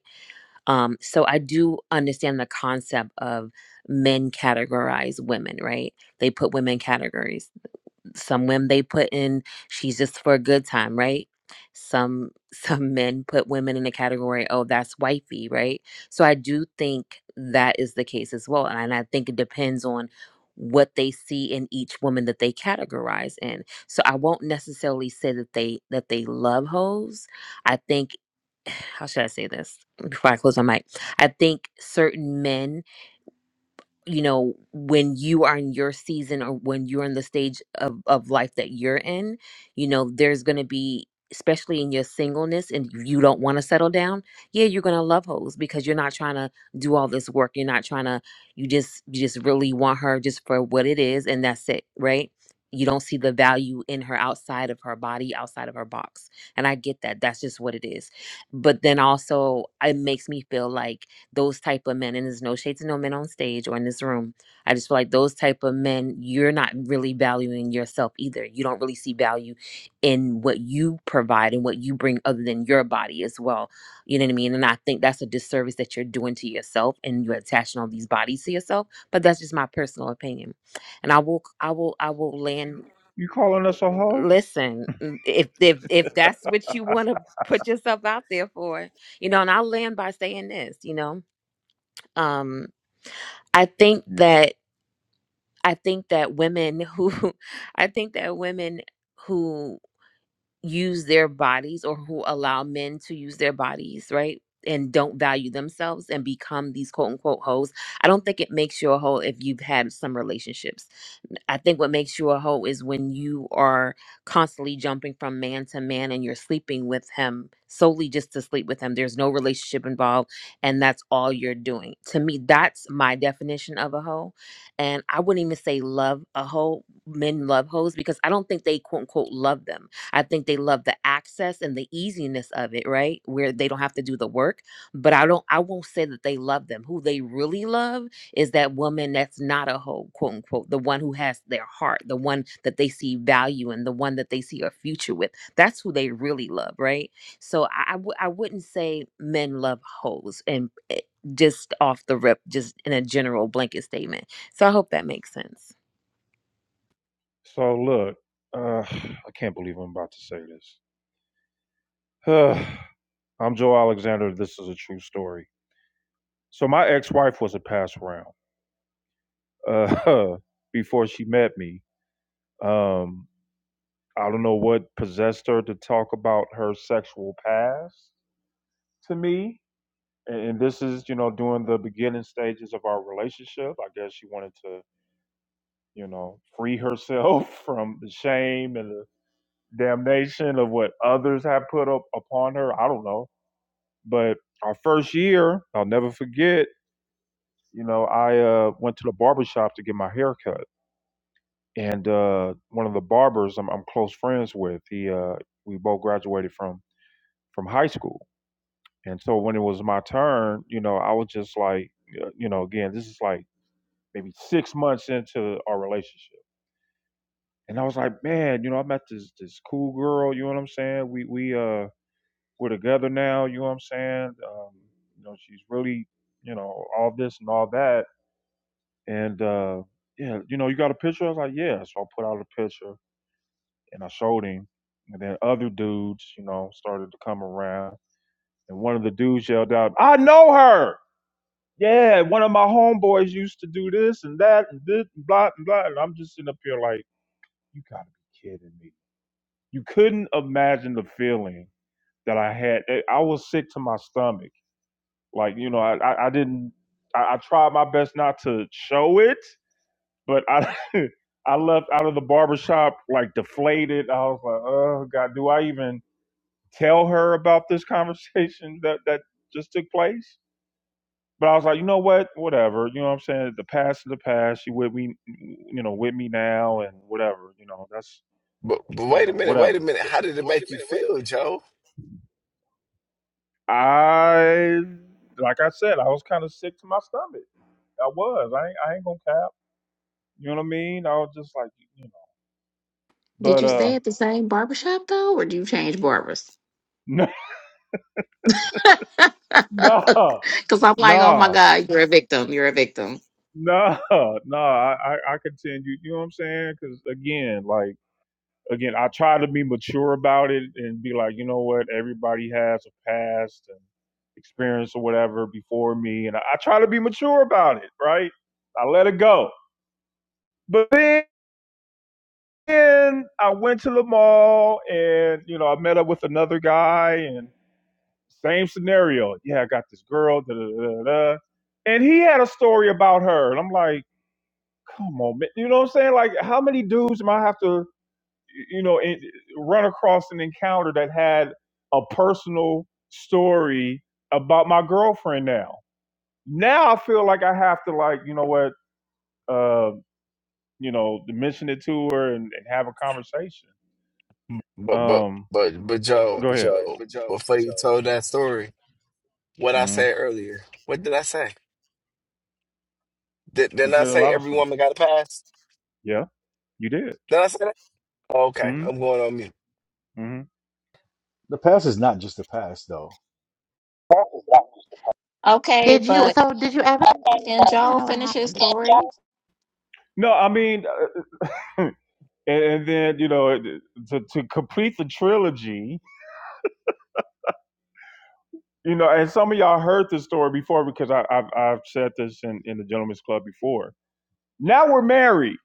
Um, so I do understand the concept of men categorize women, right? They put women in categories. Some women they put in she's just for a good time, right? Some some men put women in the category, oh, that's wifey, right? So I do think that is the case as well. And I think it depends on what they see in each woman that they categorize in. So I won't necessarily say that they that they love hoes. I think how should I say this before I close my mic? I think certain men you know when you are in your season or when you're in the stage of, of life that you're in you know there's going to be especially in your singleness and if you don't want to settle down yeah you're going to love hoes because you're not trying to do all this work you're not trying to you just you just really want her just for what it is and that's it right you don't see the value in her outside of her body outside of her box and i get that that's just what it is but then also it makes me feel like those type of men and there's no shade to no men on stage or in this room i just feel like those type of men you're not really valuing yourself either you don't really see value in what you provide and what you bring other than your body as well you know what i mean and i think that's a disservice that you're doing to yourself and you're attaching all these bodies to yourself but that's just my personal opinion and i will i will i will land
You calling us a hoe?
listen mm, if if if that's what you want to put yourself out there for you know and i'll land by saying this you know um, I think that I think that women who I think that women who use their bodies or who allow men to use their bodies, right? And don't value themselves and become these quote unquote hoes. I don't think it makes you a hoe if you've had some relationships. I think what makes you a hoe is when you are constantly jumping from man to man and you're sleeping with him solely just to sleep with him. There's no relationship involved and that's all you're doing. To me, that's my definition of a hoe. And I wouldn't even say love a hoe. Men love hoes because I don't think they quote unquote love them I think they love the access and the easiness of it, right? Where they don't have to do the work. But I don't I won't say that they love them. Who they really love is that woman that's not a hoe, quote unquote, the one who has their heart, the one that they see value in, the one that they see a future with. That's who they really love, right? So I I w- I wouldn't say men love hoes and eh, just off the rip, just in a general blanket statement. So I hope that makes sense.
So look, uh, I can't believe I'm about to say this. I'm Joe Alexander. This is a true story. So my ex-wife was a pass round. Uh, before she met me, um, I don't know what possessed her to talk about her sexual past to me and, and this is you know during the beginning stages of our relationship i guess she wanted to you know free herself from the shame and the damnation of what others have put up upon her i don't know but our first year i'll never forget you know i uh, went to the barber shop to get my hair cut and uh, one of the barbers I'm, I'm close friends with he uh, we both graduated from from high school and so when it was my turn you know i was just like uh, you know again this is like maybe six months into our relationship. And I was like, man, you know, I met this this cool girl, you know what I'm saying? We we uh we're together now, you know what I'm saying? Um, you know, she's really, you know, all this and all that. And uh yeah, you know, you got a picture? I was like, Yeah. So I put out a picture and I showed him. And then other dudes, you know, started to come around. And one of the dudes yelled out, I know her. Yeah, one of my homeboys used to do this and that and this and blah and blah. And I'm just sitting up here like You gotta be kidding me. You couldn't imagine the feeling that I had. eh, I was sick to my stomach. Like, you know, I, I, I didn't, I, I tried my best not to show it, but I, I left out of the barbershop like deflated. I was like, oh God, do I even tell her about this conversation that, that just took place? But I was like, you know what? Whatever. You know what I'm saying? The past is the past. She with me, you know, with me now and whatever. You know, that's,
But, but
you
wait
know,
a minute, wait a
whatever
minute. How did it
Wait Wait a a
make you
minute. wait a
feel, Joe?
I like I said, I was kind of sick to my stomach. I was. I ain't, I ain't gonna cap. You know what I mean? I was just like, you know.
Did
But
you
uh,
stay at the same barbershop though, or do you change barbers?
no, no,
Because I'm like, oh my
no,
God, you're a victim. You're a victim.
no, no. I, I, I continued. You know what I'm saying? Because again, like again, I try to be mature about it and be like, you know what? Everybody has a past and experience or whatever before me, and I, I try to be mature about it, right? I let it go. But then. And I went to the mall and, you know, I met up with another guy and same scenario. Yeah, I got this girl, da da da da. And he had a story about her. And I'm like, come on, man. You know what I'm saying? Like, how many dudes am I have to, you know, en- run across an encounter that had a personal story about my girlfriend now? Now I feel like I have to, like, you know what, uh, you know, mention it to her and, and have a conversation.
But but
Um,
but but
But but
Joe,
Go
but
ahead. but
Joe,
but Joe,
before
but
you told
Joe.
that story, what I
Mm.
said earlier, what did I say? Did,
You
didn't I
said a
say
lot of
every
stuff.
woman got a pass?
Yeah, you did.
Did I say that? Okay,
Mm.
I'm going on mute.
hmm
past is not just the past though
Okay,
Did you?
but
So did you ever? I
can
want to
Joel
know what
finish his
happened.
story?
No, I mean, and, and then you know, to to complete the trilogy, you know, and some of y'all heard this story before because I, I've I've said this in in the Gentleman's Club before. Now we're married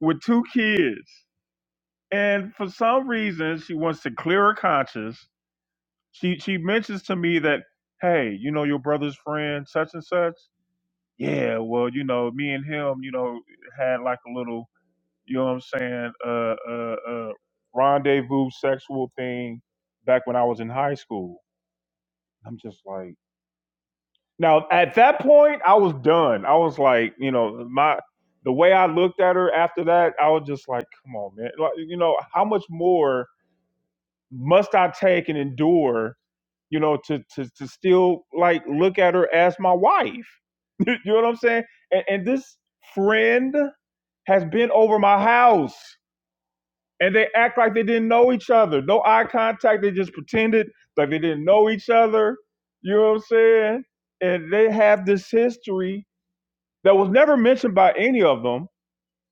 with two kids, and for some reason, she wants to clear her conscience. She she mentions to me that, hey, you know, your brother's friend, such and such. Yeah, well, you know, me and him, you know, had like a little, you know what I'm saying, uh, uh, uh, rendezvous sexual thing back when I was in high school. I'm just like, now at that point, I was done. I was like, you know, my, the way I looked at her after that, I was just like, come on, man. Like, you know, how much more must I take and endure, you know, to, to, to still like look at her as my wife? you know what I'm saying? And, and this friend, has been over my house and they act like they didn't know each other. No eye contact. They just pretended like they didn't know each other. You know what I'm saying? And they have this history that was never mentioned by any of them.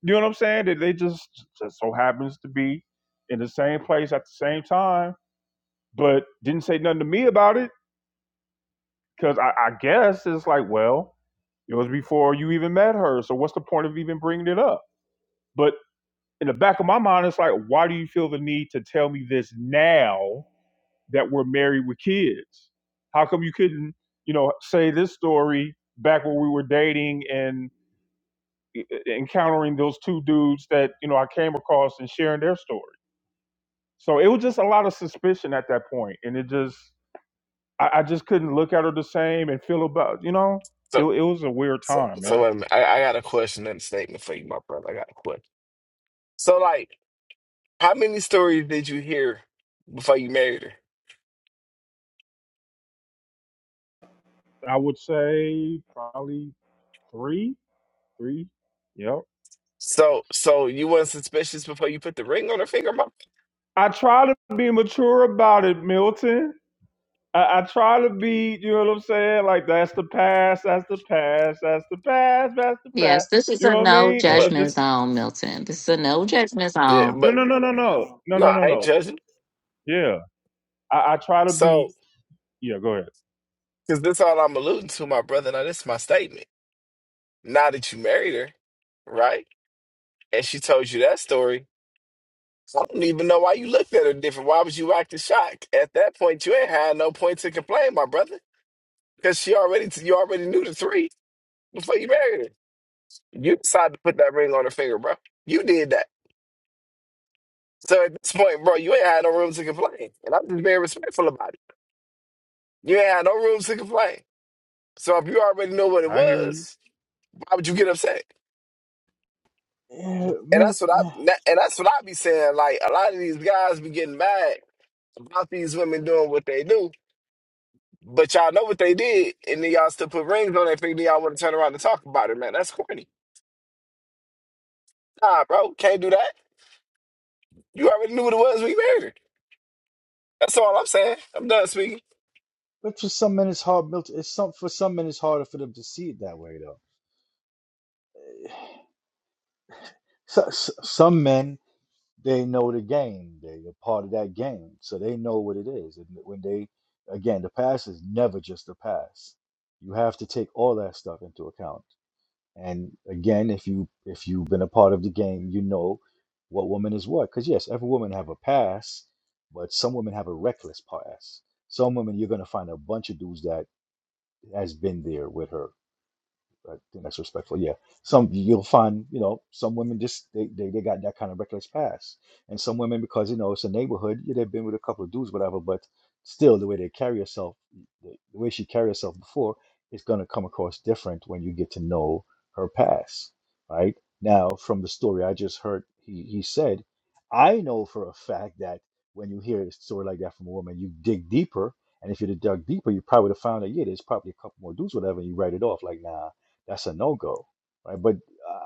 You know what I'm saying? That they just, just so happens to be in the same place at the same time, but didn't say nothing to me about it because I, I guess it's like, well, it was before you even met her. So what's the point of even bringing it up? But in the back of my mind, it's like, why do you feel the need to tell me this now that we're married with kids? How come you couldn't, you know, say this story back when we were dating and e- e, encountering those two dudes that, you know, I came across and sharing their story? So it was just a lot of suspicion at that point, And it just, I, I just couldn't look at her the same and feel about, you know,
So,
it, it was a weird
So,
time,
so
man.
wait a minute. I, I got a question and a statement for you, my brother. I got a question. So, like, how many stories did you hear before you married her?
I would say probably three, three. Yep.
So, so you weren't suspicious before you put the ring on her finger, my.
I try to be mature about it, Milton. I, I try to be, you know what I'm saying? Like that's the past, that's the past, that's the past, that's the
Yes,
past.
this is
You
a
know what I
no
mean? It,
But
it
judgment
just
zone, Milton. This is a no judgment
yeah,
zone.
no,
but
no, no, no, no, no,
no,
no,
I
no,
ain't
no.
judging.
Yeah, I, I try to be.
So,
Yeah, go ahead.
because this all I'm alluding to, my brother. Now, this is my statement. Now that you married her, right? And she told you that story. I don't even know why you looked at her different. Why was you acting shocked? At that point, you ain't had no point to complain, my brother, because she already you already knew the three. before you married her. You decided to put that ring on her finger, bro. You did that. So at this point, bro, you ain't had no room to complain. And I'm just being respectful about it. You ain't had no room to complain. So if you already know what it
I hear you.
was, why would you get upset?
Yeah,
And
Mel-
that's what
eh,
I and that's what I be saying. Like a lot of these guys be getting mad about these women doing what they do. But y'all know what they did, and then y'all still put rings on their finger, then y'all want to turn around and talk about it, man. That's corny. Nah, bro, can't do that. You already knew what it was when you married her. That's all I'm saying. I'm done speaking.
But for some men, it's hard. built- It's some for some men, it's harder for them to see it that way, though. So, s some men, they know the game. They're a part of that game, so they know what it is. And when they, again, the pass is never just a pass. You have to take all that stuff into account. And again, if you if you've been a part of the game, you know what woman is what. Because yes, every woman have a pass, but some women have a reckless pass. Some women you're gonna find a bunch of dudes that has been there with her I think that's respectful. Yeah, some you'll find, you know, some women just they, they they got that kind of reckless past, and some women because you know it's a neighborhood, yeah, they've been with a couple of dudes, whatever. But still, the way they carry herself, the, the way she carried herself before, is gonna come across different when you get to know her past, right? Now, from the story I just heard, he he said, I know for a fact that when you hear a story like that from a woman, you dig deeper. And if you'd have dug deeper, you probably would have found that, yeah, there's probably a couple more dudes, whatever, and you write it off like, nah, that's a no go, right? But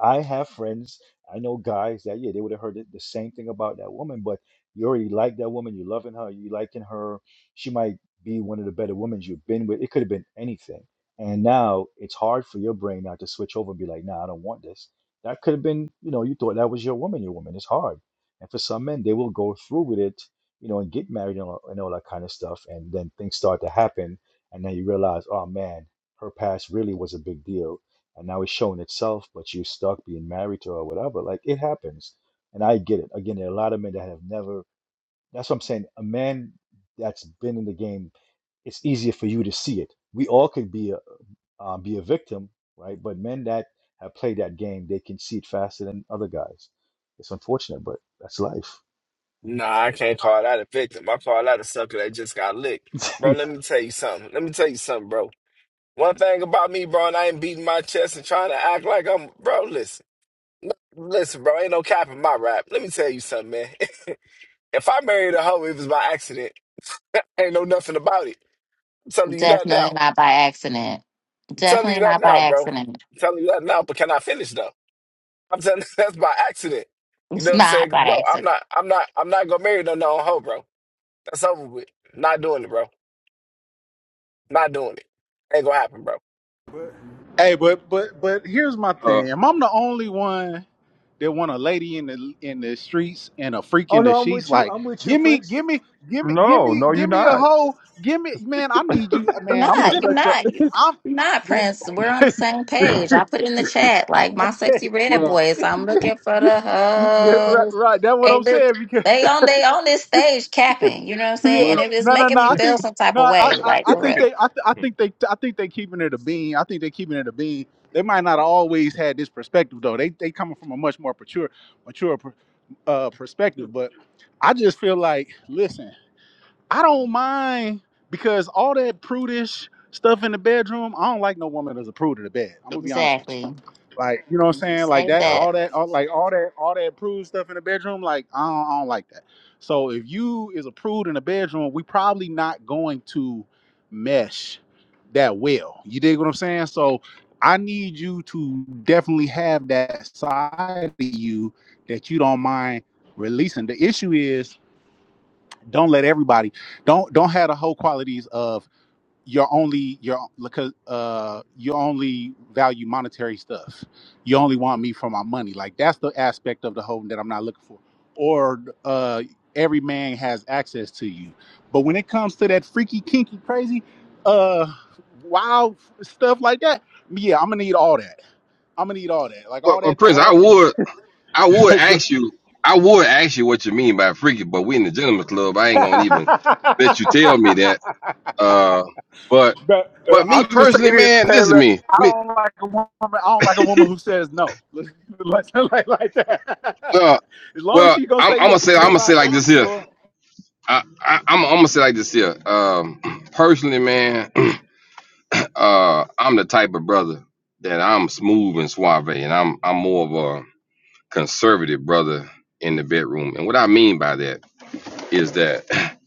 I have friends, I know guys that, yeah, they would have heard the the same thing about that woman, but you already like that woman, you loving her, you liking her. She might be one of the better women you've been with. It could have been anything. And now it's hard for your brain now to switch over and be like, nah, I don't want this. That could have been, you know, you thought that was your woman, your woman. It's hard. And for some men, they will go through with it, you know, and get married and all, and all that kind of stuff. And then things start to happen. And then you realize, oh man, her past really was a big deal and now it's showing itself, but you're stuck being married to her or whatever. Like it happens. And I get it. Again, there are a lot of men that have never, that's what I'm saying. A man that's been in the game, it's easier for you to see it. We all could be a, uh, be a victim, right? But men that have played that game, they can see it faster than other guys. It's unfortunate, but that's life.
Nah, I can't call that a victim. I call that a sucker that just got licked. Bro, let me tell you something. Let me tell you something, bro. One thing about me, bro, and I ain't beating my chest and trying to act like I'm bro, listen. N- Listen, bro, ain't no cap in my rap. Let me tell you something, man. if I married a hoe, it was by accident. ain't know nothing about it. I'm telling you that
Definitely
now.
not by accident.
I'm telling you
Definitely
that
not by
now, bro. I'm
accident.
telling you that now, but can I finish though? I'm telling you that's by accident. You know
It's
what I'm saying?
not
'Cause,
by
Bro,
accident.
I'm not I'm not I'm not gonna marry no no hoe, bro. That's over with. Not doing it, bro. Not doing it. Ain't gonna happen, bro.
Hey, but but but here's my
Uh,
thing. Am I'm the only one that want a lady in the in the streets and a freak
oh
in the
no, I'm
sheets?
with you.
Like,
I'm with you,
give me,
Prince.
give me, give me, give
No,
me,
no, you're
give me a
not.
hoe. Give me, man. I need you,
You're
man. I'm gonna
not. You're
slut your.
not. You're
I'm.
not, Prince. We're on the same page. I put in the chat like my sexy red
well,
boys. I'm looking for
yeah,
the
yeah, right,
hoes.
right. That's what
Hey,
I'm
look,
saying because
they on they on this stage capping. You know what I'm
yeah,
saying? And
well,
it is
no, no,
making
no.
me
I
feel
think
some type
no.
of
I
way,
I,
like
I
for
think
real.
they. I, th- I think they. I think they keeping it a bean. I think they keeping it a bean. They might not have always had this perspective though. They they coming from a much more mature mature uh perspective but i just feel like listen i don't mind because all that prudish stuff in the bedroom i don't like no woman that's a prude in the bed i'm gonna be honest with you
Exactly.
like, you know what I'm saying? Like
Say
that,
Yep.
that,
all that, all, like all that, all that prude stuff in the bedroom. Like, I don't, I don't like that. So if you is a prude in the bedroom, we probably not going to mesh that well. You dig what I'm saying? So I need you to definitely have that side of you that you don't mind releasing. The issue is don't let everybody don't don't have the whole qualities of you're only you're because uh you only value monetary stuff you only want me for my money like that's the aspect of the whole that i'm not looking for or uh every man has access to you but when it comes to that freaky kinky crazy uh wild stuff like that yeah i'm gonna need all that i'm gonna need all that like
well,
all
well,
that
Prince,
all
I
that
would, I would ask you, I would ask you what you mean by freaky, but we in the gentleman's club. I ain't gonna even let you tell me that. Uh, but,
But uh,
but me
I'll just say
personally,
this,
man, listen to
Taylor.
me.
I
Me,
don't like a woman. I don't like a woman who says no, like, like, like that.
uh,
as long as
well,
she gonna
I'm,
say
I'm gonna
yes, to
say, I'm gonna
whatever I
say
say,
like this
let's
here.
go. On.
I, I, I'm, I'm gonna say like this here. Um, personally, man, uh, I'm the type of brother that I'm smooth and suave, and I'm I'm more of a conservative brother in the bedroom. And what I mean by that is that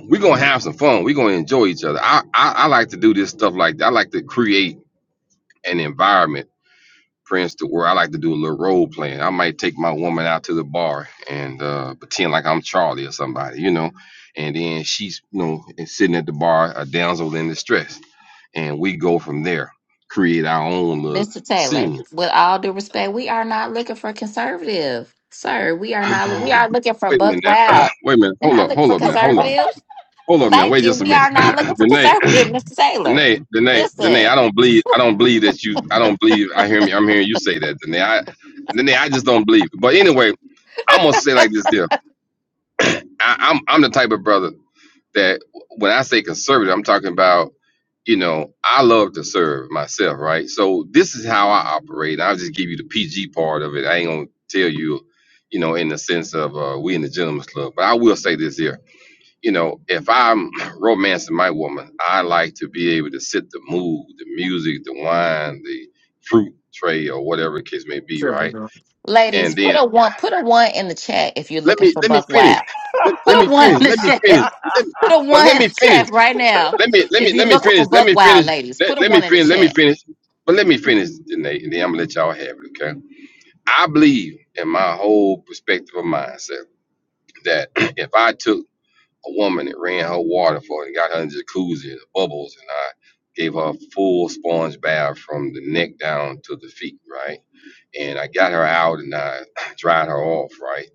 we're gonna have some fun. We're gonna enjoy each other. I, I I like to do this stuff like that. I like to create an environment Prince to where I like to do a little role playing. I might take my woman out to the bar and uh, pretend like I'm Charlie or somebody, you know. And then she's, you know, and sitting at the bar, a damsel in distress, and we go from there, create our own little
Mr. Taylor.
scene.
With all due respect, we are not looking for conservative, sir. We are
wait
not. We are looking for
a
buck
minute now.
wild.
wait a minute.
We're
Hold
not
up.
looking
Hold
for
up now. Hold up.
conservative.
Hold up now.
Thank
Wait
you.
just a
We
minute.
are not looking for
Renee.
conservative, Mr. Taylor.
Danae, Danae, Danae,
Listen,
I don't believe I don't believe that you I don't believe I hear me I'm hearing you say that, Danae. I Danae, I just don't believe. But anyway, I'm gonna say like this deal. I, I'm I'm the type of brother that when I say conservative, I'm talking about, you know, I love to serve myself, right? So this is how I operate. I'll just give you the PG part of it. I ain't gonna tell you, you know, in the sense of uh, we in the gentleman's club, but I will say this here you know, if I'm romancing my woman, I like to be able to sit the mood, the music, the wine, the fruit tray, or whatever the case may be, right?
ladies,
And
put
then
a one, put a one in the chat if you're
let
looking
me
for
let me
Buck
finish.
Wild.
Let,
Put
let me
a one in
finish.
the
Let me
chat.
finish. Let me,
Put a
well,
one
let
in
me
the
finish.
chat right now.
Let me let
If
me
you're
let me
looking for
finish. Let
Buck
me
Wild,
finish.
ladies,
Let,
put a
let me
one in the
finish. Let me
chat.
finish. But let me finish, Danae, and then I'm gonna let y'all have it, okay? I believe in my whole perspective of mindset that if I took a woman that ran her water for and got her in the jacuzzi, the bubbles, and I gave her a full sponge bath from the neck down to the feet, right? And I got her out and I dried her off, right?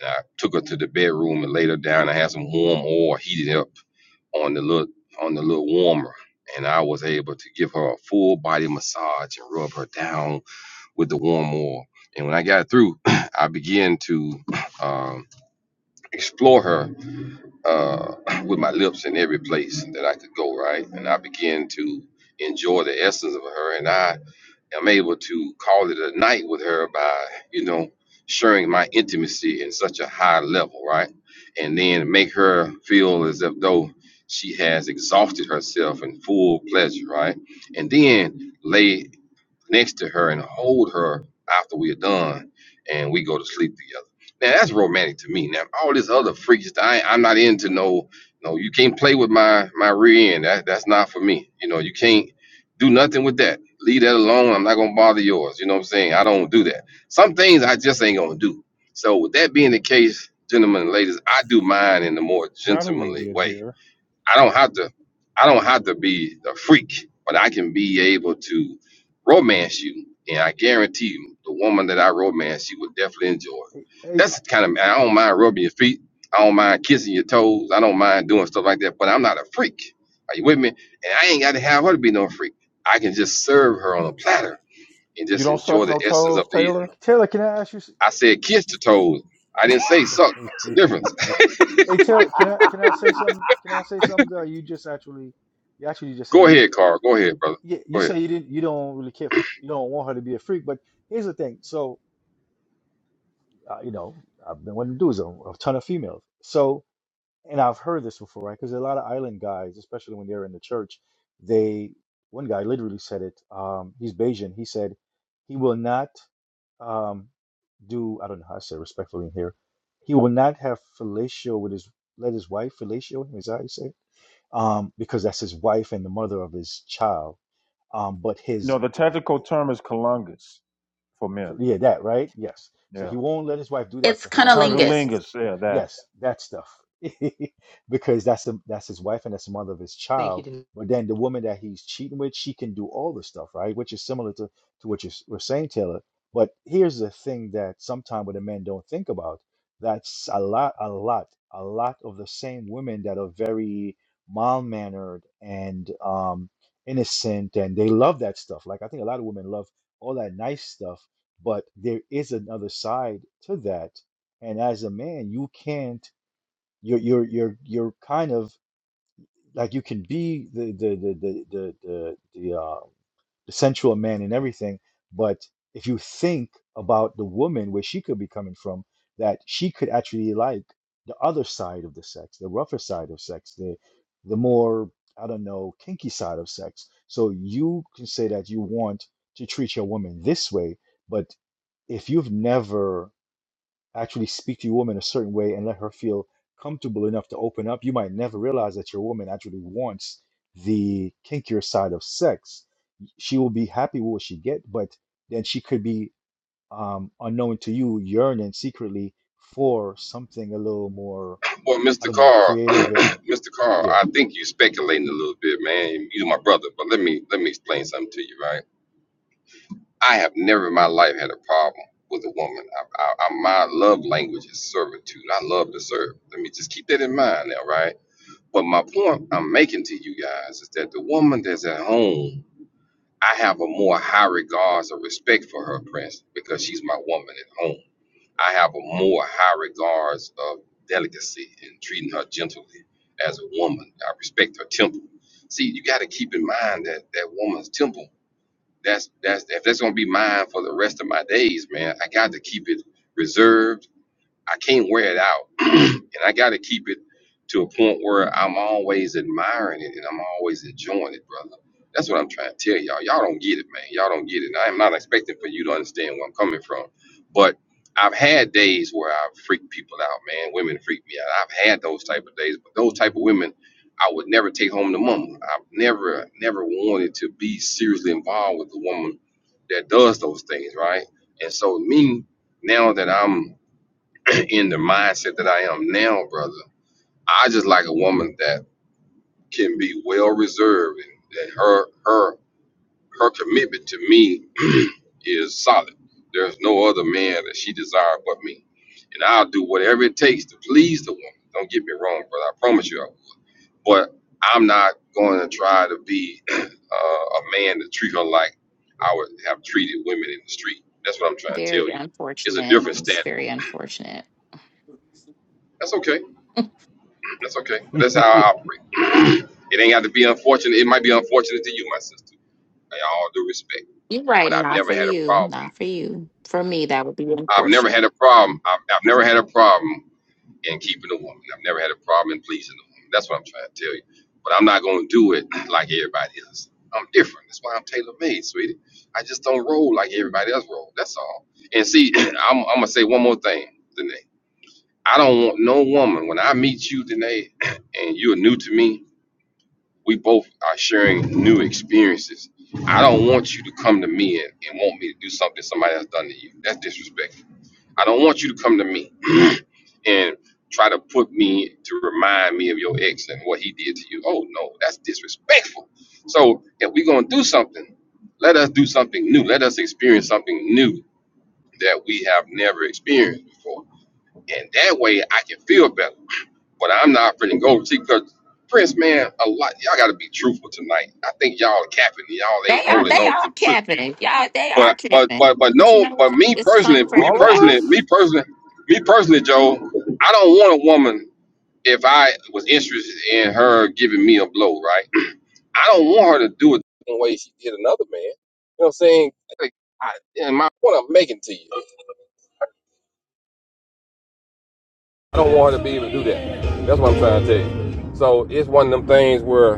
And I took her to the bedroom and laid her down. I had some warm oil heated up on the little on the little warmer. And I was able to give her a full body massage and rub her down with the warm oil. And when I got through, I began to um, explore her uh, with my lips in every place that I could go, right? And I began to enjoy the essence of her, and I am able to call it a night with her by, you know, sharing my intimacy in such a high level, right? And then make her feel as if though she has exhausted herself in full pleasure, right? And then lay next to her and hold her after we're done and we go to sleep together. Now that's romantic to me. Now all this other freaky stuff, I, I'm not into no no, you can't play with my my rear end. That that's not for me. You know, you can't do nothing with that. Leave that alone. I'm not gonna bother yours. You know what I'm saying? I don't do that. Some things I just ain't gonna do. So with that being the case, gentlemen and ladies, I do mine in the more
How do we
gentlemanly
get
way
here?
I don't have to I don't have to be a freak, but I can be able to romance you, and I guarantee you, the woman that I romance, she would definitely enjoy. it.
Hey, hey,
That's the kind of I don't mind rubbing your feet, I don't mind kissing your toes, I don't mind doing stuff like that, but I'm not a freak. Are you with me? And I ain't got to have her to be no freak. I can just serve her on a platter and
You
just
don't
enjoy
suck
the
no
essence
toes,
of the. eating.
Taylor.
Taylor, can I ask you? s-
I said kiss the toes. I didn't say suck. That's the difference.
hey, tell can I can I say something? Can I say something? Though you just actually, you actually just said it.
Go
You
ahead, Carl. Go ahead, brother.
yeah,
Go
you
ahead.
say you didn't, you don't really care. For, you don't want her to be a freak. But here's the thing. So uh, you know, I've been wanting to do is a, a ton of females. So and I've heard this before, right? Because a lot of island guys, especially when they're in the church, they one guy literally said it. Um, he's Bayesian. He said he will not. Um, do I don't know how I say respectfully in here. He will not have fellatio with his let his wife fellatio him, is that how you say it? Um, because that's his wife and the mother of his child. Um, but his
No, the technical term is colungus for men.
yeah, that right? Yes. So
Yeah,
he won't let his wife do that
It's
to him because that's
cunnilingus.
congolingus. Yeah, that.
Yes, that stuff. Because that's the, that's his wife and that's the mother of his
Thank you,
child.
Denise.
But then the woman that he's cheating with, she can do all the stuff, right? Which is similar to, to what you s- were saying, Taylor. But here's the thing that sometimes what the men don't think about. That's a lot, a lot, a lot of the same women that are very mild-mannered and um, innocent, and they love that stuff. Like I think a lot of women love all that nice stuff, but there is another side to that and as a man you can't you're you're you're you're kind of like you can be the the the the the the, the um the sensual man and everything but if you think about the woman where she could be coming from that she could actually like the other side of the sex the rougher side of sex the the more i don't know kinky side of sex so you can say that you want to treat your woman this way but if you've never actually speak to your woman a certain way and let her feel comfortable enough to open up, you might never realize that your woman actually wants the kinkier side of sex. She will be happy with what she get, but then she could be um, unknown to you, yearning secretly for something a little more,
Well,
I
Mr.
don't know,
Carr,
creative. uh,
Mr. Carr,
Yeah.
I think you are speculating a little bit, man. You are my brother, but let me let me explain something to you, right? I have never in my life had a problem with a woman. I, I, I, my love language is servitude. I love to serve. Let me just keep that in mind now, right? But my point I'm making to you guys is that the woman that's at home, I have a more high regards or respect for her, Prince, because she's my woman at home. I have a more high regards of delicacy and treating her gently as a woman. I respect her temple. See, you got to keep in mind that that woman's temple. That's that's if that's gonna be mine for the rest of my days, man. I got to keep it reserved I can't wear it out, and I got to keep it to a point where I'm always admiring it and I'm always enjoying it, brother. That's what I'm trying to tell y'all. Y'all don't get it, man. Y'all don't get it. And I am not expecting for you to understand where I'm coming from, but I've had days where I've freaked people out, man. Women freak me out. I've had those type of days, but those type of women, I would never take home to mama. I've never, never wanted to be seriously involved with a woman that does those things, right? And so me, now that I'm in the mindset that I am now, brother. I just like a woman that can be well reserved and that her her her commitment to me is solid. There's no other man that she desires but me. And I'll do whatever it takes to please the woman. Don't get me wrong, brother. I promise you I will. But I'm not going to try to be uh, a man to treat her like I would have treated women in the street. That's what I'm trying to tell
Very
you. It's a
unfortunate.
different
It's
standard.
very unfortunate.
That's okay That's okay. That's how I operate. It ain't got to be unfortunate. It might be unfortunate to you, my sister. I all due respect,
You're
but
right.
I've
Not
never
for
had a
you.
problem.
Not for you. For me, that would be
I've never
unfortunate.
had a problem. I've, I've never had a problem in keeping a woman. I've never had a problem in pleasing a woman. That's what I'm trying to tell you. But I'm not going to do it like everybody else. I'm different. That's why I'm tailor made, sweetie. I just don't roll like everybody else roll. That's all. And see, I'm, I'm gonna say one more thing, Danae. I don't want no woman when I meet you, Danae, and you're new to me. we both are sharing new experiences. I don't want you to come to me and, and want me to do something somebody has done to you. That's disrespectful. I don't want you to come to me and try to put me to remind me of your ex and what he did to you. Oh no, that's disrespectful. So if we're gonna do something, let us do something new. Let us experience something new that we have never experienced before. And that way I can feel better. But I'm not finna go see because Prince, man, a lot y'all gotta be truthful tonight. I think y'all are capping. Y'all
They
ain't
are
holding
they
on
are
to truth.
capping. Y'all they are
But but
capping.
but but
But you
no,
know
but
what?
me
It's is
personally,
something for
me
All of
everybody.
personally,
us?
me personally, me personally, Joe, I don't want a woman if I was interested in her giving me a blow, right? I don't want her to do it the same way she did another man. You know what I'm saying? Like, I, and my point I'm making to you, I don't want her to be able to do that. That's what I'm trying to tell you. So it's one of them things where.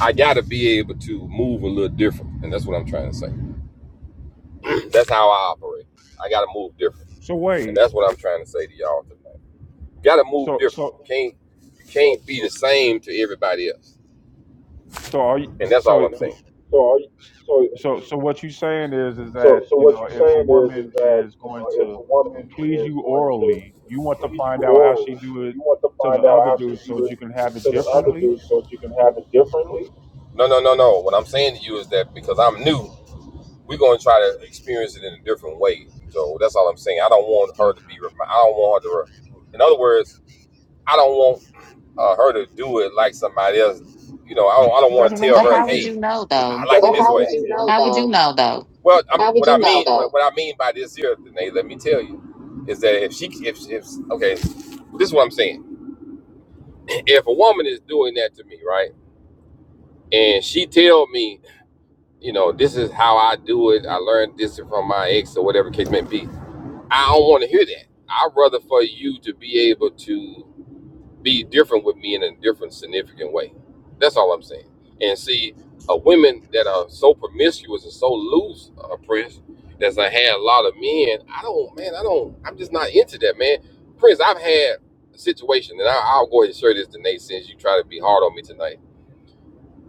I gotta be able to move a little different, and that's what I'm trying to say. That's how I operate. I gotta move different,
So
and
wait.
that's what I'm trying to say to y'all tonight. Gotta move
So
different.
so
You can't you can't be the same to everybody else,
so are you,
and that's all
so
I'm saying. So, are you, so,
so so what you saying is is that
so, so
you
what
know
you're
if a
saying is,
woman
is that
is
you
going
know, if
to
a woman
please
is
you
going to
orally, you want to
please you
find out how she
orally,
do it
you want to
to the
find out
other
how she
dude so
do
that you
it
can have it
to the other
differently.
dude, so that you can have it differently. No, no, no, no. What I'm saying to you is that because I'm new, we're going to try to experience it in a different way. So that's all I'm saying. I don't want her to
Okay.
be. remi- I don't want her to. Re- in other words, I don't want uh, her to do it like somebody else. You know, I don't, I don't
That's
want
what
to
I'm
tell
But
her,
how would you
"Hey,
saying.
know
I
though?
like it Well, this how way." would you know
How would you
though?
know though?
Well, I'm, How would what I you know mean, though? what I mean by this here, Danae, let me tell you, is that if she, if, if, okay, this is what I'm saying. If a woman is doing that to me, right, and she tell me, you know, this is how I do it. I learned this from my ex or whatever the case may be. I don't want to hear that. I'd rather for you to be able to be different with me in a different, significant way. That's all I'm saying. And see, uh, women that are so promiscuous and so loose, uh, Prince, that's I had a lot of men. I don't, man. I don't. I'm just not into that, man. Prince, I've had a situation, and I, I'll go ahead and share this to Nate since you try to be hard on me tonight.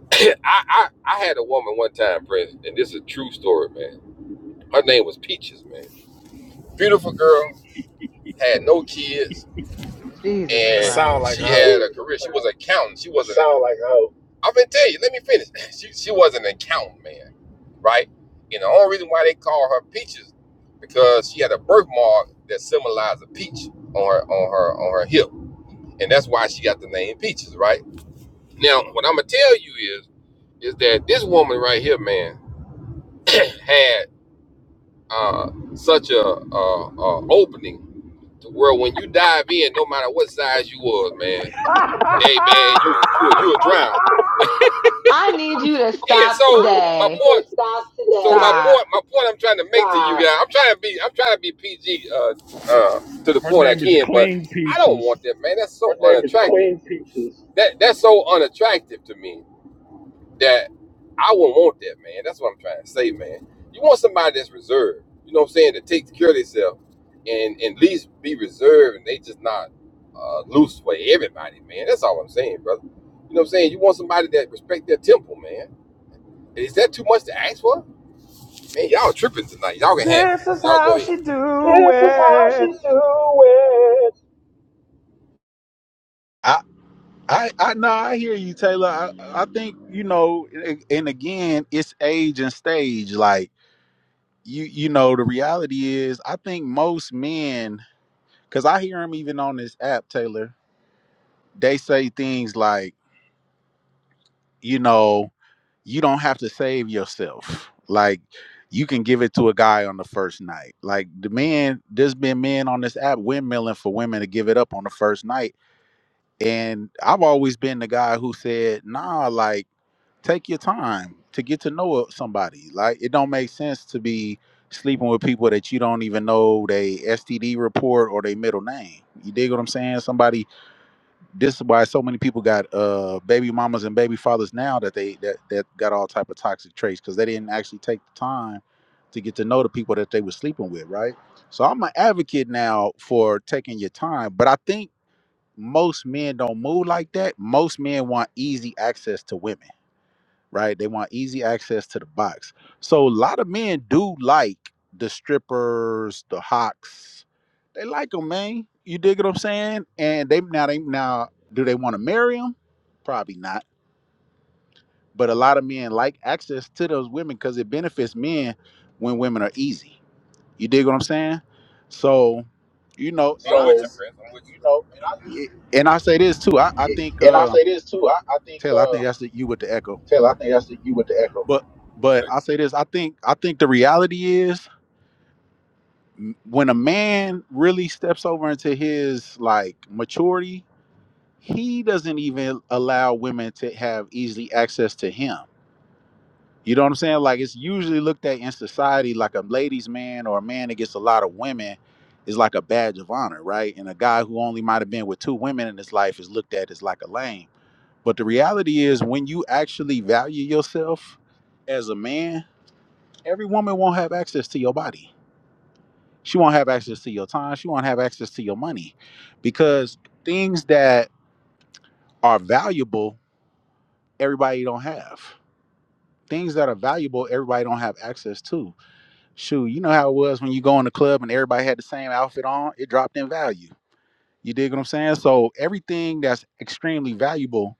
I, I I had a woman one time, Prince, and this is a true story, man. Her name was Peaches, man. Beautiful girl, had no kids
Jesus
It
and
sound
Christ.
like
she
a hoe.
had a career. She was an accountant. She wasn't. Sound like a hoe. I'm gonna tell you. Let me finish. She she was an accountant, man. Right. And the only reason why they call her peaches because she had a birthmark that symbolized a peach on her on her on her hip, and that's why she got the name peaches. Right. Now, what I'm gonna tell you is is that this woman right here, man, had uh, such a, uh uh opening. to Where when you dive in, no matter what size you was, man, hey man, you you you will drown.
I need you to
Yeah, so
stop
my
today.
point, so my
Stop.
point, my point I'm trying to make to you guys, I'm trying to be, I'm trying to be PG uh, uh, to the
Her
point I
name is
can, but
Clean
I don't
Peaches.
want that, man. That's so unattractive. That that's so unattractive to me that I wouldn't want that, man. That's what I'm trying to say, man. You want somebody that's reserved, you know what I'm saying, to take care of themselves and and at least be reserved, and they just not uh, loose for everybody, man. That's all I'm saying, brother. You know what I'm saying? You want somebody that respect their temple, man. Is that too much to ask for? Man, y'all tripping tonight. Y'all can have it.
This is
Y'all go
how
ahead.
she do it.
I, I, I, no, I hear you, Taylor. I, I think you know, and and again, it's age and stage. Like you, you know, the reality is, I think most men, because I hear them even on this app, Taylor. They say things like, you know. you don't have to save yourself. Like you can give it to a guy on the first night. Like the men, there's been men on this app windmilling for women to give it up on the first night. And I've always been the guy who said, nah, like take your time to get to know uh, somebody. Like it don't make sense to be sleeping with people that you don't even know they STD report or their middle name. You dig what I'm saying? Somebody this is why so many people got uh baby mamas and baby fathers now that they that that got all type of toxic traits because they didn't actually take the time to get to know the people that they were sleeping with right so i'm an advocate now for taking your time but i think most men don't move like that most men want easy access to women right? They want easy access to the box. So a lot of men do like the strippers, the hawks. They like them, man. You dig what I'm saying? And they now they now do they want to marry them? Probably not. But a lot of men like access to those women because it benefits men when women are easy. You dig what I'm saying? So, you know,
So,
and
I'm
I
with So you,
just
Chris. I'm with you. you know, and I just
y- and I say this too. I, I think
yeah, and I
uh
say this too. I, I think
Taylor, I think
uh,
that's the, you with the echo.
Taylor, I think that's the, you with the echo.
But but
Okay.
I say this, I think I think the reality is m- when a man really steps over into his like maturity, he doesn't even allow women to have easy access to him. You know what I'm saying? Like it's usually looked at in society like a ladies' man or a man that gets a lot of women is like a badge of honor, right? And a guy who only might have been with two women in his life is looked at as like a lame. But the reality is when you actually value yourself as a man, every woman won't have access to your body She won't have access to your time. She won't have access to your money because things that are valuable, everybody don't have. Things that are valuable, everybody don't have access to. Shoot, you know how it was when you go in the club and everybody had the same outfit on, it dropped in value. You dig what I'm saying? So everything that's extremely valuable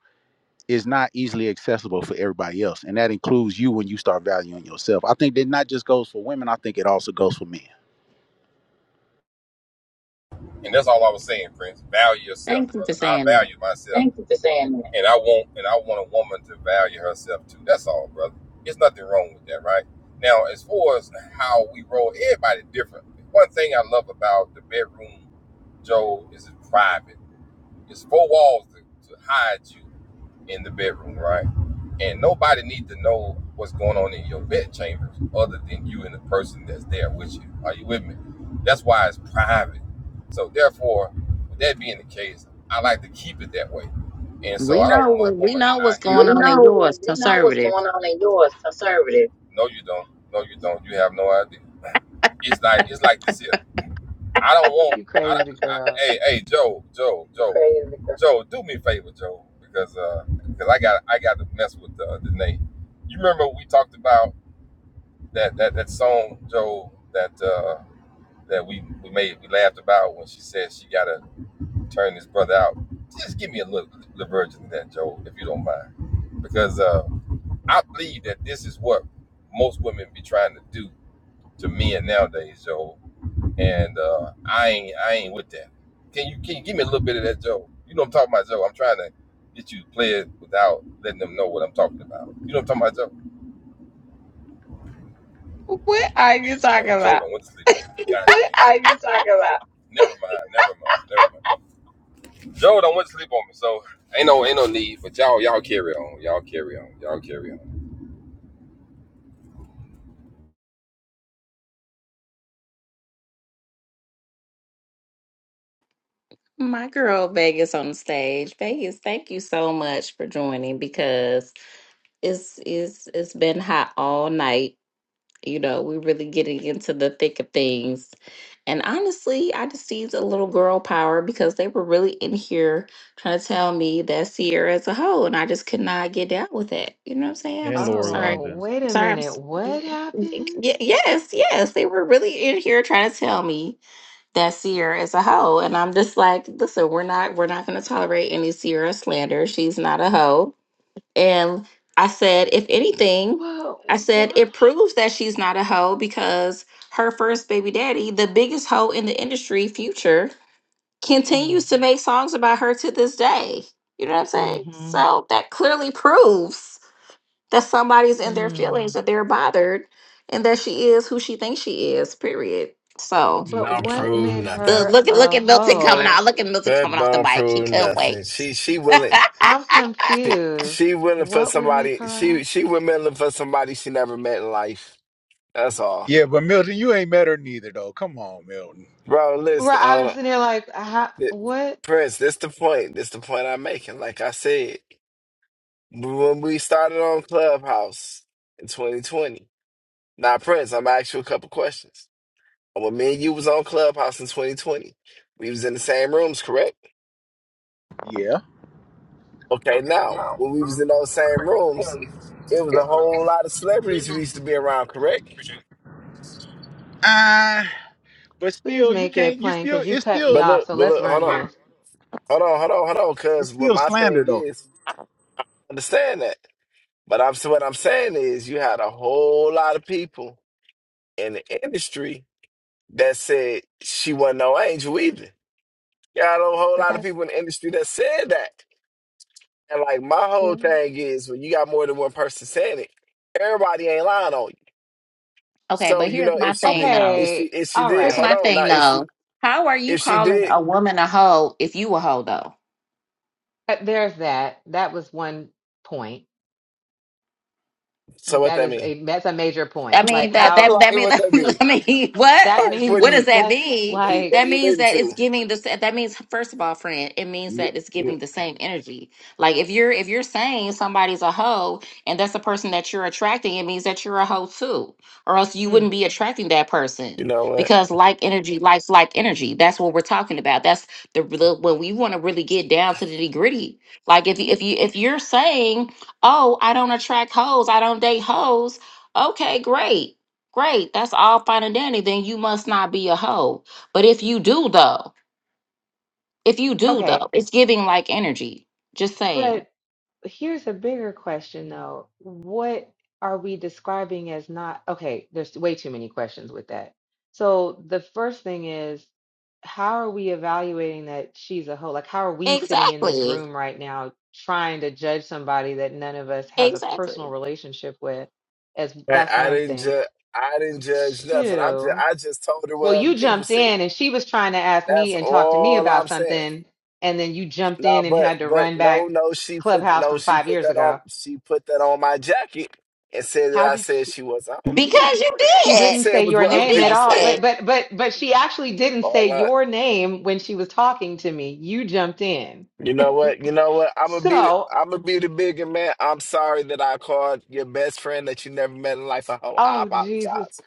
is not easily accessible for everybody else. And that includes you when you start valuing yourself. I think that not just goes for women, I think it also goes for men.
And that's all I was saying, friends. Value yourself,
Thank you for
brother. I
saying that.
value myself. Thank you for saying that. And I want and I want a woman to value herself too. That's all, brother. There's nothing wrong with that, right? Now, as far as how we roll, everybody different. One thing I love about the bedroom, Joe, is it's private. It's four walls to, to hide you in the bedroom, right? And nobody needs to know what's going on in your bed chambers other than you and the person that's there with you. Are you with me? That's why it's private. So therefore, with that being the case, I like to keep it that way. And so
We
I don't
know what
want my
we
woman
know what's
out here.
going
We
on in
know
yours,
we know what's
conservative.
going on in yours, conservative. No, you don't. No, you don't. You have no idea. It's like it's like this here. I don't want.
You
I,
crazy
I,
girl.
hey, hey, Joe, Joe, Joe, Crazy. Joe, do me a favor, Joe, because uh, because I got I got to mess with uh, Danae. You remember we talked about that that that song, Joe, that uh that we we made we laughed about when she said she gotta turn this brother out. Just give me a little, little version of that, Joe, if you don't mind, because uh, I believe that this is what most women be trying to do to men nowadays, Joe and uh, I ain't I ain't with that. Can you can you give me a little bit of that, Joe? You know I'm talking about, Joe. I'm trying to get you to play it without letting them know what I'm talking about. You know I'm talking about, Joe?
What are you talking
Man, Joe
about?
don't went to sleep on me. God What dang. are you talking about? Never mind, never mind, never mind. Joe don't went to sleep on me, so ain't no ain't no need. But y'all y'all carry on, y'all carry on, y'all carry on.
My girl Vegas on the stage. Vegas, thank you so much for joining because it's it's it's been hot all night You know, we're really getting into the thick of things. And honestly, I just seized a little girl power because they were really in here trying to tell me that Sierra is a hoe, and I just could not get down with it. You know what I'm saying? I'm,
And
s- I'm
Laura
sorry.
Oh,
London.
wait
I'm
a
sorry. I'm,
minute.
s- Y-
What happened?
yes, yes. They were really in here trying to tell me that Sierra is a hoe, and I'm just like, listen, we're not, we're not going to tolerate any Sierra slander. She's not a hoe and I said, if anything,
But
I said
why?
it proves that she's not a hoe because her first baby daddy, the biggest hoe in the industry, Future, continues to make songs about her to this day. You know what I'm saying?
Mm-hmm.
So that clearly proves that somebody's in their feelings,
Mm.
that they're bothered, and that she is who she thinks she is. Period. So
But
Don't
yeah,
what
prove
made
look
nothing.
her
look at look
a
at Milton coming out.
hoe?
Look at Milton
That
coming off the
don't
bike. He
prove
couldn't
nothing.
wait.
She she willing.
I'm
She, she
confused.
willing for
What would make
somebody.
her a hoe?
She she willing for somebody she never met in life. That's all,
Yeah, but Milton, you ain't met her neither though. Come on, Milton.
bro. Listen,
Right.
hold
I'm
on,
sitting here like, how,
Th-
what?
Prince. This the point. This the point I'm making. Like I said, when we started on Clubhouse in 2020. Now, Prince, I'm gonna ask you a couple questions. When me and you was on Clubhouse in 2020, we was in the same rooms, correct?
Yeah.
Okay, now when we was in those same rooms, it was a whole lot of celebrities who used to be around, correct?
Ah, but
Please
still you
make it
can't you
plain
still
because you
it's
cut me
still
But
off.
look,
So
but
let's
look, hold
run
on,
this.
hold on, hold on, hold on,
it's
because what
still
my
slander
thing
though.
is, understand that. But I'm so what I'm saying is, you had a whole lot of people in the industry that said she wasn't no angel either. You had a whole
But
lot of
that,
people in the industry that said that. And like my whole thing is, when you got more than one person saying it, everybody ain't lying on you.
okay,
So
but
you
here's
know,
my
if she
thing
did,
though.
if she
okay.
if she
All
did,
Here's
hold
my
right.
on now.
thing
If she
though. How are you
if she
calling
did,
a woman hoe if you a hoe though?
Uh, There's that. That was one point.
so what
That
that
is
mean?
a that's a major
I
point. Like
mean that
how
that
Like,
that
Hey,
means
what that mean?
I mean what
that
like, What do
means
what does
you
that
that's
mean?
what do you,
like
what
That
do you
means
listen
that it's
to?
giving the sa- that means first of all, friend, it means
You,
that it's
you,
giving the same energy. Like if you're if you're saying somebody's a hoe and that's the person that you're attracting, it means that you're a hoe too, or else you
mm.
wouldn't be attracting that person
you know what?
because like energy likes like energy. That's what we're talking about. That's the, the when we want to really get down to the gritty. Like if you if you if you're saying, oh, I don't attract hoes, I don't date hoes Okay, great. Great. That's all fine and dandy. Then you must not be a hoe. But if you do, though, if you do,
okay.
though, it's giving like energy. Just saying.
But here's a bigger question though. What are we describing as not okay, there's way too many questions with that. So the first thing is how are we evaluating that she's a hoe? Like how are we sitting in this
Exactly.
room right now trying to judge somebody that none of us has a
Exactly.
personal relationship with? As
Right,
that's
I
one
didn't
thing.
judge. I didn't judge nothing. I'm just
Two,
I just told her
well,
what other
you
people
jumped
said.
in and she was trying to ask
That's
me and talk to me
all I'm
about
saying.
something, and then you jumped
No,
in and
but
had to
but
run back
no no she put
Clubhouse
no
from
she
five
put
years
that on
ago.
she put that on my jacket and said that
How
I
did
said
she?
she was off.
Because you
She
did.
didn't
Said
say
was
your
what
You
other
name at
people
all,
said.
but
did.
but but but she actually didn't say
All I
your name when she was talking to me. You jumped in.
You know what? You know what? I'm gonna be the,
So,
I'm gonna be the bigger man. I'm sorry that I called your best friend that you never met in life a hoe. I
oh Jesus
apologize.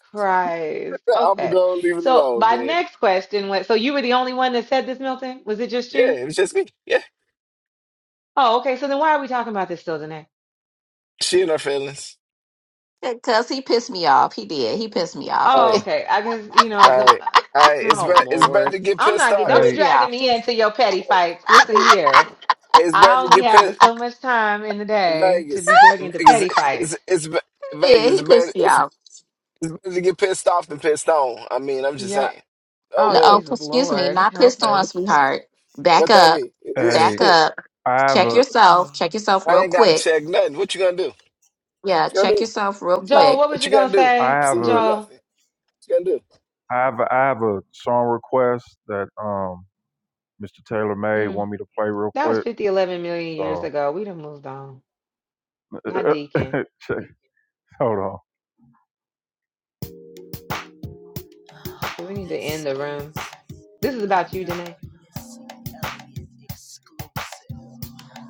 Christ.
I'm gonna
Okay.
go leave it
So
alone,
my
man.
next question was, so you were the only one that said this, Milton? Was it just
Yeah,
you?
it was just me. Yeah,
Oh, okay. So then why are we talking about this still, Danae?
she and her feelings.
Because he pissed me off. He did. He pissed me off. He
Oh,
did.
Hey,
okay. I guess you know the.
hey,
uh,
hey. It's
Oh
better. It's better
Lord,
to get
I'm
pissed
not. get-
off.
Don't
Pissed
be
Hey
me
dragging
off.
me into your petty
Hey,
fights. Listen
hey,
here,
it's
I
better to
only
get
have
pissed.
so much time in the day to
Vegas,
be dragged into
Vegas,
petty
it's,
fights.
it's, it's be-
He
Vegas.
did.
It's
He
better.
pissed me
It's,
off.
it's better to get pissed off than pissed on. I mean, I'm just
Yeah.
saying. Oh
Oh
No, oh,
well,
Jesus
excuse me.
Lord,
Not
help
pissed on,
us.
sweetheart. Back
what that
up.
mean?
hey,
Back up.
I have
Check
a
yourself.
Oh,
Check yourself
I
real
ain't gotta
quick.
check nothing. What you gonna do?
Yeah,
you gonna
check
do?
yourself real
Joel,
Nothing.
quick
what was
What
you
you gonna
gonna
do?
I
say,
have a
Absolutely
Joel?
nothing. What you gonna do?
I have a I have a song request that um Mr. Taylor made
Mm,
want me to play real
that was
quick.
fifty eleven million years
So
ago. We done moved on. Not Deacon.
check. Hold on.
Do we need to end
This
the room?
is
This is about you,
another
Danae.
Missy Elliott exclusive.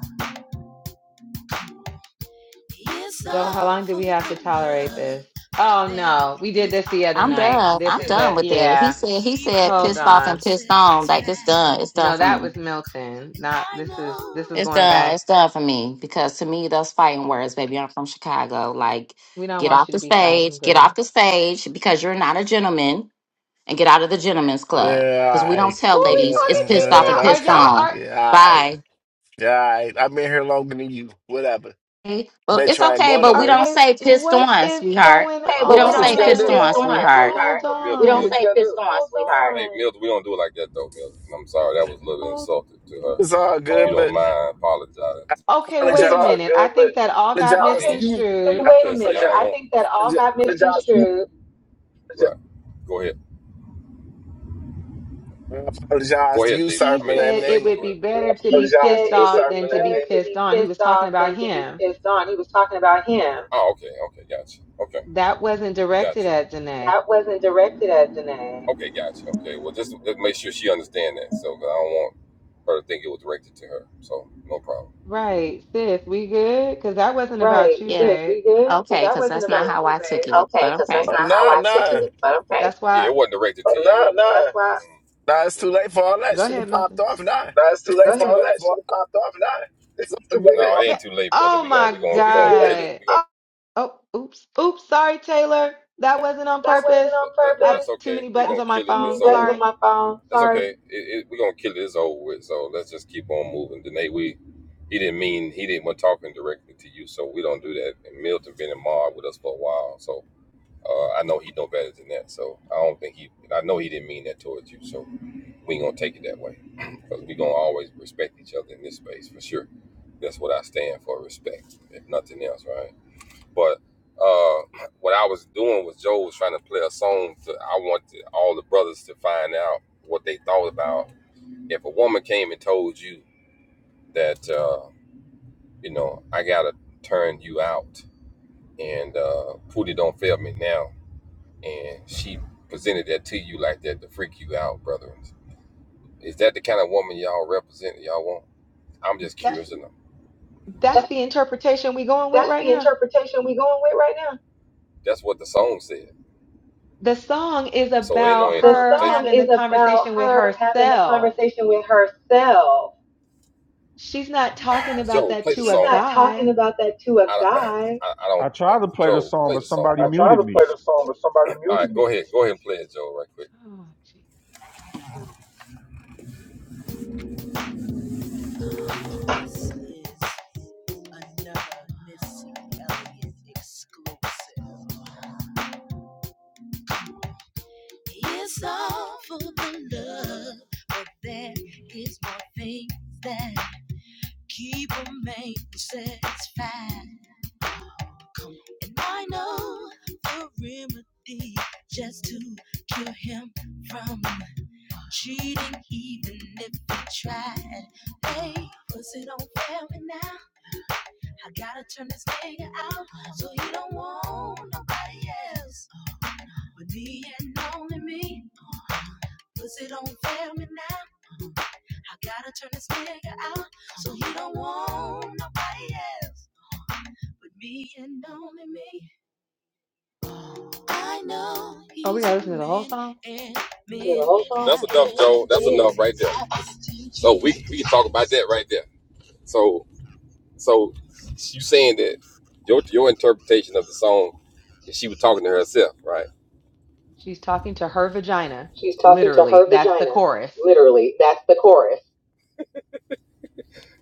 It's
So how
all
long do
for
we have to
the
tolerate this?
love, but
Oh
there
no, we did
is
this
one
the other
I'm
thing
night.
done.
This
I'm
is
that
done
a
with it. He
yeah.
said he
keep a
said
Hold
pissed off and
on.
pissed on. Like it's
satisfied.
done. It's done
No,
for
that
me.
was Milton. Not
I
this is
know.
this is
It's
going
done.
back.
It's done for me. Because to me those fighting words, baby, I'm from Chicago. Like,
We don't
get
want
off
you to
the
be fighting,
stage. Get
girl.
off the stage because you're not a gentleman and get out of the gentleman's club.
Yeah,
Because
all
we don't
right.
Who
tell
are we
ladies
Yeah,
it's
talking to
pissed off and
uh,
now? Are
pissed
okay.
y'all
on.
are,
Yeah, all right.
Bye.
Yeah, all right. I've been here longer than you. Whatever.
Well,
Bet
it's
you I ain't
okay,
going
but we
are
nowhere.
don't
wait,
say pissed
what
on,
is
sweetheart.
going
Okay,
We
but we
don't
So What
don't
you
say
gonna
say
pissed
do?
fist
on?
on,
on,
sweetheart.
sweetheart.
Hold
Milk, we don't milk.
on.
say fist on, sweetheart. Hey, Milk, we don't do it like that, though, Milk. I'm sorry, that was a little
Hold
insulting to her.
It's all
If you
good,
don't
but
mind, I
I
apologize.
Okay,
I It's
wait
apologize,
a
all
minute. I
good,
think
but
that all got
I
apologize to
mean,
you.
Okay, But you-
misconstrued.
wait a minute. you I think that all
Apologize,
got misconstrued. Right. Go ahead.
I apologize
Go
to
ahead,
you,
Dave.
sir,
He
I
but
mean,
I
said it
Vegas,
mean,
would
go
be
ahead.
better to
He
be
said
pissed
it
off
would be
than to be
better to
pissed
be
on. He was
pissed
talking
off than
about
to be
him.
pissed on. He was talking about him. Oh, okay. Okay. Gotcha. Okay.
That wasn't
Gotcha.
directed at Janae.
That wasn't directed at Janae. Okay, gotcha. Okay, well, just, just make sure she understands that. So 'cause I don't want her to think it was directed to her. So no problem.
Right, sis, we good? Because that wasn't about
Right,
you,
Yeah.
sis,
babe.
we good? Because
Okay,
that
because
wasn't
that's
about
not
Yeah.
how
you,
I took
babe.
it.
Okay,
But
because that's
okay.
oh,
not how
nah,
I took
nah.
it. But okay.
That's
Yeah,
why.
it wasn't directed But to But you. nah, nah, That's why. Mm.
Nah,
Oh,
it's
go
too
ahead.
late for all that.
Go
She done
ahead,
popped
Milton.
off. Nah,
nah, it's too Go late for
it's
ahead,
too
all babe.
late
that.
for
Should
all
have
that.
popped off. Nah,
It's
it's too
all
late for No,
good.
all it all ain't
But,
too late, brother.
oh
We gonna
my
we gonna we gonna that. kill it.
God.
We
Oh, oops. Oops, sorry, Taylor. That wasn't on
That That's, wasn't
purpose.
on
I have
purpose. that's
too
okay.
many
We're
buttons
going
on
to
my
kill it. This
phone.
over. to
Sorry.
my phone. That's Sorry. okay. It, it, we're gonna kill it. It's over with. So let's just keep on moving. Danae, we he didn't mean he didn't want talking directly to you, so we don't do that. And Milton been in Mar with us for a while, so uh, I know he know better than that. So I don't think he. I know he didn't mean that towards you, so we ain't gonna take it that way because we gonna always respect each other in this space for sure. That's what I stand for, respect, if nothing else, right? But uh, what I was doing was Joe was trying to play a song. To, I wanted all the brothers to find out what they thought about if a woman came and told you that uh, you know I gotta turn you out and uh, Pootie don't fail me now, and she presented that to you like that to freak you out, brother. Is that the kind of woman y'all represent? Y'all want? I'm just
That's
curious to know.
that's
That's
the interpretation we going with
that's
right
the
now.
interpretation we going with right now. That's what the song said.
The song is
So ain't no
about
interpretation. The
her
song
having the
is about
conversation with
her having the
herself.
conversation with herself.
She's not talking about
Joe,
that
play the She's
to a
song. She's not talking
guy.
about that to a I, I, guy. I I don't.
I
Uh,
tried to play the
Joe,
song,
play
but
the song I
somebody
tried
muted
to
me.
play the song, but somebody muted right, me. All right, go ahead. Go ahead and play it, Joe, right quick.
Oh, jeez.
This is another Missy Elliott exclusive. It's all for the love, but there is more things that keep a man satisfied. And I know the remedy just to cure him from cheating, even if he tried. Hey, was it on family now? I gotta turn this nigga out so he don't want nobody else but me and only me. Was it on family now? I gotta turn this nigga out so he don't want no yeah. with me and only me. I know
Oh, we
he's
gotta
a
listen to the whole
man
song?
and men
That's
have
enough, Joe. That's enough right
intentions.
there. So we we can talk about that right there. So so you saying that your your interpretation of the song, she was talking to herself, right?
She's talking to her vagina.
She's talking to
Literally,
her
that's the
vagina.
chorus.
Literally. That's the chorus.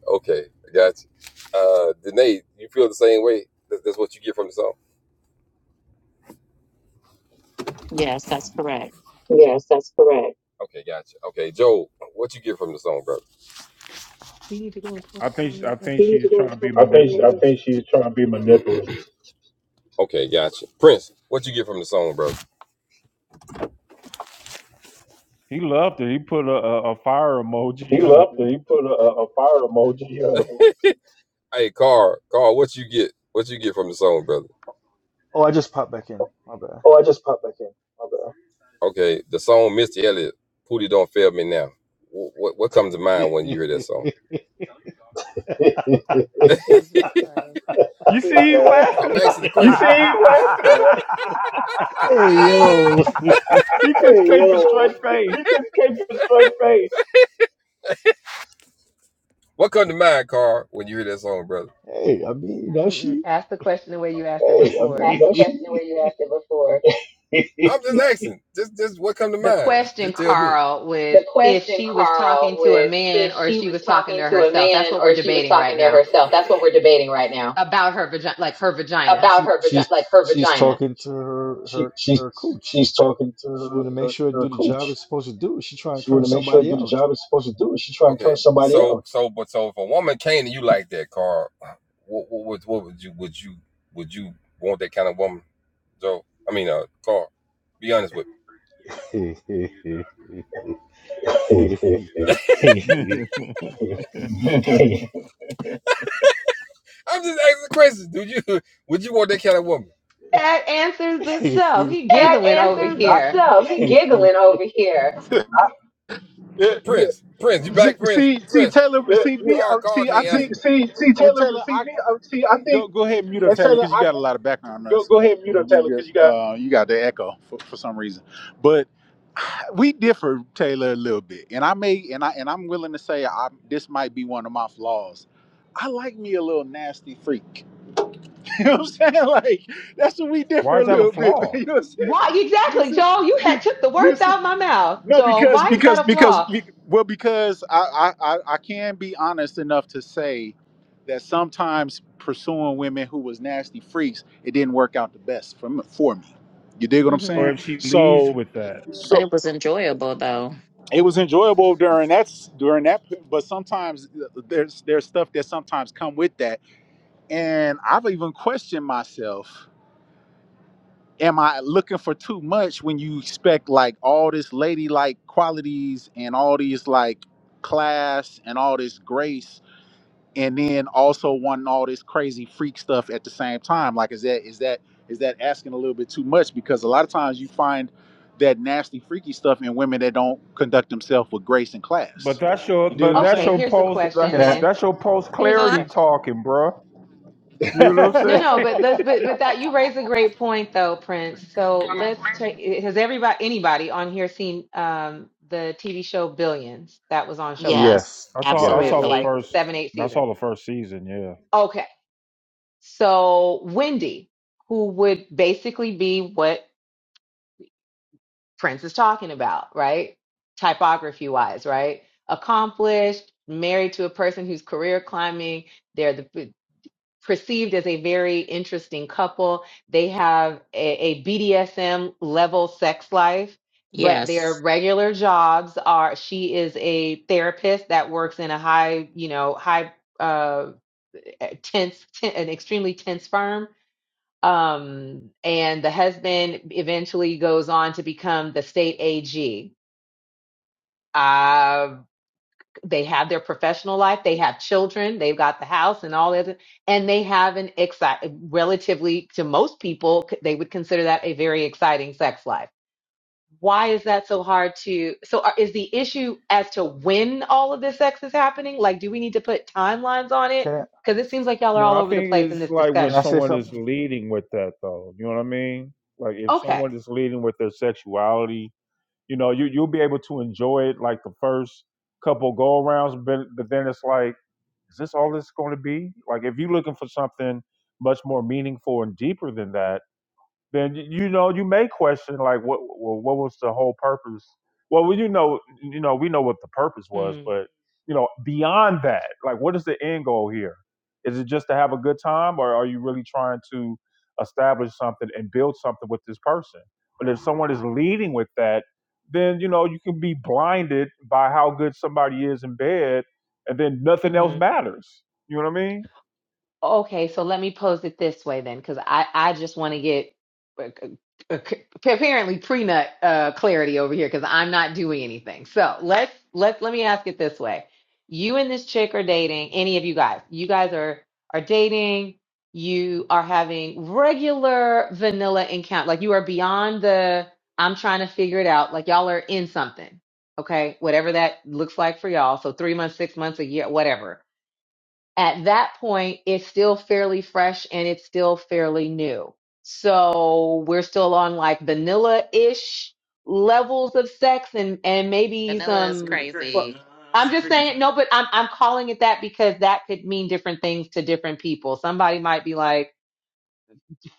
Okay, I got you. Uh, Danae, you feel the same way? That's, that's what you get from the song?
Yes, that's correct.
Yes, that's correct. Okay, gotcha. Okay, Joel, what you get from the song, brother?
We need to go and pull
I
the
think
song.
I
Let- Let's
think
We
get
need to
the
she's
song.
go
trying to
into
be
I think I
manipulative.
think she's trying to be manipulative. Okay, gotcha. Prince, what you get from the song, brother?
He loved it. He put a, a, a fire
He
emoji up.
loved it. He put a, a fire emoji up. Hey, Carl, Carl, what you get? What you get from the song, brother?
Oh, I just popped back in. My bad.
Oh, I just popped back in. My bad. Okay, the song Missy Elliott, Pootie Don't Fail Me Now. What, what, what comes to mind when you hear that song?
Jesus Christ.
You see, he's laughing
I'm
about.
asking the question. You see him
hey yo.
laughing?
he couldn't
Hey,
keep a
yo.
straight
He
face.
just came to a straight face. what come to mind, Carl, when you hear that song, brother?
Hey, I mean, you know
Mm-mm.
she.
Ask the question the way you asked it
Hey, I mean, Ask
before.
the that's
she
question where you asked it before. I'm just asking. Just, just what come to
The
mind?
question,
Just tell me.
Carl, was
The
if
question,
she was
Carl,
talking to a
was
man
if
or if
she
she
was
was talking to
talking to a
herself. That's
man
what
or
we're
if she was
debating right
talking to
now
herself. That's what we're debating right now
about her vagina, like her vagina.
about
She
her vagina, like
she's
her
she's
vagina.
talking to her
she,
her
she,
her coach.
she's talking to
She
her,
want to make
her,
sure to
her
do the job
coach.
it's supposed to do. She trying to
She want
turn
to make sure it
somebody
do the
out.
job it's supposed to do. She trying okay. to turn Okay, somebody so on. so but so if a woman came to you like that, Carl, what what would what would you would you would you want that kind of woman, Joe? I mean, uh, Carl, be honest with me. I'm just asking the question. Do you would you want that kind of woman,
That answers itself. He
That
giggling over
answers
here.
itself. He giggling.
yeah, yeah.
Prince? Prince, you
See,
back, Prince?
see, see,
Prince,
Taylor,
yeah,
see
yeah.
me,
Carl,
uh,
Carl
see, I
can't See, answer me.
think,
see, me. see,
and
Taylor.
Taylor,
See
I
me. uh, See, I think
go go ahead and mute up
and
Taylor
Taylor.
because you
I
got a lot of background
go
noise.
go ahead and mute up Taylor
You
because you
got,
got.
uh, you got the echo for, for some reason, but we differ, Taylor, a little bit, and I may, and I, and I'm willing to say, I, this might be one of my flaws. I like me a little nasty freak. You know what I'm saying? Like that's what we
Why
differ a
is that a
little bit.
flaw?
You know what I'm saying?
Why
You know what I'm
exactly,
saying?
Joel? You
You know
had took the
what I'm
words out of
saying?
my mouth,
No,
Joel.
because
Why is that
because
a
because
flaw?
be- well, because I, I I I can be honest enough to say that sometimes pursuing women who was nasty freaks, it didn't work out the best for me, for me. You dig what I'm
hmm
Or
saying?
if she leads
So.
with that?
so,
But it was enjoyable though.
it was enjoyable during that during that but sometimes there's there's stuff that sometimes come with that and i've even questioned myself am i looking for too much when you expect like all this ladylike qualities and all these like class and all this grace and then also wanting all this crazy freak stuff at the same time like is that is that is that asking a little bit too much because a lot of times you find that nasty freaky stuff in women that don't conduct themselves with grace and
But
class
that's your
you dig
but
what i'm
that's
Okay,
your
saying
here's the
post
Can,
that,
question
can I?
then
that's your post
Here's a
Oh, I,
clarity
question.
talking, bro. You know what
No,
I'm
no,
saying?
but let's, but but that you raise a great point though, Prince. So let's take. Has everybody, anybody on here seen um the TV show Billions that was on Showtime?
Yes,
Yes,
I saw I
Ran
yes.
saw
for
the
absolutely.
like
first
seven, eight
I
seasons.
saw the first season, yeah.
Okay, so Wendy, who would basically be what Prince is talking about, right? Typography wise, right? Accomplished, married to a person who's career climbing. They're the perceived as a very interesting couple. They have a, BDSM level sex life, but their
Yes.
regular jobs are she is a therapist that works in a high, you know, high uh tense, ten, an extremely tense firm. Um, and the husband eventually goes on to become the state AG they have their professional life, they have children, they've got the house and all that, and they have an exciting, relatively to most people, they would consider that a very exciting sex life. Why is that so hard to? So, are, is the issue as to when all of this sex is happening? Like, do we need to put timelines on it?
Can I?
Because it seems like y'all are
No,
all
I
over the
think
place in
it's
this
like
Can
when
I
discussion.
say
someone is
something?
leading with that though. You know what I mean? Like if
Okay.
someone is leading with their sexuality, you know, you you'll be able to enjoy it like the first couple go arounds, but but then it's like, is this all this gonna be? Like if you're looking for something much more meaningful and deeper than that, then y- you know you may question like what well, what was the whole purpose well we- you know you know we know what the purpose was
Mm-hmm.
but you know beyond that like what is the end goal here is it just to have a good time or are you really trying to establish something and build something with this person but if someone is leading with that then you know you can be blinded by how good somebody is in bed and then nothing else matters you know what i mean
Okay, so let me pose it this way then, because I, I just want to get uh, uh, apparently prenut uh, clarity over here because I'm not doing anything. So let's let's let me ask it this way: You and this chick are dating. Any of you guys? You guys are are dating. You are having regular vanilla encounter. Like you are beyond the I'm trying to figure it out. Like y'all are in something. Okay, whatever that looks like for y'all. So three months, six months, a year, whatever at that point, it's still fairly fresh and it's still fairly new. So we're still on like vanilla ish levels of sex and, and
But
maybe
no,
some, but I'm just saying, no, but I'm, I'm calling it that because that could mean different things to different people. Somebody might be like,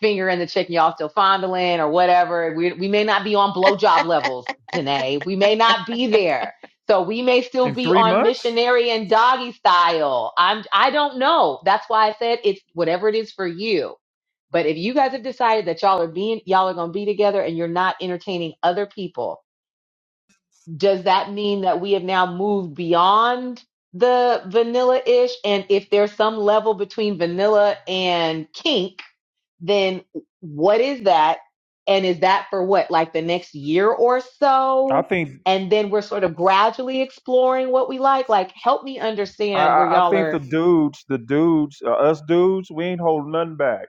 fingering the chicken, y'all still fondling or whatever. We, we may not be on blowjob levels, Danae. We may not be there. So we may still
in
be
three
on
months
missionary and doggy style. I'm I don't know. That's why I said it's whatever it is for you. But if you guys have decided that y'all are being y'all are gonna be together and you're not entertaining other people, does that mean that we have now moved beyond the vanilla ish? And if there's some level between vanilla and kink, then what is that? And is that for what, like the next year or
i
so?
think
And then we're sort of gradually exploring what we like. Like, help me
I,
understand where
I I
y'all
think the
are.
dudes, the dudes, uh, us dudes, we ain't holding nothing back.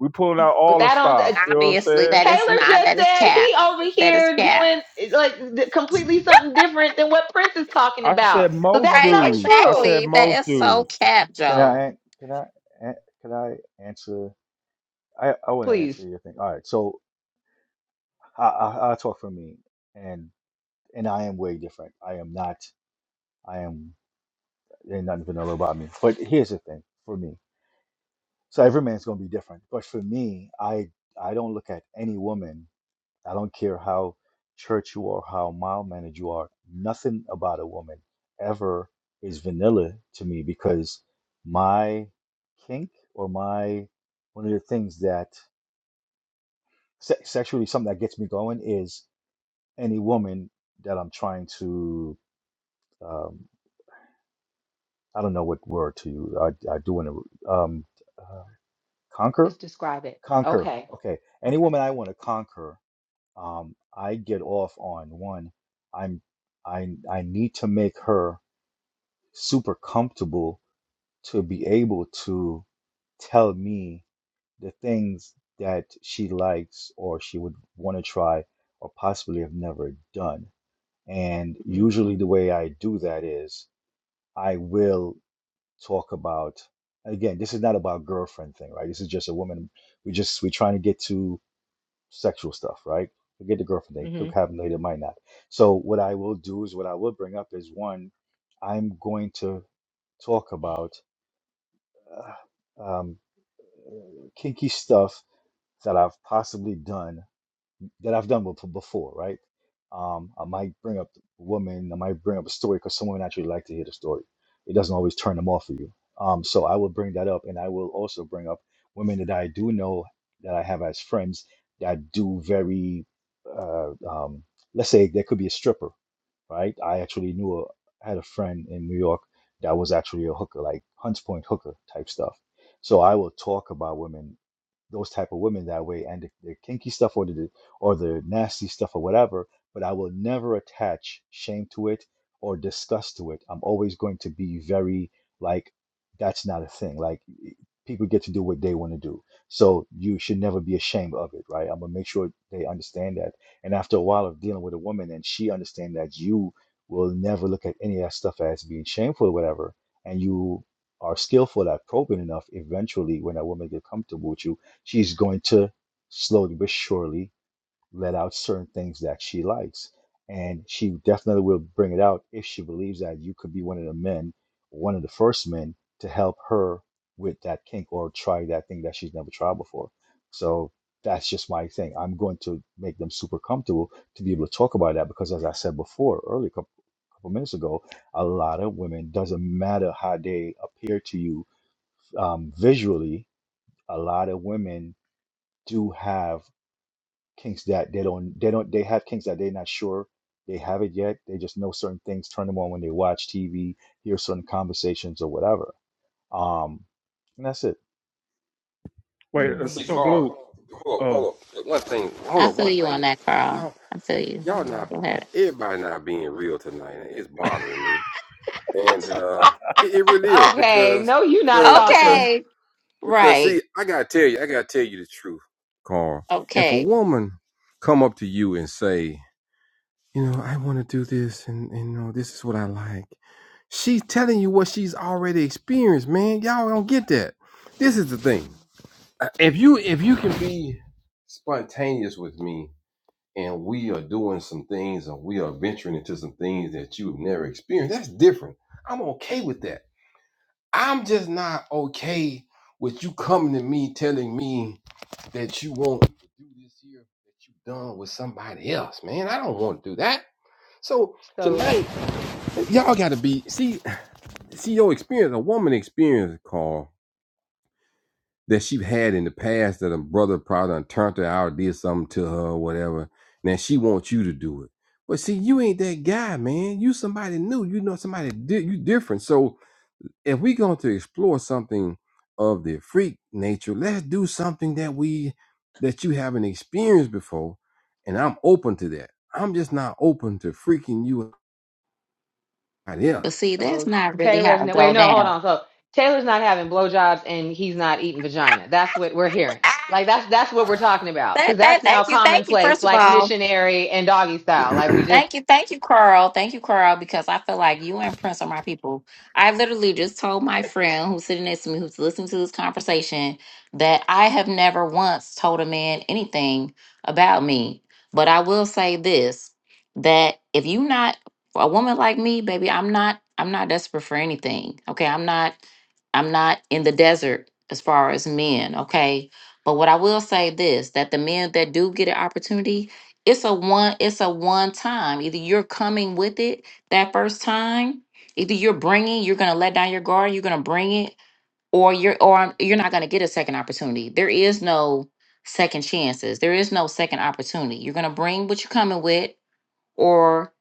We pulling out
But
all the
that on
stops.
uh,
You know what I'm
obviously
saying?
that is
Taylor
not
just
that is
said
cap.
he over
That is
here
cap.
doing like th- completely something different than what Prince is talking
I
about.
said
So
most
that's
Right,
not
dudes. I
true.
said
exactly. That
most
is so
dudes.
cap,
Can I?
Joel.
an- Can I? an- Can I answer? I I want to answer
Please
your thing. All right. So I, I I talk for me, and and I am way different. I am not. I am. There's nothing vanilla about me. But here's the thing for me. So every man's going to be different. But for me, I I don't look at any woman. I don't care how church you are, how mild mannered you are. Nothing about a woman ever is vanilla to me because my kink or my one of the things that se- sexually something that gets me going is any woman that I'm trying to um, I don't know what word to use. I, I do want to um, uh, conquer,
just describe it.
conquer.
Okay.
Okay, any
Okay.
woman I want to conquer Um, I get off on one. I'm I I need to make her super comfortable to be able to tell me the things that she likes or she would want to try or possibly have never done. And
Mm-hmm.
usually the way I do that is I will talk about again, this is not about girlfriend thing, right? This is just a woman. We just we're trying to get to sexual stuff, right? Forget the girlfriend thing. Could happen later, might not. So what I will do is what I will bring up is one, I'm going to talk about uh, um, kinky stuff that I've possibly done that I've done with before, right? Um, I might bring up a woman, I might bring up a story because someone actually like to hear the story. It doesn't always turn them off of you. Um, so I will bring that up, and I will also bring up women that I do know that I have as friends that do very, uh, um, let's say there could be a stripper, right? I actually knew a, had a friend in New York that was actually a hooker, like Hunts Point hooker type stuff. So I will talk about women those type of women that way and the, the kinky stuff or the or the nasty stuff or whatever but i will never attach shame to it or disgust to it i'm always going to be very like that's not a thing like y- people get to do what they want to do so you should never be ashamed of it right i'm gonna make sure they understand that and after a while of dealing with a woman and she understand that you will never look at any of that stuff as being shameful or whatever and you are skillful at probing enough eventually when that woman get comfortable with you she's going to slowly but surely let out certain things that she likes. And she definitely will bring it out if she believes that you could be one of the men, one of the first men to help her with that kink or try that thing that she's never tried before. So that's just my thing. I'm going to make them super comfortable to be able to talk about that because, as I said before, earlier, a couple, couple minutes ago, a lot of women, doesn't matter how they appear to you um, visually, a lot of women do have kinks that they don't they don't they have kinks that they're not sure they have it yet. They just know certain things, turn them on when they watch TV, hear certain conversations or whatever. Um, and that's it.
Wait, uh,
Let's see,
Mm-hmm.
so
Carl.
blue.
Hold up,
Oh,
hold up. One thing. Hold
I
up,
feel
one
you
thing.
on that, Carl.
Y'all,
I feel you.
y'all
Yeah.
not.
Go ahead.
Everybody not being real tonight. and It's bothering me, and uh, it, it really is
Ah,
Okay.
because
No, you're not
because because
talking.
okay.
because
Right.
see, I gotta tell you, I gotta tell you the truth, Carl. If a
Okay.
woman come up to you and say, you know, I want to do this, and and you know, this is what I like. She's telling you what she's already experienced, man. Y'all don't get that. This is the
Mm.
thing if you if you can be spontaneous with me and we are doing some things and we are venturing into some things that you've never experienced that's different i'm okay with that i'm just not okay with you coming to me telling me that you want to do this here that you done with somebody else man i don't want to do that so
So.
tonight y'all gotta be see see your experience a woman experience carl that she had in the past that a brother probably done turned her out or did something to her or whatever. Now she wants you to do it. But see, you ain't that guy, man. You somebody new. You know somebody di- you different. So if we going to explore something of the freak nature, let's do something that we that you haven't experienced before. And I'm open to that. I'm just not open to freaking you out else.
But see, that's
So
not really
Taylor's
how it
no,
go
wait, no, hold
down.
on. So Taylor's not having blowjobs and he's not eating vagina. That's what we're hearing.
Ah,
Like that's that's what we're talking about because
that, that,
that's now
thank you, thank you.
commonplace,
First of
like
all,
missionary and doggy style. Like we just,
Thank you, thank you, Carl. Thank you, Carl, because I feel like you and Prince are my people. I literally just told my friend who's sitting next to me, who's listening to this conversation, that I have never once told a man anything about me. But I will say this: that if you not a woman like me, baby, I'm not. I'm not desperate for anything. Okay, I'm not. I'm not in the desert as far as men. Okay, but what I will say this: that the men that do get an opportunity it's a one it's a one time either you're coming with it that first time either you're bringing you're gonna let down your guard you're gonna bring it or you're or you're not gonna get a second opportunity there is no second chances there is no second opportunity you're gonna bring what you're coming with or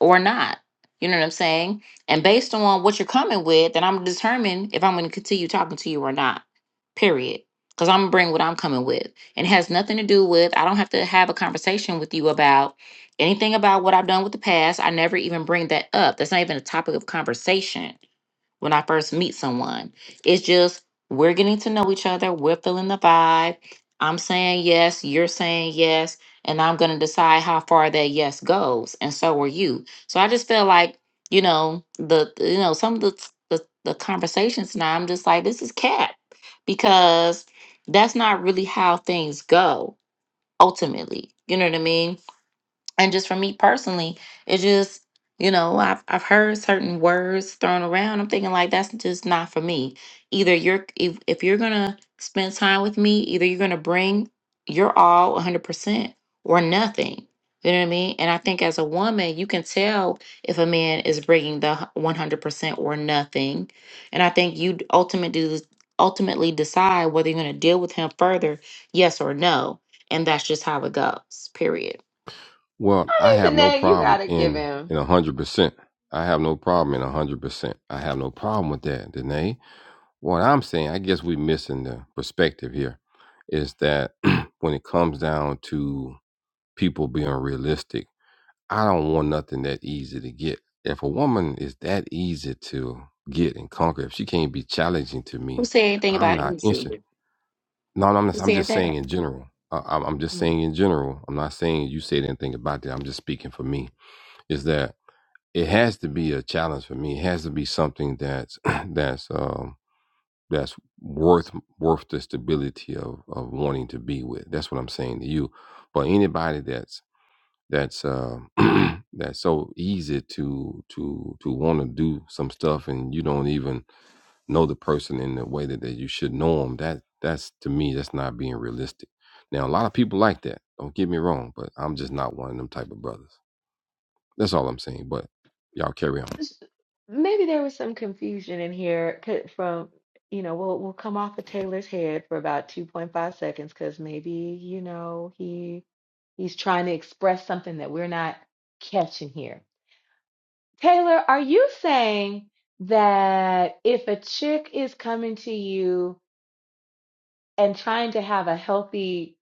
or not. You know what I'm saying? And based on what you're coming with, then I'm gonna determine if I'm gonna continue talking to you or not. Period. Because I'm gonna bring what I'm coming with. And it has nothing to do with I don't have to have a conversation with you about anything about what I've done with the past. I never even bring that up. That's not even a topic of conversation when I first meet someone. It's just we're getting to know each other, we're feeling the vibe. I'm saying yes, you're saying yes, and I'm going to decide how far that yes goes, and so are you. So I just feel like, you know, the the- you know, some of the the, the conversations now I'm just like this is cap because that's not really how things go ultimately. You know what I mean? and just for me personally it's just you know i've i've heard certain words thrown around i'm thinking like that's just not for me either you're if, if you're gonna spend time with me either you're gonna bring your all 100% or nothing you know what i mean and i think as a woman you can tell if a man is bringing the 100% or nothing and i think you ultimately ultimately decide whether you're going to deal with him further yes or no and that's just how it goes period
Well, I
I
have
mean,
no
Danae, you
problem
gotta give
in
him.
in a hundred percent. I have no problem in a hundred percent. I have no problem with that, Danae. What I'm saying, I guess we're missing the perspective here, is that when it comes down to people being realistic, I don't want nothing that easy to get. If a woman is that easy to get and conquer, if she can't be challenging to
Who
me,
said anything
I'm
about
not
Esau?
interested.
Who
No, no, I'm, not, I'm
said
just saying
that?
in general. I, I'm I'm just
Mm.
saying in general. I'm not saying you said anything about that. I'm just speaking for me. Is that it has to be a challenge for me. It has to be something that's that's um that's worth worth the stability of of wanting to be with. That's what I'm saying to you. But anybody that's that's uh, that's so easy to to to want to do some stuff and you don't even know the person in the way that, that you should know them. That that's to me that's not being realistic. Now a lot of people like that. Don't get me wrong, but I'm just not one of them type of brothers. That's all I'm saying. But y'all carry on.
S- Maybe there was some confusion in here c- from, you know, we'll we'll come off of Taylor's head for about 2.5 seconds because maybe, you know, he he's trying to express something that we're not catching here. Taylor, are you saying that if a chick is coming to you and trying to have a healthy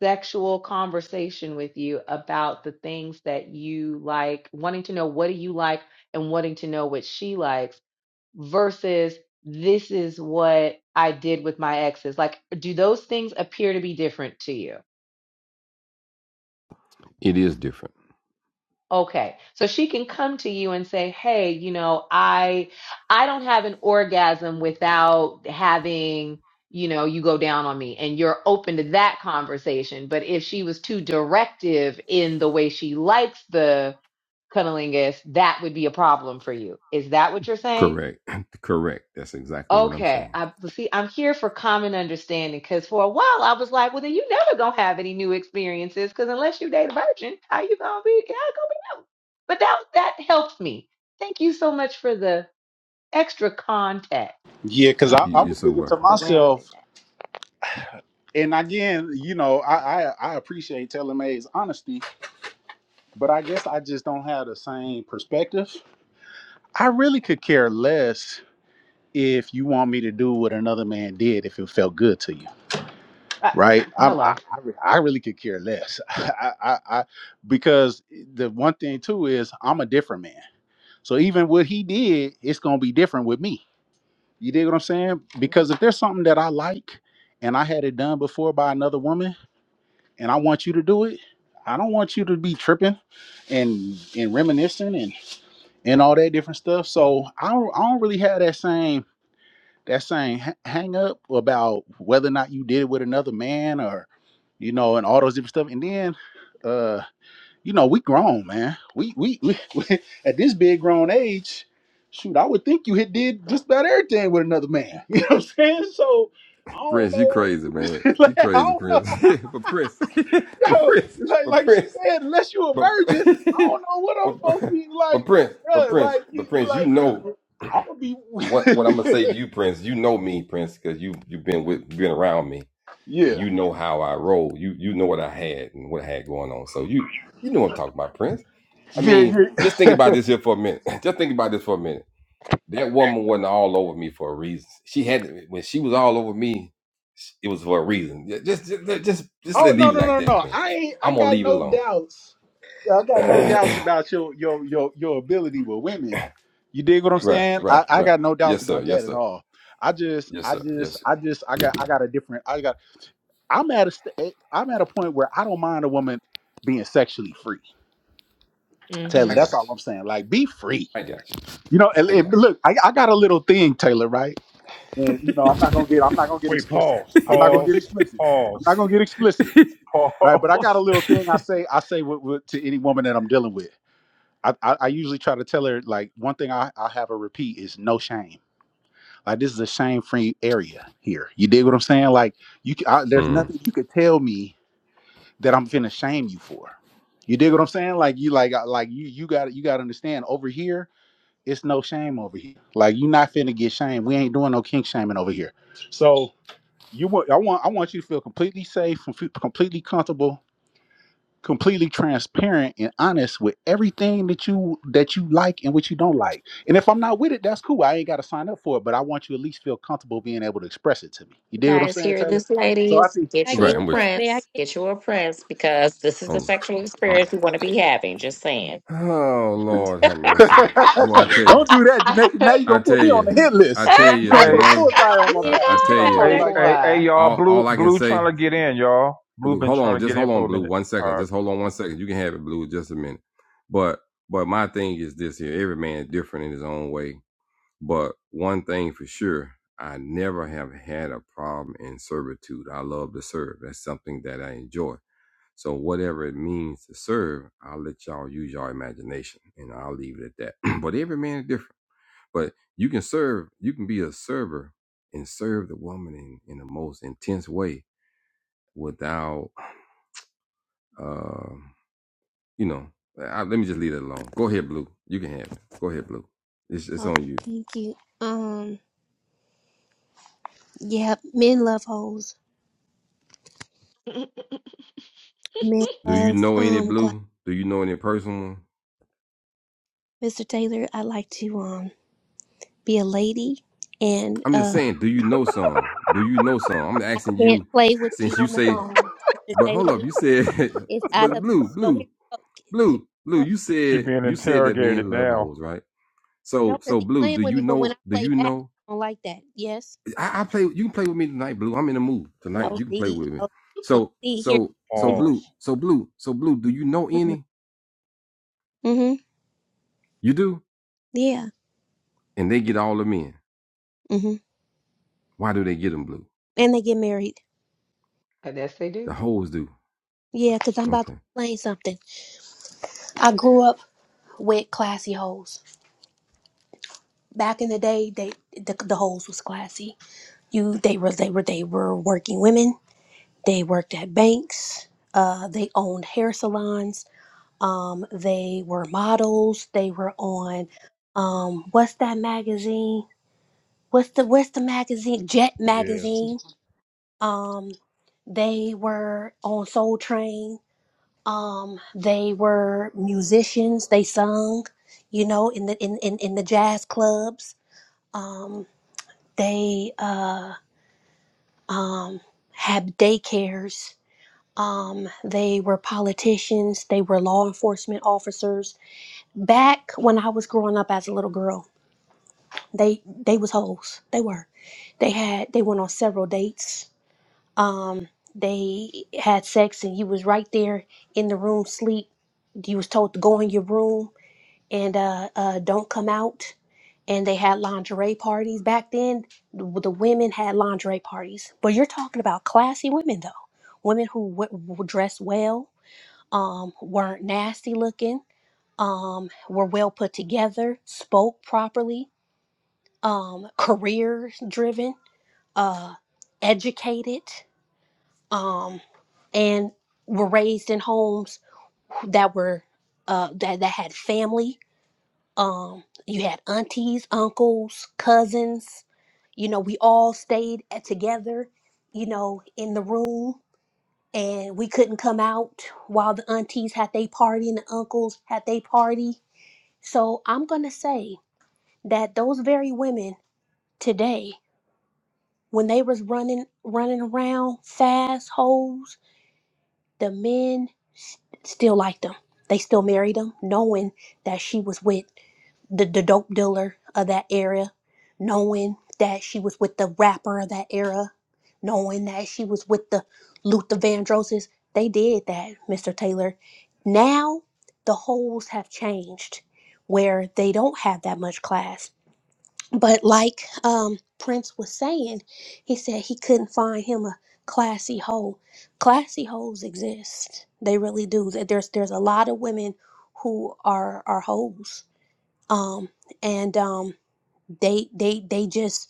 sexual conversation with you about the things that you like, wanting to know what do you like and wanting to know what she likes versus this is what I did with my exes, like do those things appear to be different to you?
It is different.
Okay. So she can come to you and say, "Hey, you know, I I don't have an orgasm without having, you know, you go down on me." And you're open to that conversation. But if she was too directive in the way she likes the cunnilingus, that would be a problem for you. Is that what you're saying? Okay, I see. I'm here for common understanding because for a while I was like, well, then you never gonna have any new experiences because unless you date a virgin, how you gonna be? How gonna be new? But that that helped me. Thank you so much for the extra context
yeah because I, I was thinking to
surrounding
myself and again you know i i, I appreciate telling may's honesty but i guess i just don't have the same perspective i really could care less if you want me to do what another man did if it felt good to you
that. Uh,
right? I'm, I,
hello.
I re- I really could care less. I, I, I because the one thing too is I'm a different man. So even what he did, it's gonna be different with me. You dig what I'm saying? Because if there's something that I like and I had it done before by another woman, and I want you to do it, I don't want you to be tripping and and reminiscing and and all that different stuff. So I don't, I don't really have that same that same ha- hang up about whether or not you did it with another man or you know and all those different stuff and then uh you know we grown man we we, we at this big grown age shoot i would think you had did just about everything with another man you know what i'm saying so i don't
Prince, you
know
crazy, man.
like,
You
i
crazy,
don't know
Prince. but Prince, but
Yo,
Prince,
like
but
like she
Prince,
said unless you a
but,
virgin i don't know what i'm supposed to
but
be
but
like
Prince, but
bruh,
Prince,
like you,
but
you
Prince, you
like
know
i'm gonna be
what what I'm gonna say to you, Prince. You know me, Prince, because you you've been with been around me and
yeah
you know how I roll. You you know what I had and what I had going on. So you you know what I'm talking about, Prince. I mean,
yeah
just think
yeah
about this here for a minute. just think about this for a minute. That woman wasn't all over me for a reason. She had to- when she was all over me, it was for a reason. Yeah, Just just just just, just let
Oh no
leave it
no
like
no
that,
no!
Prince.
I ain't. I
I'm gonna
got
leave it
no
alone.
doubts. I got no doubts
right,
about your your your your ability with women. You dig what I'm saying? I,
right,
I
right.
got no doubts
Yes, sir.
about that
Yes,
at
sir.
all. I just
Yes,
I
sir.
just
Yes, sir.
I just I got I got a different. I got. I'm at a st- eh, I'm at a point where I don't mind a woman being sexually free.
Mm-hmm.
Taylor,
I
that's
got
all
you.
I'm saying. Like be free.
I got you.
You know. And,
I
and
got
look, I, I got a little thing, Taylor. Right? And you know, I'm not gonna get I'm not gonna get
wait.
explicit.
Pause.
I'm not gonna get
Pause.
explicit. I'm not
Pause.
gonna get explicit. right? But I
Pause.
got a little thing I say I say with, with, to any woman that I'm dealing with. I, I, I usually try to tell her like one thing I, I have her repeat is no shame. Like this is a shame free area here. You dig what I'm saying? Like you, c- I,
you.
there's
Mm.
nothing you could tell me that I'm finna shame you for. You dig what I'm saying? Like you like I- like you you got you got to understand over here it's no shame over here. Like you not finna get shamed. We ain't doing no kink shaming over here. So you want I want I want you to feel completely safe and fe- completely comfortable completely transparent and honest with everything that you that you like and what you don't like. And if I'm not with it, that's cool. I ain't got to sign up for it, but I want you to at least feel comfortable being able to express it to me. You
You
dig what I'm
guys
saying,
hear
Taylor?
this,
So I
ladies?
think
may I
Get
Right,
get
you a
I'm with
in?
you.
May I
prince.
get
Get you a prince because this is the
Um,
sexual
um.
experience you want to be having. Just saying.
Oh
in?
Lord, have mercy, boy! I tell you,
don't do that,
I,
Janae. Now you're
I
gonna
tell
put me on
you,
the hit
I
list.
tell
Can I
You're
you,
gonna put
hey,
a
Danae,
bullseye on my
I,
get
back.
I
in,
You
tell
Mr.
start
you,
talking
Taylor?
hey,
like
hey,
that.
hey, y'all.
all
Blue,
all I can
blue,
say
trying to get in, y'all. Blue
Blue,
been
hold
trying
on,
to
just
get in
hold
for
on,
a
Blue.
minute.
One
All
second,
right,
just hold on one second. You can have it, Blue, just a minute. But but my thing is this here: every man is different in his own way. But one thing for sure, I never have had a problem in servitude. I love to serve. That's something that I enjoy. So whatever it means to serve, I'll let y'all use your imagination, and I'll leave it at that. but every man is different. But you can serve. You can be a server and serve the woman in in the most intense way without. uh, you know, I, let me just leave it alone. Go ahead, Blue. You can have it. Go ahead, Blue. It's it's on
Okay,
you.
thank you. Um, yeah, men love hoes.
no.
Men
Do you
love
know any
um. Gla-
Blue? Do you know any personal?
Mr. Taylor, I like to um be a lady, and
I'm just
uh,
saying. Do you know some? Do you know some? I'm
I
asking
can't
you,
play with you
since you
on the
say.
phone, Mr.
But hold up,
Taylor.
you said.
It's
but
out of
Blue,
oh here
Blue,
you go. Here you
Blue, Blue.
go.
You
she
said
being
you said that
interrogated
men love
now.
hoes, right?
No,
So
because
so
he's
Blue,
playing
do
with
you
me, but when
know?
I
Do
play
you
back,
know?
I don't like that. Yes.
I, I play. You can play with me tonight, Blue. I'm in the mood tonight.
No.
You can play
See.
with me.
No, you play.
So
See here.
so so
Pause.
Blue. So Blue. So Blue. Do you know any?
Mm-hmm.
You do.
Yeah.
And they get all the men.
Mm-hmm.
Why do they get them blue?
And they get married.
Uh, Yes, they
The
do.
hoes do.
Yeah, because I'm about to
Okay.
explain something. I grew up with classy hoes. Back in the day, they the, the hoes was classy. You they were they were they were working women. They worked at banks. Uh, they owned hair salons. Um, they were models. They were on um, what's that magazine? What's the what's the magazine? Jet
Yeah.
magazine. Um, they were on Soul Train Um, they were musicians. They sung, you know, in the in in, in the jazz clubs. Um, they uh, um, had daycares. Um, they were politicians. They were law enforcement officers. Back when I was growing up as a little girl, they they was hoes. They were. They had they went on several dates. Um, they had sex, and you was right there in the room sleep. You was told to go in your room and uh, uh, Don't Come Out. And they had lingerie parties back then. The, the women had lingerie parties, but you're talking about classy women though, women who w- w- dressed well, um, weren't nasty looking, um, were well put together, spoke properly, um, career driven, uh, educated, um, and were raised in homes that were uh, that that had family Um, you had aunties, uncles, cousins. You know, we all stayed at, together, you know, in the room and we couldn't come out while the aunties had their party and the uncles had their party. So I'm going to say that those very women today, when they was running running around fast hoes the men s- still liked them. They still married him, knowing that she was with the, the dope dealer of that era, knowing that she was with the rapper of that era, knowing that she was with the Luther Vandrosses. They did that, Mr. Taylor. Now the holes have changed where they don't have that much class. But like um, Prince was saying, he said he couldn't find him a classy hole. Classy holes exist; they really do. There- There's there's a lot of women who are are hoes, um, and um, they they they just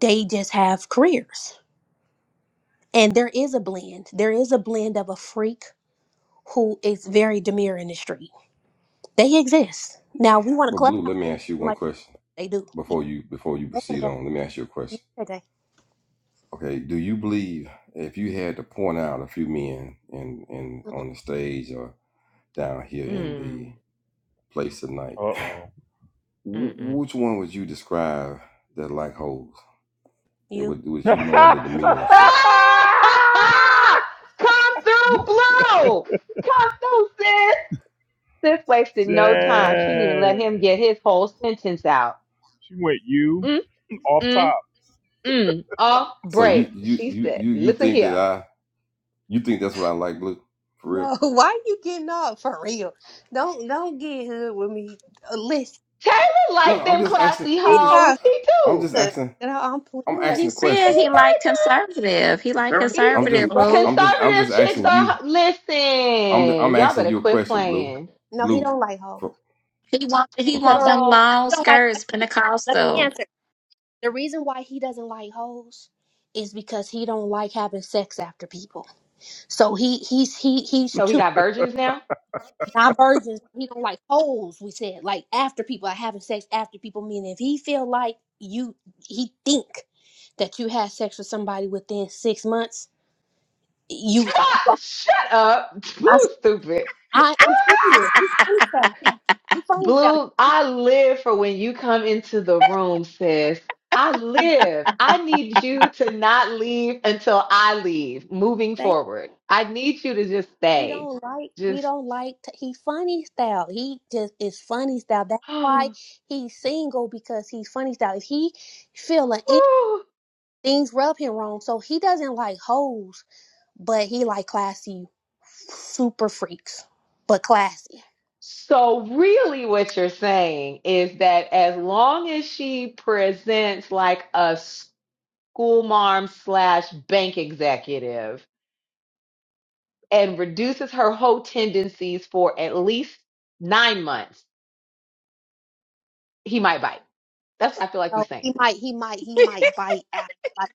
they just have careers. And there is a blend. There is a blend of a freak who is very demure in the street. They exist. Now we want to
But blue,
clubhouse
let me
them
ask you one
like
question
they do. Yeah,
before you before you
that's
proceed
okay.
on. Let me ask you a
Yeah,
question.
that's okay.
Okay, do you believe if you had to point out a few men in in on the stage or down here in the
Mm.
place tonight,
Uh oh.
wh-
Mm-mm.
which one would you describe that like hoes? It
You.
would with you knowing the demeanor and stuff.
Ah! Come through, blow. Come through, sis. Sif wasted no time. She didn't even let
Dang.
him get his whole sentence out.
She went you
Mm,
off
mm,
top.
mm. Off
So you
break.
you
She
you
said,
you you
listen
think that
here.
I you think that's what I like blue for real?
No, why you getting off for real? Don't don't get hood with me. Uh, Listen,
Taylor
No, no,
like
I'm
them
just asking.
classy
I'm
he
just
hoes.
got
He
I'm
do.
just
hood.
asking
You know, I'm
I'm
no,
playing.
asking
he
the
He
said
question.
he like
like them.
conservative. He like
He,
I'm
He
just
conservative,
does.
boo.
I'm just I'm just
conservative
He
chicks
asking
does.
you.
are,
I'm I'm
listen, y'all
asking
better
you a
quit
question, Blue.
playing.
No, he
Blue.
don't like hoes
For,
He want he
okay.
because
want
you
them
Girl.
long
don't like. Let
skirts,
me, let me
Pentecostal.
answer. The reason why he doesn't like hoes is because he don't like having sex after people. So he he's he he's
So he
too.
got virgins now?
Not virgins. He don't like holes. We said like after people, like having sex after people. Meaning, if he feel like you, he think that you had sex with somebody within six months. You,
Shut, shut up.
I,
Blue stupid.
I I'm serious. He funny style. He funny style. You
Blue, I live for when you come into the room, sis. I live. I need you to not leave until I leave moving
Say
forward. I need you to just
he
stay.
don't like. He
Just,
don't like. T- he funny style. He just is funny style. That's
whew.
why he's single because he's funny style. If he feel like any- things rub him wrong, so he doesn't like hoes but he like classy, super freaks, but classy.
so really, what you're saying is that as long as she presents like a school mom slash bank executive and reduces her whole tendencies for at least nine months, he might bite. That's what I feel like you're
So he
saying.
might, he might, he might bite after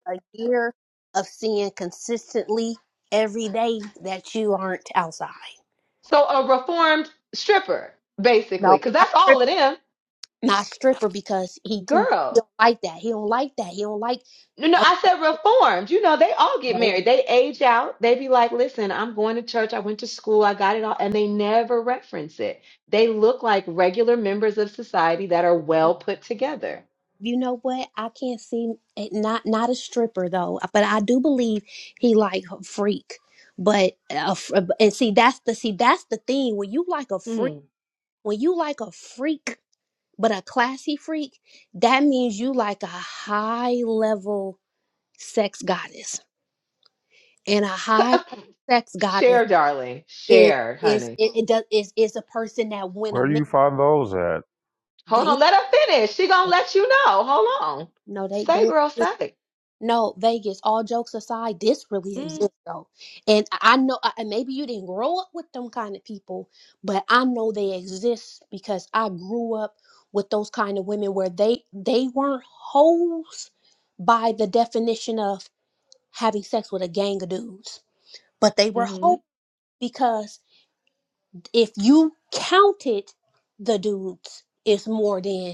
like a year of seeing consistently every day that you aren't outside.
So a reformed stripper, basically,
No,
because
not
that's all
stripper,
of them.
not stripper because he too he
Girl.
don't like that. He don't like that. He don't like.
No, no,
Oh,
I said reformed. You know, they all get
no,
married. They age out. They be like, listen, I'm going to church. I went to school. I got it all. And they never reference it. They look like regular members of society that are well put together.
you know what? I can't see it. Not not a stripper though, but I do believe he like a freak. But uh, f- and see that's the see that's the thing when you like a freak.
Hmm.
When you like a freak, but a classy freak, that means you like a high level sex goddess. And a high level sex goddess
Share, darling.
is
Share,
is
honey.
it, it does is is a person that when a
Where do
man
you find those at?
Hold
they
on. Let her finish. She gonna let you know. Hold on.
no they
Say,
they
girl, say.
No, Vegas, all jokes aside, this really exists though. And I I know, I- and maybe you didn't grow up with them kind of people, but I know they exist because I grew up with those kind of women where they they weren't hoes by the definition of having sex with a gang of dudes, but they were
Mm-hmm.
hoes because if you counted the dudes, it's more than.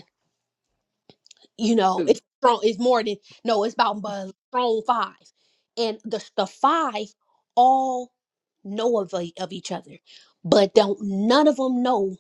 you know, it's strong. It's more than no. It's about but strong five, and the the five all know of e- of each other, but don't none of them know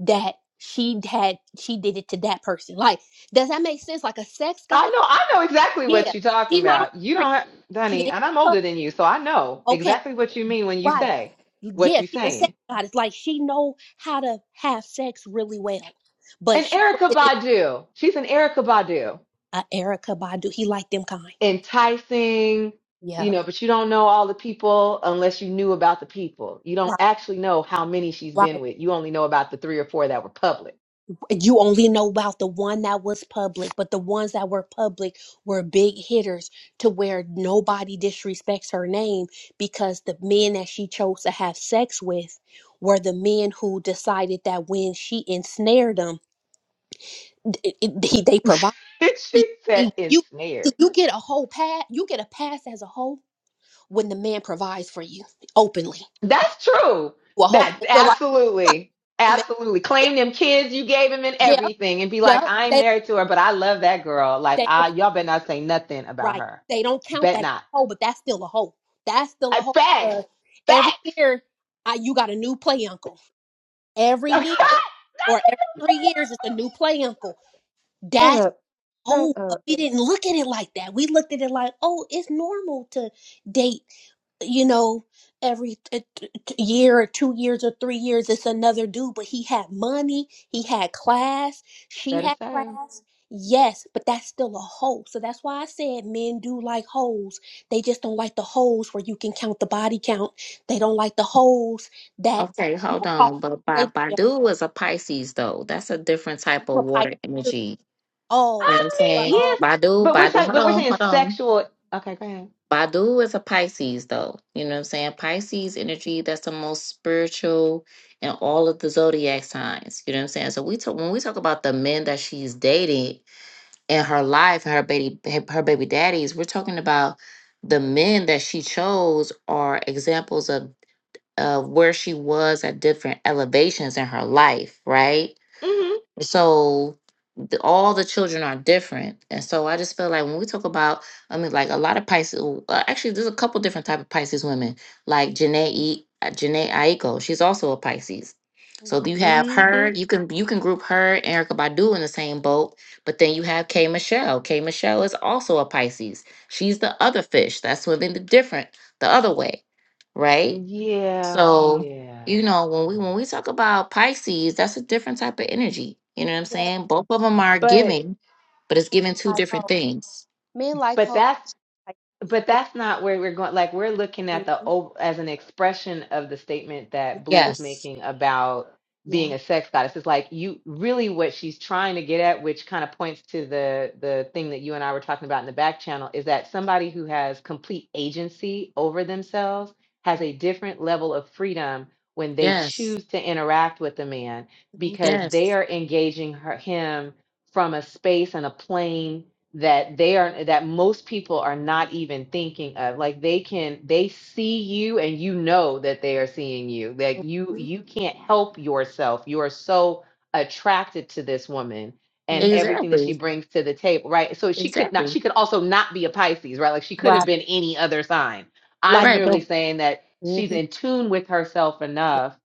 that she had she did it to that person. Like, does that make sense? Like a sex
I
god?
know, I know exactly what
Yeah,
you're talking
she's not on
about.
the
You
street.
don't, have,
She ain't
Dunny,
in
and I'm
the club.
older than you, so I know
okay,
exactly what you mean when you
right?
say what
Yeah,
you're
she's a
saying.
sex god. It's like she know how to have sex really well, but
And
she
Erica
wasn't in
Badu, she's an Erica Badu,
uh, Erica Badu. He liked them kind.
enticing,
Yeah,
you know, but you don't know all the people unless you knew about the people. You don't actually know how many she's
right,
been with. You only know about the three or four that were public.
you only know about the one that was public, but the ones that were public were big hitters to where nobody disrespects her name because the men that she chose to have sex with were the men who decided that when she ensnared them, it, it- they they provide.
she
See,
said
see, You
ensnared.
see, you get a whole pass. You get a pass as a whole when the man provides for you openly.
That's true.
You A whole.
That
They feel like
absolutely,
I mean,
absolutely. Claim them kids you gave him and
yeah,
everything, and be like,
yeah.
I ain't
They
married to her, but I love that girl. Like,
they don't
I y'all better not say nothing about
Right.
her.
They don't count
Bet
that as
not.
a hole, but that's still a hole. That's still a
Uh,
hole.
facts,
because Every
facts.
year, I, you got a new play uncle. Every year or every three years, it's a new play uncle.
Shut
That's
up. Shut
Oh, but
up.
we didn't look at it like that. We looked at it like, oh, it's normal to date, you know, every t- t- t- year or two years or three years, it's another dude. But he had money, he had class, she
better
had
say.
class. Yes, but that's still a hoe. So that's why I said men do like hoes. They just don't like the hoes where you can count the body count. They don't like the hoes that
Okay, hold
people talk.
on. But
They,
Ba-
yeah,
Badu is a Pisces though. That's a different type
I'm
of
a Pisces
water
too.
energy.
Oh,
You know what
I
so.
I'm
mean,
saying?
well,
yes,
Badu,
but we're
Badu,
talking,
hold
but we're
on,
saying
hold on.
sexual. Okay, go ahead.
Badu is a Pisces, though. You know what I'm saying? Pisces energy, that's the most spiritual in all of the zodiac signs. You know what I'm saying? So we talk when we talk about the men that she's dated in her life and her baby her baby daddies, we're talking about the men that she chose are examples of of where she was at different elevations in her life, right?
Wow.
Mhm.
So the, all the children are different and so i just feel like when we talk about i mean like a lot of pisces uh, actually there's a couple different type of pisces women like janae e, uh, janae aiko she's also a pisces so you
Mhm.
have Mhm. her
Mhm.
you can you can group her and erica badu in the same boat but then you have k michelle k michelle is also a pisces she's the other fish that's swimming the different the other way right
Yeah,
so,
yeah.
you know, when we when we talk about Pisces, that's a different type of energy. You know what I'm
Yeah,
saying? Both of them are
But
giving, but it's giving two
like
different
hope,
things.
Men like
but
hoes.
that's
Like,
But
yeah.
that's not where we're going. Like we're looking at the
Mhm.
o- as an expression of the statement that Blue was
Yes.
making about being
Yeah.
a sex goddess. It's like you really what she's trying to get at, which kind of points to the the thing that you and I were talking about in the back channel, is that somebody who has complete agency over themselves has a different level of freedom when they
Yes.
choose to interact with a man
Mhm.
because they
Yes.
are engaging her, him from a space and a plane that they are that most people are not even thinking of like they can they see you and you know that they are seeing you like you
Mhm.
you can't help yourself you are so attracted to this woman and
Mhm.
everything that she
Exactly.
brings to the table right so she could not
Exactly.
she could also not be a pisces right like she could have
Right.
been any other sign
Like,
i'm
Right.
merely
But
saying that she's
Mhm.
in tune with herself enough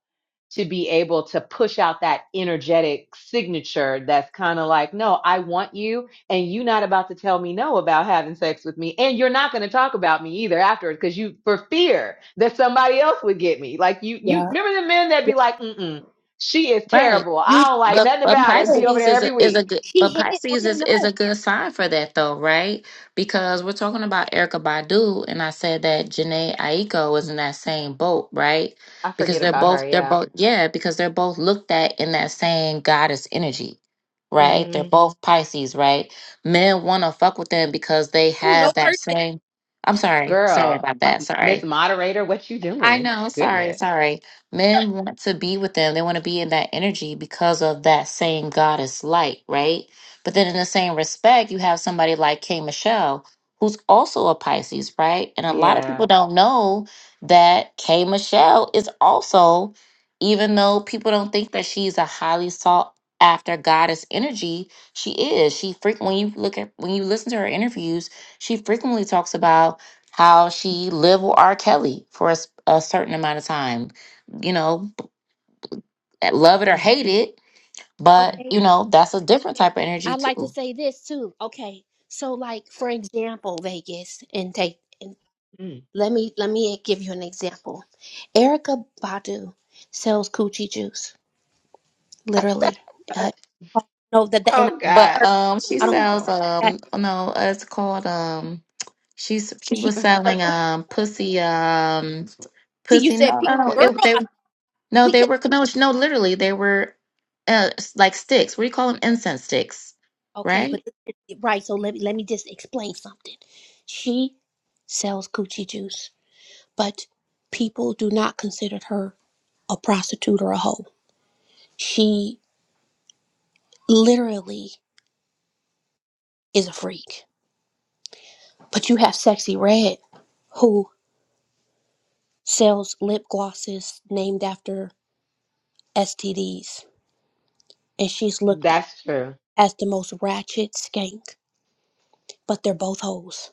to be able to push out that energetic signature that's kind of like, no, I want you, and you not about to tell me no about having sex with me, and you're not going to talk about me either afterwards because you for fear that somebody else would get me. Like you, you
yeah.
remember the men that be
Yeah.
like, mm she is
right.
terrible.
You
I don't like
But
nothing
but
about her, and be
know.
over
Pisces
there
is
every
a is a
week.
good
She
but
hit it on
Pisces
the
is, is
nose.
a good sign for that though, right? Because we're talking about Erica Badu and I said that Janae Aiko was in that same boat, right?
I
Because
forget
they're
about her.
both they're
Yeah,
both yeah, because they're both looked at in that same goddess energy, right?
mm
They're
hmm
Mhm. both Pisces, right? Men wanna fuck with them because they
Oh, no
have that same I'm sorry, sorry
girl,
about
uh,
that, sorry.
Miss Moderator, what you
I
doing?
know. Sorry,
Goodness,
sorry. Men want to be with them. They want to be in that energy because of that same goddess light, right? But then, in the same respect, you have somebody like K. Michelle, who's also a Pisces, right? And a lot of
yeah.
people don't know that K. Michelle is also, even though people don't think that she's a highly sought after goddess energy, she is. She frequent when you look at when you listen to her interviews, she frequently talks about how she lived with R. Kelly for a, s- a certain amount of time. You know, love it or
Mm,
hate it, but
mm,
person.
you know that's a different type of energy
I'd like to
too.
say this too. Okay, so like for example, Vegas and take and
mm.
let me let me give you an example. Erica Badu sells coochie juice, literally. Uh, no, that that- and I
Oh
don't
But
God,
her.
um, she
I
where are
don't
we
sells
her
going?
that
um, oh no, uh, it's called um, she's she
she.
was selling um, pussy um,
See, you
pussy.
said
No,
pe-
no,
Oh
no,
girl,
goodness,
it they
I,
no
we
they
could
were no no literally they were uh s- like sticks. What do you call them? Incense sticks,
okay, but
right?
this is- right. So let me let me just explain something. She sells coochie juice, but people do not consider her a prostitute or a hoe. She literally is a freak. But you have Sexy Red, who sells lip glosses named after STDs, and she's looked
that's true.
as the most ratchet skank, but they're both hoes.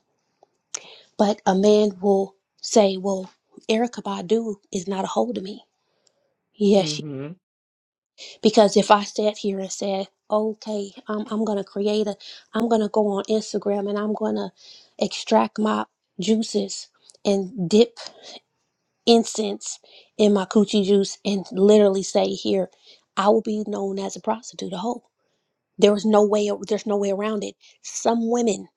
But a man will say, Well, Erica Badu is not a hoe to me. Yes, she,
hmm
because if I sat here and said, okay, I'm, I'm going to create a, I'm going to go on Instagram and I'm going to extract my juices and dip incense in my coochie juice and literally say, "Here, I will be known as a prostitute, a hoe." There was no way. There's no way around it. Some women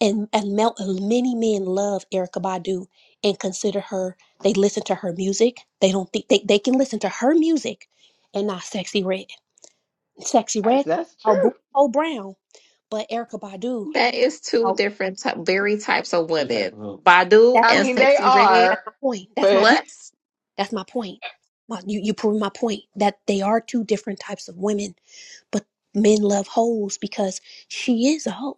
and and mel- many men love Erica Badu and consider her. They listen to her music. They don't think they, they can listen to her music and not sexy red. Sexy
That's,
red,
that's
oh,
true.
boo- oh brown, but Erica Badu.
That is two
Oh,
different ty- very types of what Badu
that's
I
my
and
mean, they
Sexy Red.
are,
that's my point. That's my
but
What?
that's my point. My, you you prove my point that they are two different types of women But men love hoes because she is a hoe.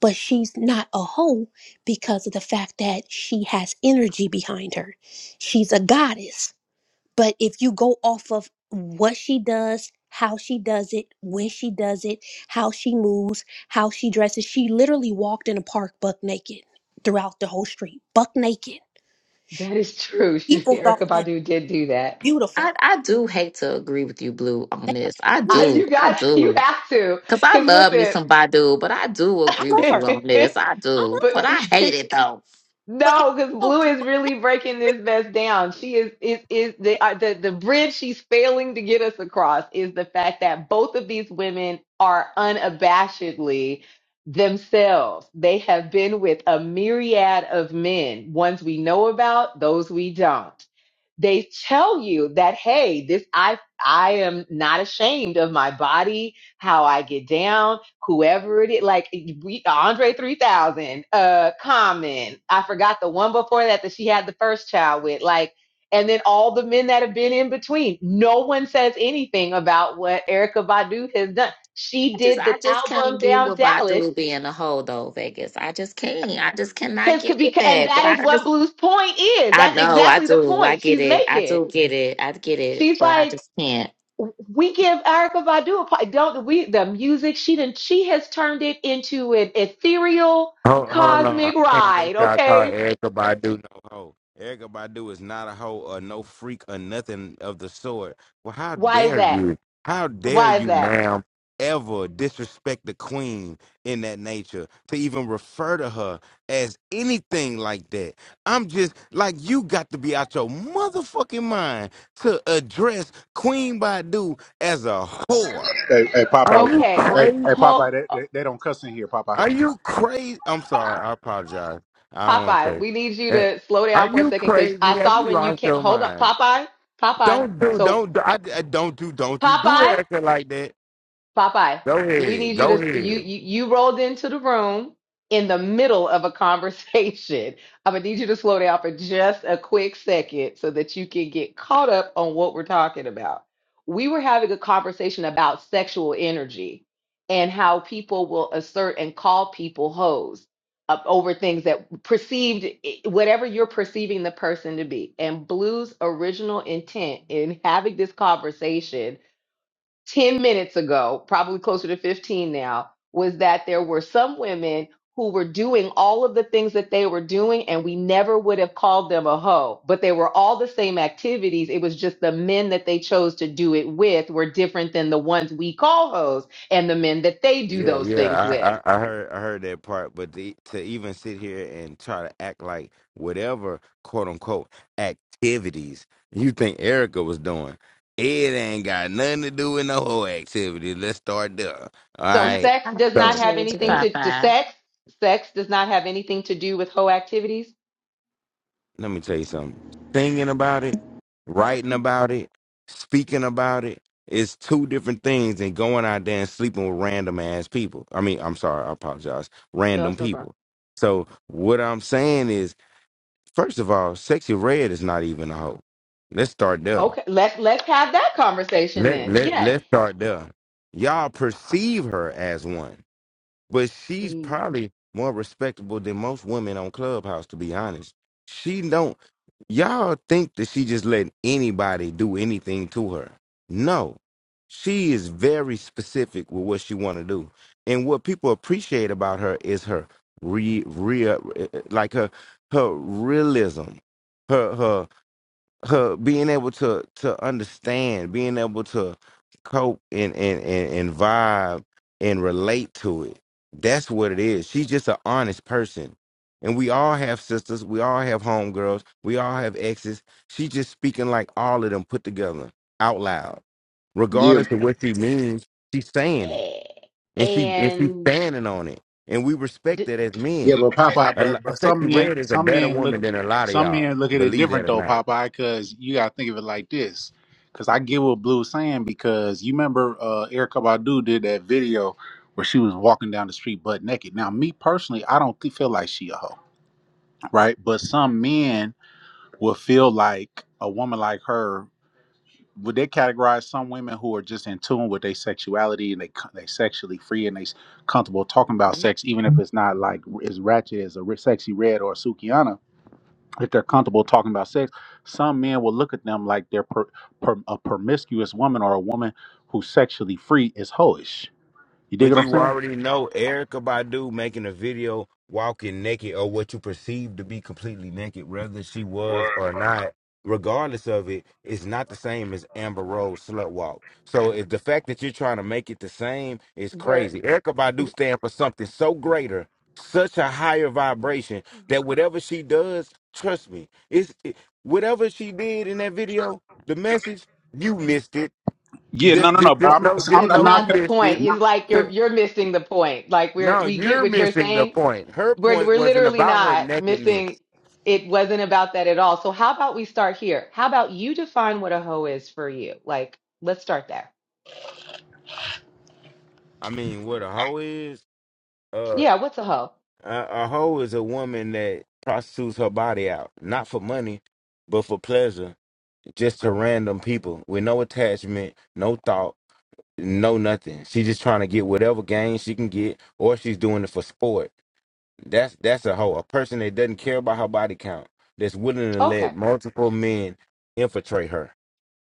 But she's not a hoe because of the fact that she has energy behind her. She's a goddess. But if you go off of what she does, how she does it, when she does it, how she moves, how she dresses, she literally walked in a park buck naked throughout the whole street, buck naked.
that is true. She,
People thought
Erica
that
Badu did do that.
beautiful.
I, I do hate to agree with you, Blue, on
They thought
this. I
I,
beautiful.
do.
you
I
got, you
do.
have to,
Because I
because
love me some Badu, but I do
I
agree with
love
you
her.
listen,
on this. I
I
do.
but
love
But
her.
I hate it, though.
But if
No, because
I
Blue
walked
is
buck
really breaking
naked,
this mess down. She is is is the uh, the the bridge she's failing to get us across is the fact that both of these women are unabashedly themselves. They have been with a myriad of men, ones we know about, those we don't they tell you that hey this i i am not ashamed of my body how i get down whoever it is like we, andre 3000 uh common i forgot the one before that that she had the first child with like and then all the men that have been in between no one says anything about what erica badu has done she
I just
did the
I just can't
album
get
down
with
dallas
Badu being a hoe, though, Vegas. I just can't. I just cannot
because could
get
be
with
and
that. But
that
I
is what
just,
blue's point is
I
that's
know. I
exactly the
do. I
point
get
she's
it. I
making
do get it. I get it.
she's
But I
like
just can't.
we give Erica Badu a part. Don't we? The music she did she has turned it into an ethereal
Hold, hold on. I
cosmic
can't let
ride.
y'all call
Okay,
Erica Badu no hoe. Erica Badu is not a hoe or no freak or nothing of the sort. Well, how
why is
dare
that?
you? How dare
Why is
you,
that?
ma'am, ever disrespect the queen in that nature to even refer to her as anything like that? I'm just like, you got to be out your motherfucking mind to address Queen Badu as a whore.
Hey, hey
Are
Popeye.
you
Okay,
Hey, hey
crazy?
hold
Popeye, they, they, they don't cuss in here, Popeye.
Are you crazy? I'm sorry. I apologize. I don't want
Popeye.
crazy.
We need you
Eh,
to slow
Are
down for a
you
second because
crazy?
I
Have
saw
you
when you
lost
can't
your
hold on,
mind?
Popeye. Popeye.
Don't do,
So
don't do, I, I- don't do, don't do, do
Popeye.
Erica like that.
Popeye,
Go
we
ahead,
need you
go
to you
ahead.
you you rolled into the room in the middle of a conversation. I'm gonna need you to slow down for just a quick second so that you can get caught up on what we're talking about. We were having a conversation about sexual energy and how people will assert and call people hoes up over things that perceived eh, whatever you're perceiving the person to be. And Blue's original intent in having this conversation 10 minutes ago, probably closer to 15 now, was that there were some women who were doing all of the things that they were doing, and we never would have called them a hoe, but they were all the same activities. It was just the men that they chose to do it with were different than the ones we call hoes and the men that they do
Yeah,
those things with.
yeah. I, I, I heard, I heard that part. But the, to even sit here and try to act like whatever quote unquote activities you think Erica was doing, it ain't got nothing to do with no whole activity. Let's start there. All
So
And I
right.
sex
I
does not
So.
have
appreciate you,
eh,
anything to, to
Papa.
sex. Sex does not have anything to do with hoe activities.
let me tell you something. Singing about it, writing about it, speaking about it is two different things than going out there and sleeping with random ass people. I mean, I'm sorry, I apologize.
No,
Random
it's no problem.
people. So what I'm saying is, first of all, sexy red is not even a hoe. Let's start there.
Okay, let's let's have that conversation
Let
then.
let
Yes.
let's start there. Y'all perceive her as one. But she's probably more respectable than most women on Clubhouse, to be honest. She don't y'all think that she just letting anybody do anything to her. No. She is very specific with what she wanna do. And what people appreciate about her is her re real eh, eh, like her her realism. her being able to to understand, being able to cope and and and, and vibe and relate to it. That's what it is. She's just an honest person. And we all have sisters, we all have homegirls, we all have exes. She's just speaking like all of them put together out loud.
Yeah,
Regardless of what she means, she's saying it.
A-
And she and she's
and
standing on it. And we respect
d-
that as
Yeah,
men.
but Popeye,
A, lo-
but but some
Sexy
men,
Red is a
some
better
men look,
woman than a lot of
some
y'all.
men look at it
Believe that
different
or
though,
not.
Popeye, because you gotta think of it like this. Because I get what Blue's saying because you remember uh, Erica Badu did that video where she was walking down the street butt naked. Now, me personally, I don't feel like she a hoe, right? But some men will feel like a woman like her would they categorize some women who are just in tune with their sexuality and they they sexually free and they s- comfortable talking about
Mhm.
sex, even if it's not like as ratchet as a re- sexy red or a Sukiana. If they're comfortable talking about sex, some men will look at them like they're per, per, a promiscuous woman or a woman who's sexually free is hoish. You dig
But
what I'm
you
saying?
already know Erica Badu making a video walking naked or what you perceive to be completely naked, whether she was or not, regardless of it, is not the same as Amber Rose slut walk. So if the fact that you're trying to make it the same is
we're
crazy. Erica Badu stand for something so greater, such a higher vibration that whatever she does, trust me, it's it, whatever she did in that video, the message, you missed it.
Yeah, no,
Just
no, no.
just
But
just
I'm
that
know
not. I'm
just
that's
not.
know
not
you
not the
'cause-
missed
point.
it.
It's like you're you're missing the point. Like we're
No,
we get
you're
what you're
missing the
saying.
point. Her
We're
point
we're
wasn't
literally
about her
not missing.
nakedness.
It wasn't about that at all. So how about we start here? How about you define what a hoe is for you? Like let's start there.
I mean, what a hoe is, uh,
Yeah, what's a hoe?
a, a hoe is a woman that prostitutes her body out, not for money, but for pleasure, just to random people with no attachment, no thought, no nothing. She's just trying to get whatever gain she can get, or she's doing it for sport. That's that's a hoe, a person that doesn't care about her body count, that's willing to let
Okay,
multiple men infiltrate her.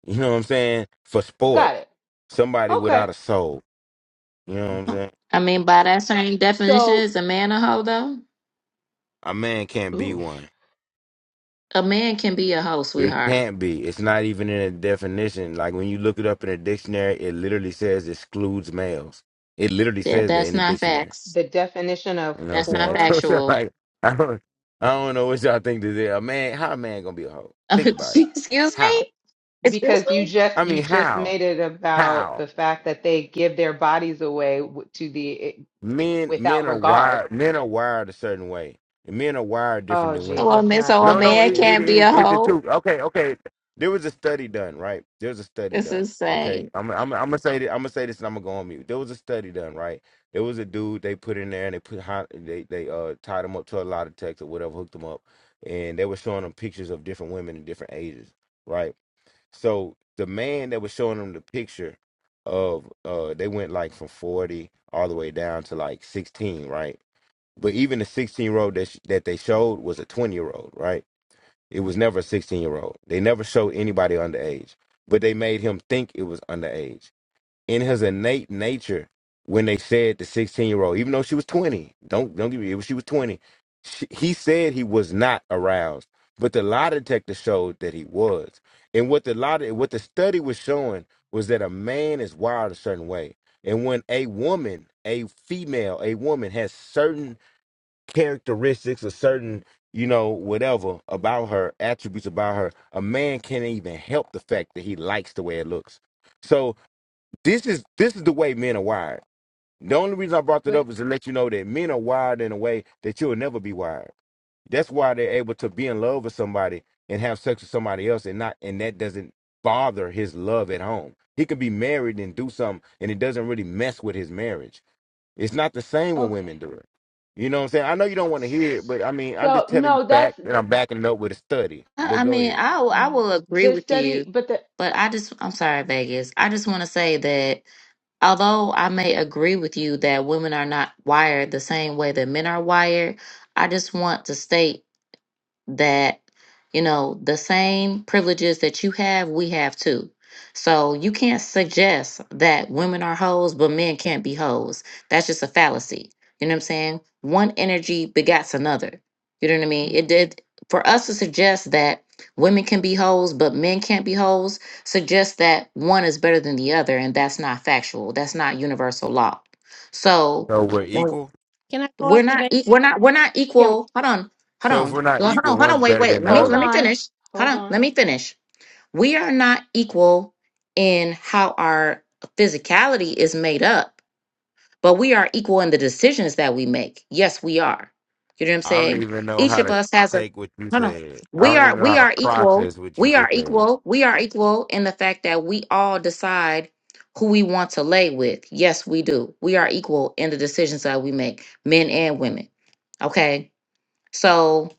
You know what I'm saying? For
got
sport.
it.
Somebody
Okay,
without a soul. You know what I'm saying?
I mean, by that same definition,
so
is a man a hoe, though?
A man can't be
ooh,
one.
A man can be a hoe,
It
sweetheart.
can't be. It's not even in a definition. Like when you look it up in a dictionary, it literally says excludes males. It literally
Yeah,
says that
that's
in a
not
dictionary.
facts.
the definition of
You know what
That's not
I'm saying?
whore
So it's
factual.
like I don't I don't know what y'all think this is. A man how a man gonna be a hoe? Think about it.
Excuse
How?
me? Excuse
Because you
me?
just
I
you
mean
just
how?
made it about
How?
the fact that they give their bodies away w- to the eh,
Men men
without
are
regard.
wired men are wired a certain way. Men are wired different
Oh
than women.
So a,
Jesus,
man,
not
so
the
a
No, no,
man
it,
manosphere.
it
can't be
is
a
it's the
hoe?
truth. Okay, okay. There was a study done, right? There was a study
It's
done. Okay,
insane.
I'm I'm I'm gonna say this. I'm gonna say this, and I'm gonna go on mute. There was a study done, right? There was a dude they put in there, and they put hi- they they uh tied him up to a lot of text or whatever, hooked him up, and they were showing him pictures of different women in different ages, right? So the man that was showing him the picture of uh they went like from 40 all the way down to like 16, right? But even the 16 year old that sh- that they showed was a 20 year old, right? It was never a 16 year old. They never showed anybody underage, but they made him think it was underage. In his innate nature, when they said the 16 year old, even though she was 20, don't don't give me, she was 20, she, he said he was not aroused, but the lie detector showed that he was. And what the lie, de- what the study was showing was that a man is wired a certain way, and when a woman, a female, a woman has certain characteristics or certain, you know, whatever about her, attributes about her, a man can't even help the fact that he likes the way it looks. So this is this is the way men are wired. The only reason I brought that
But
up is to let you know that men are wired in a way that you'll never be wired. That's why they're able to be in love with somebody and have sex with somebody else and not and that doesn't bother his love at home. He could be married and do something and it doesn't really mess with his marriage it's not the same when
okay.
women do it. You know what I'm saying? I know you don't want to hear it, but I mean, I'm
So
just telling you
no, that's
facts and I'm
th-
backing it up with a study.
I,
But
I
go
mean,
ahead.
I, will- I will agree
the
with
study,
you,
but the
but I just, I'm sorry, Vegas. I just want to say that although I may agree with you that women are not wired the same way that men are wired, I just want to state that you know the same privileges that you have we have too so you can't suggest that women are hoes but men can't be hoes that's just a fallacy you know what i'm saying one energy begats another you know what i mean
hmm.
it did for us to suggest that women can be hoes but men can't be hoes suggests that one is better than the other and that's not factual that's not universal law so
So we're equal.
can I go
we're not
observation?
e- we're not we're not
Kim,
equal. Hold on. Hold
So if
on.
we're not
Well, Hold
equal,
on. Hold on.
one's
Wait,
better
wait.
than the
Let me
hold
let me
other.
on,
finish. Hold
hold
on.
on.
Let me finish. We are not equal in how our physicality is made up but we are equal in the decisions that we make. Yes, we are. You know what I'm
I don't
saying?
even know
Each
how
of
to
us has a
take what you
no no.
said. I
We
don't
are
even know
we
how to
are equal.
process what you
We are
just said.
equal. We are equal in the fact that we all decide who we want to lay with. Yes, we do. We are equal in the decisions that we make, men and women. Okay. So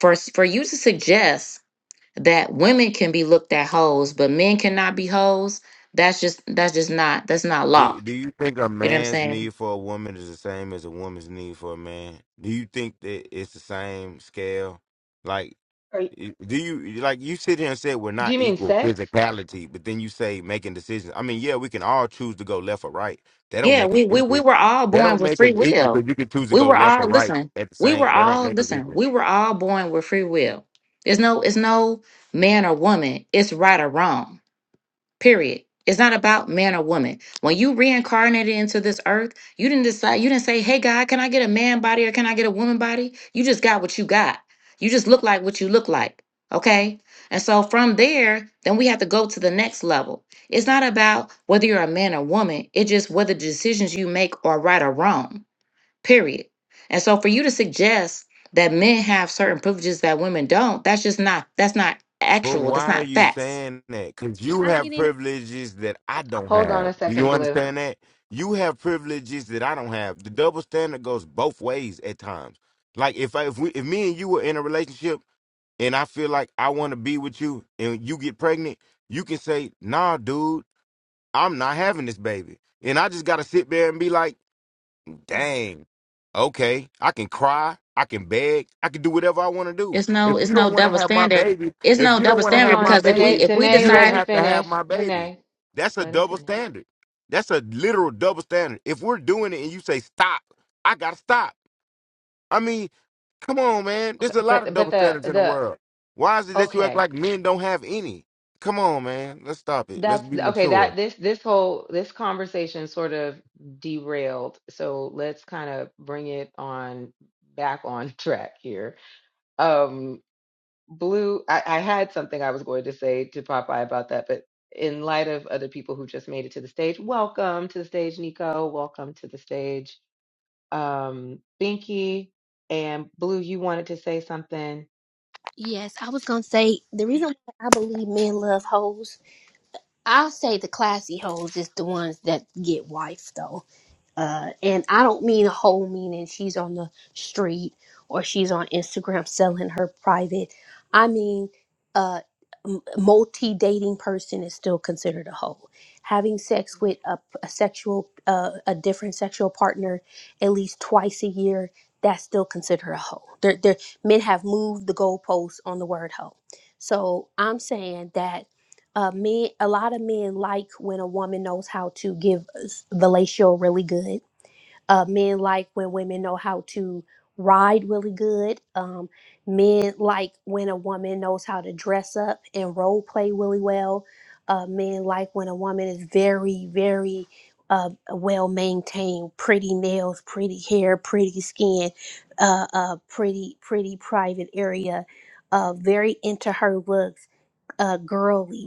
for for you to suggest that women can be looked at hoes, but men cannot be hoes, that's just that's just not that's not law.
Do do you think a
You know what I'm
man's
saying?
need for a woman is the same as a woman's need for a man? Do you think that it's the same scale? Like,
Are you,
i- do you like you sit here and say we're
do
not
you mean
equal
sex?
physicality, but then you say making decisions. I mean, yeah, we can all choose to go left or right. They don't
Yeah,
make us
we, we we
equal.
were all
They
born
don't
with
make us
free
equal
will.
because you can choose to
We
go
were
left or
all
right
listen.
at the
We were
same. They don't
all
make us
listen.
equal.
We were all born with free will. There's no it's no man or woman. It's right or wrong. Period. It's not about man or woman. When you reincarnated into this earth, you didn't decide, you didn't say, hey, God, can I get a man body or can I get a woman body? You just got what you got. You just look like what you look like. Okay. And so from there, then we have to go to the next level. It's not about whether you're a man or woman, it's just whether the decisions you make are right or wrong. Period. And so for you to suggest that men have certain privileges that women don't, that's just not, that's not
But
actual.
why
That's
are
not
you
facts
saying that? Because you have privileges that I don't
Hold on a
have. Do you
second, Blue.
understand that? You have privileges that I don't have. The double standard goes both ways at times. Like if I, if we if me and you were in a relationship and I feel like I want to be with you and you get pregnant, you can say, "Nah, dude, I'm not having this baby," and I just gotta sit there and be like,
Oh.
Dang. Okay. I can cry. I can beg. I can do whatever I want to do.
It's no,
If you
it's
don't
no
want to
double
have my
standard.
baby,
It's
if
no
you don't
double
want to
Hold
standard
have my
on,
because if we
Danae.
baby,
if we
Danae,
you
let
don't
decide
him
have to have
finish.
my baby.
Danae,
That's a
let him
double
finish.
standard. That's a literal double standard. If we're doing it and you say stop, I gotta stop. I mean, come on, man.
Okay,
There's a lot of
but but
double
the
standards in the
the
world. Why is it that you act
okay.
like men don't have any? Come on, man. Let's stop it. Let's
That's
be
okay,
mature.
that this this whole this conversation sort of derailed. So let's kind of bring it on back on track here. Um Blue, I, I had something I was going to say to Popeye about that, but in light of other people who just made it to the stage, welcome to the stage, Nico. Welcome to the stage. Um Binky and Blue, you wanted to say something.
Yes, I was gonna say the reason why I believe men love hoes I'll say the classy hoes is the ones that get wife though. Uh, and I don't mean a hoe meaning she's on the street or she's on Instagram selling her private. I mean, uh, multi dating person is still considered a hoe. Having sex with a, a sexual, uh, a different sexual partner at least twice a year, that's still considered a hoe. They're, they're, men have moved the goalposts on the word hoe. So I'm saying that uh, men, a lot of men like when a woman knows how to give s- fellatio really good. Uh, men like when women know how to ride really good. Um, men like when a woman knows how to dress up and role play really well. Uh, men like when a woman is very, very uh, well maintained, pretty nails, pretty hair, pretty skin, uh, uh, pretty, pretty private area, uh, very into her looks, uh, girly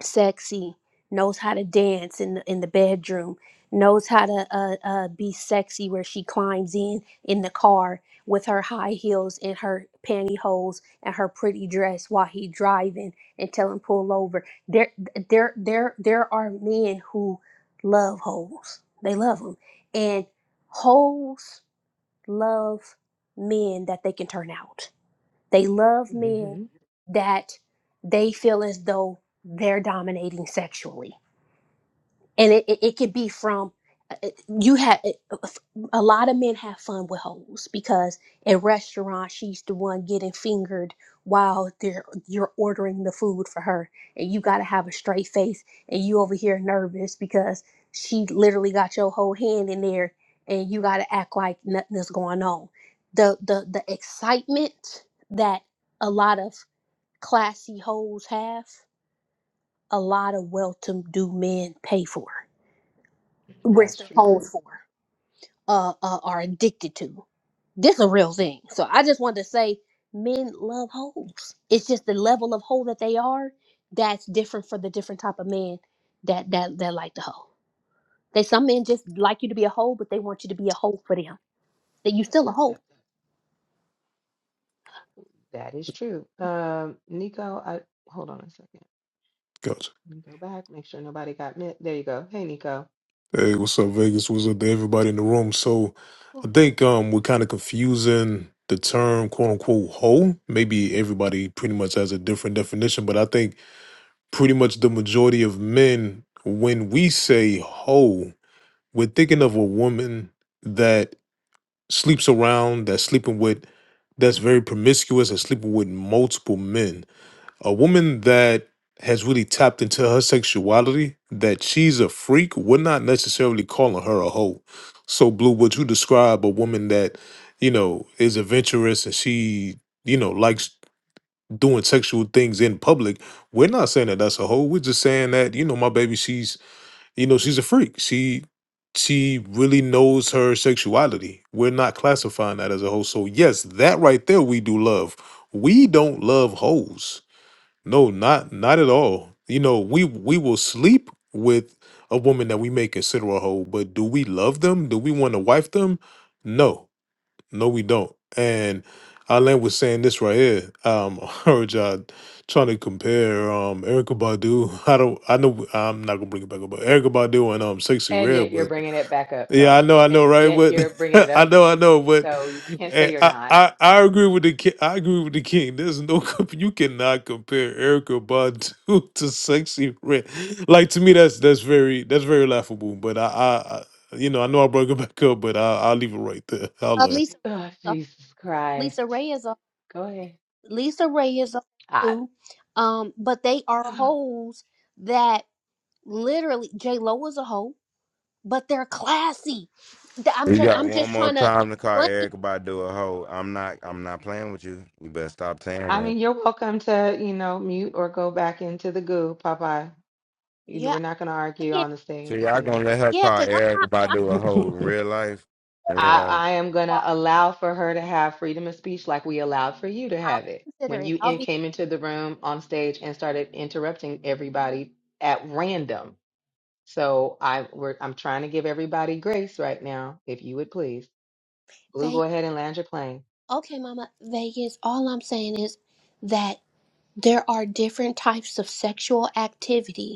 sexy, knows how to dance in the, in the bedroom, knows how to uh, uh, be sexy where she climbs in in the car with her high heels and her pantyhose and her pretty dress while he driving and tell him pull over. There, there, there, there are men who love hoes. They love them, and hoes love men that they can turn out they love men
hmm
that they feel as though they're dominating sexually and it, it, it could be from uh, uh, you have a lot of men have fun with hoes because in restaurants she's the one getting fingered while they're you're ordering the food for her and you got to have a straight face and you over here nervous because she literally got your whole hand in there and you got to act like nothing is going on the the the excitement that a lot of classy hoes have a lot of well-to-do men pay for risk
That's
their
true too.
homes for uh, uh are addicted to this a real thing so i just wanted to say men love holes it's just the level of hole that they are that's different for the different type of man that that that like the hole they some men just like you to be a hole but they want you to be a hole for them that you still a hole
That is true. Um, Nico, I hold on a second.
Gotcha.
Let me go back, make sure nobody got me. There you go. Hey, Nico.
Hey, what's up, Vegas? What's up to everybody in the room? So, I
Ooh.
think um we're kind of confusing the term "quote unquote" hoe. Maybe everybody pretty much has a different definition, but I think pretty much the majority of men, when we say hoe, we're thinking of a woman that sleeps around, that's sleeping with, that's very promiscuous, and sleeping with multiple men. A woman that has really tapped into her sexuality, that she's a freak, we're not necessarily calling her a hoe. So, Blue, would you describe a woman that, you know, is adventurous and she, you know, likes doing sexual things in public? We're not saying that that's a hoe. We're just saying that, you know, my baby, she's, you know, she's a freak. She, she really knows her sexuality. We're not classifying that as a hoe. So yes, that right there we do love. We don't love hoes. No, not not at all. You know, we we will sleep with a woman that we may consider a hoe, but do we love them? Do we want to wife them? No, no, we don't. And Alan was saying this right here. Um, I heard y'all trying to compare um Erica Badu. I don't. I know I'm not gonna bring it back up, but Erica Badu and um Sexy
And
Red,
yet you're
but
bringing it back up,
yeah, I
though.
know, I know,
And
right?
yet you're bringing
But
it
I
up.
know, I know, but
So you can't say
eh,
you're
I,
not.
I, I agree with the king. I agree with the king. There's no comp- you cannot compare Erica Badu to sexy red. Like to me, that's that's very that's very laughable. But I, I, I you know, I know I brought it back up, but I, I'll leave it right there. I'll
uh,
learn.
lisa
Oh,
uh,
Jesus
lisa
Christ.
ray is a
Go ahead.
lisa ray is a hoe
I,
too um but they are holes that literally j lo is a hoe but they're classy. Th- I'm
We
try-
got
I'm
one
just
more
trying to
time to call
explain.
Erica Badu a hoe. I'm not. I'm not playing with you. You better stop saying
I
that.
mean, you're welcome to, you know, mute or go back into the goo, Popeye. You know,
Yeah,
we're not going to argue
I am.
on the
So
stage
y'all
tonight.
gonna let her
yeah,
call
because I'm
Erica
not. I'm
Badu a hoe in real life? In real
I,
life,
I am going to
okay,
allow for her to have freedom of speech like we allowed for you to
I'll
have
be
it when
considerate.
you
I'll
in,
be
came into the room on stage and started interrupting everybody at random. So I, we're, I'm trying to give everybody grace right now, if you would please. Blue,
Vegas.
go ahead and land your plane.
Okay, Mama, Vegas. All I'm saying is that there are different types of sexual activity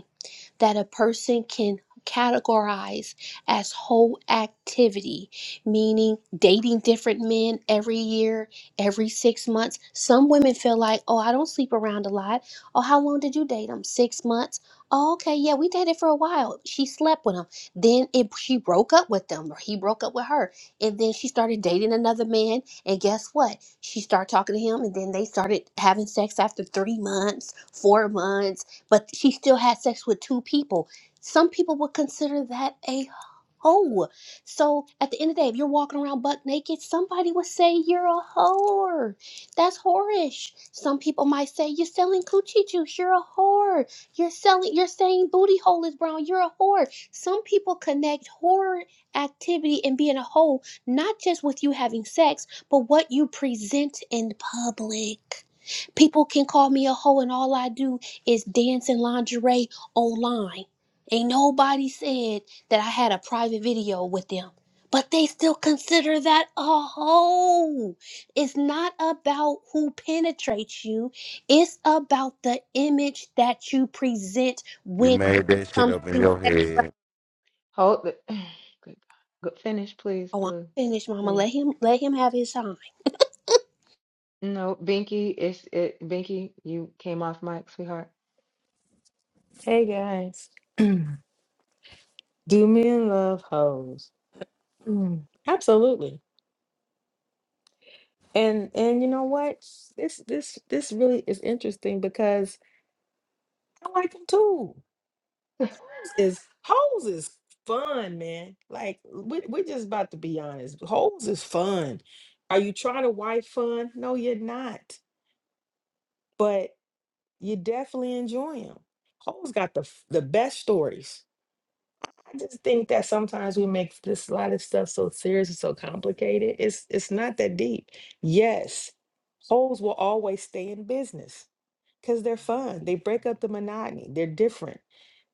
that a person can categorize as whole activity, meaning dating different men every year, every six months. Some women feel like, oh, I don't sleep around a lot. Oh, how long did you date him? Six months. Oh, okay, yeah, we dated for a while. She slept with him. Then it, she broke up with him, or he broke up with her. And then she started dating another man. And guess what? She started talking to him, and then they started having sex after three months, four months but she still had sex with two people. Some people would consider that a hoe. So at the end of the day, if you're walking around butt naked, somebody would say you're a whore. That's whorish. Some people might say you're selling coochie juice. You're a whore. You're selling. You're saying booty hole is brown. You're a whore. Some people connect whore activity and being a hoe not just with you having sex, but what you present in public. People can call me a hoe and all I do is dancing lingerie online. Ain't nobody said that I had a private video with them. But they still consider that a hoe. It's not about who penetrates you, it's about the image that you present
you
when it
made that shit
comes
up in
to
your head.
sexuality.
Hold the good God. Go, finish, please,
Oh, I'm
Blue.
finished, mama.
Please.
Let him let him have his time.
No, Binky, it's it. Binky, you came off mic, sweetheart.
Hey guys, do men love hoes? Mm, absolutely. And and you know what? This this this really is interesting because I like them too. Hoes is hoes is fun, man. Like we we're just about to be honest. Hoes is fun. Are you trying to wife fun? No, you're not. But you definitely enjoy them. Hoes got the f- the best stories I just think that sometimes we make this a lot of stuff so serious and so complicated. It's it's not that deep. Yes, holes will always stay in business because they're fun. They break up the monotony. They're different.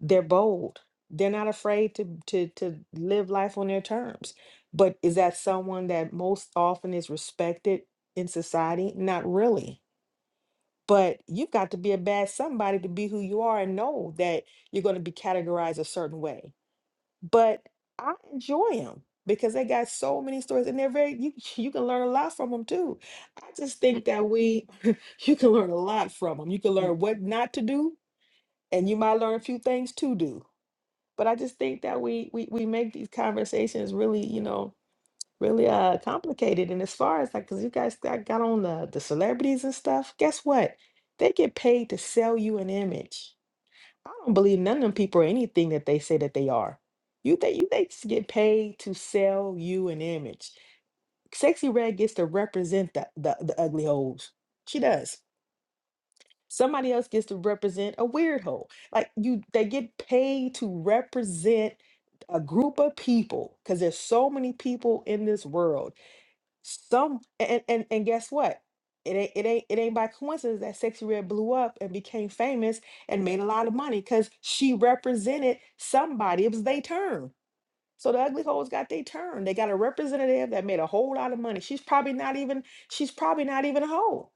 They're bold. They're not afraid to to to live life on their terms. But is that someone that most often is respected in society? Not really. But you've got to be a bad somebody to be who you are and know that you're going to be categorized a certain way but I enjoy them because they got so many stories and they're very you you can learn a lot from them too. I just think that we you can learn a lot from them. You can learn what not to do and you might learn a few things to do. But I just think that we we we make these conversations really, you know, really uh complicated and as far as like cuz you guys got, got on the the celebrities and stuff, guess what? They get paid to sell you an image I don't believe none of them people are anything that they say that they are. You think you they just get paid to sell you an image. Sexy Red gets to represent the, the, the ugly holes. She does. Somebody else gets to represent a weird hole. Like you they get paid to represent a group of people because there's so many people in this world some and and and guess what? It ain't it ain't it ain't by coincidence that Sexy Red blew up and became famous and made a lot of money because she represented somebody. It was their turn. So the ugly hoes got their turn. They got a representative that made a whole lot of money. She's probably not even she's probably not even a hoe.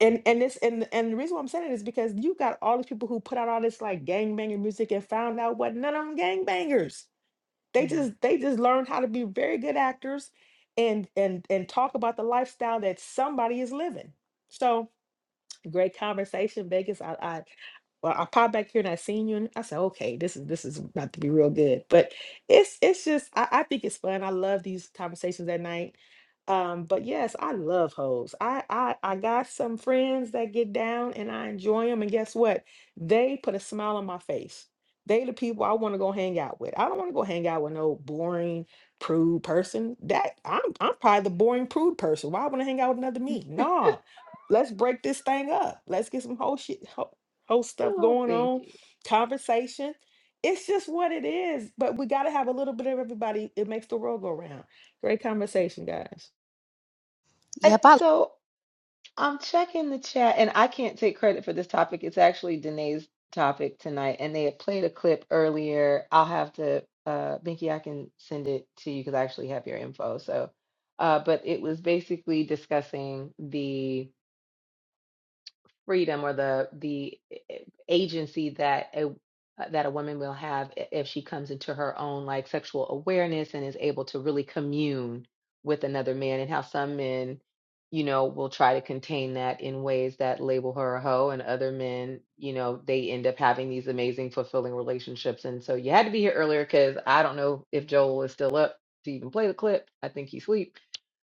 And and this and and the reason why I'm saying it is because you got all these people who put out all this like gangbanging music and found out what none of them gangbangers. They
Mhm.
just they just learned how to be very good actors and and and talk about the lifestyle that somebody is living. So great conversation, Vegas. I. Well, I popped back here and I seen you, and I said, "Okay, this is this is about to be real good." But it's it's just I, I think it's fun. I love these conversations at night. Um, but yes, I love hoes. I, I I got some friends that get down and I enjoy them. And guess what? They put a smile on my face. They the people I want to go hang out with. I don't want to go hang out with no boring prude person. That I'm I'm probably the boring prude person. Why I want to hang out with another me? Nah, let's break this thing up. Let's get some whole shit whole stuff
Oh,
going on,
Binky.
conversation. It's just what it is. But we got to have a little bit of everybody. It makes the world go round. Great conversation, guys.
And
Yep, I
so. I'm checking the chat, and I can't take credit for this topic. It's actually Danae's topic tonight, and they had played a clip earlier. I'll have to, uh, Binky, I can send it to you because I actually have your info. So, uh, but it was basically discussing the freedom or the the eh, eh, agency that a uh, that a woman will have i- if she comes into her own like sexual awareness and is able to really commune with another man and how some men you know will try to contain that in ways that label her a hoe and other men you know they end up having these amazing fulfilling relationships and so you had to be here earlier because i don't know if joel is still up to even play the clip i think he's asleep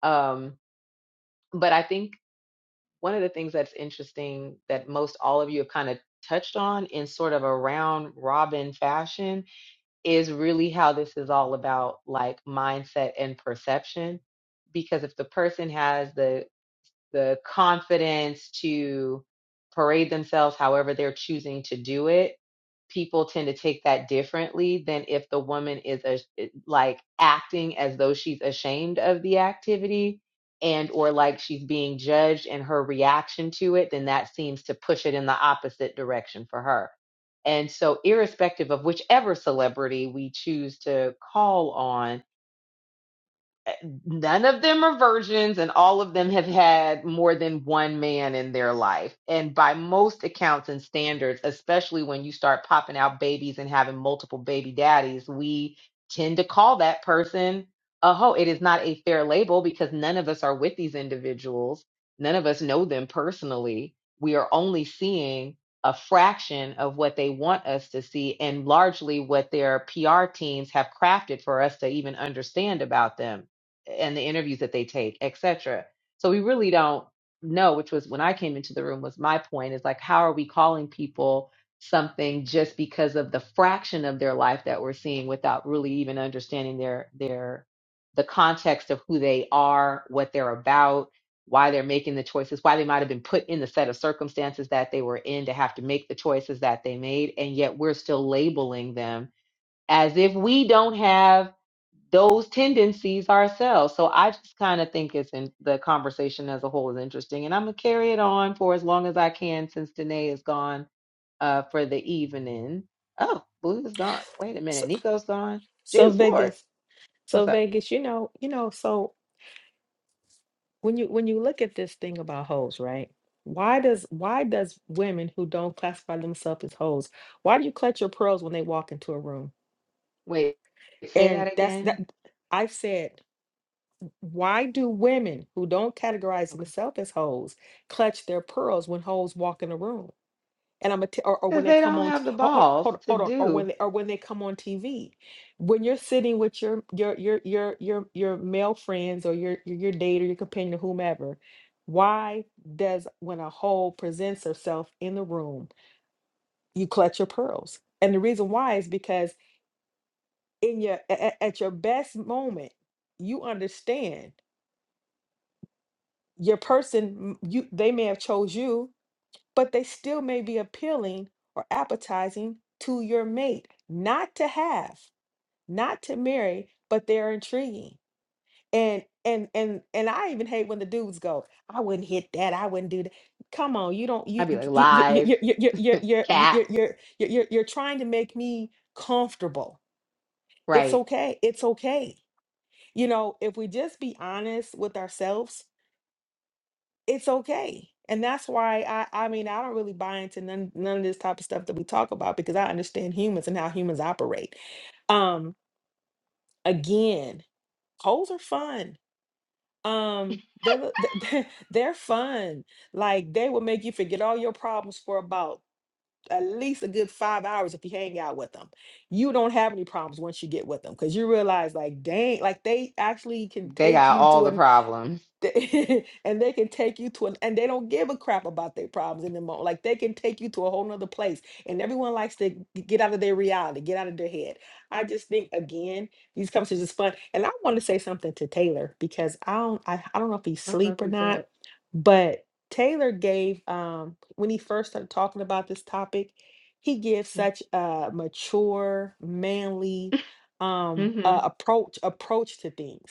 um but i think one of the things that's interesting that most all of you have kind of touched on in sort of a round robin fashion is really how this is all about like mindset and perception because if the person has the the confidence to parade themselves however they're choosing to do it people tend to take that differently than if the woman is a, like acting as though she's ashamed of the activity and or like she's being judged and her reaction to it then that seems to push it in the opposite direction for her and so irrespective of whichever celebrity we choose to call on none of them are virgins and all of them have had more than one man in their life and by most accounts and standards especially when you start popping out babies and having multiple baby daddies we tend to call that person a hoe it is not a fair label because none of us are with these individuals none of us know them personally we are only seeing a fraction of what they want us to see and largely what their PR teams have crafted for us to even understand about them and the interviews that they take, et cetera. So we really don't know, which was when I came into the room was my point is like, how are we calling people something just because of the fraction of their life that we're seeing without really even understanding their their the context of who they are, what they're about, why they're making the choices, why they might have been put in the set of circumstances that they were in to have to make the choices that they made, and yet we're still labeling them as if we don't have those tendencies ourselves. So I just kind of think it's in the conversation as a whole is interesting, and I'm gonna carry it on for as long as I can since Danae is gone uh, for the evening. Oh, Blue is gone. Wait a
So,
minute, Nico's gone.
so
Jesus Lord,
Vegas,
what's
so
up?
Vegas, you know, you know, so when you when you look at this thing about hoes, right? Why does why does women who don't classify themselves as hoes, why do you clutch your pearls when they walk into a room?
Wait, say
And
that
that's that
again.
I've said Why do women who don't categorize
Okay,
themselves as hoes clutch their pearls when hoes walk in the room? And I'm a t- or, or when
because
they
they
come
don't
on, t-
have the
oh, oh,
balls
hold on,
to
hold on, or when
do.
they or when they come on TV, when you're sitting with your your your your your your male friends or your your, your date or your companion or whomever, why does when a hoe presents herself in the room, you clutch your pearls? And the reason why is because in your a- a- at your best moment, you understand your person m- you they may have chose you but they still may be appealing or appetizing to your mate not to have not to marry but they're intriguing and and and and i even hate when the dudes go i wouldn't hit that i wouldn't do that come on you don't you
I'd be like
you you
lies,
you you you you you you you
cat,
you're you're you're you're trying to make me comfortable it's
right?
okay it's okay you know if we just be honest with ourselves it's okay. And that's why I I mean I don't really buy into none none of this type of stuff that we talk about because I understand humans and how humans operate. Um again, holes are fun. Um they're the- they're they're fun. Like they will make you forget all your problems for about at least a good 5 hours if you hang out with them. You don't have any problems once you get with them cuz you realize like dang like they actually can
They
take
got
you
all
to
the
an
problems.
they- and they can take you to an and they don't give a crap about their problems in the moment. Like they can take you to a whole nother place. And everyone likes to g- get out of their reality, get out of their head. I just think again, these conversations is fun. And I want to say something to Taylor because I don't I, I don't know if he's
I don't know if
asleep or
he
not,
said.
but Taylor gave um when he first started talking about this topic, he gives such a mature, manly um
Mm-hmm.
uh, approach approach to things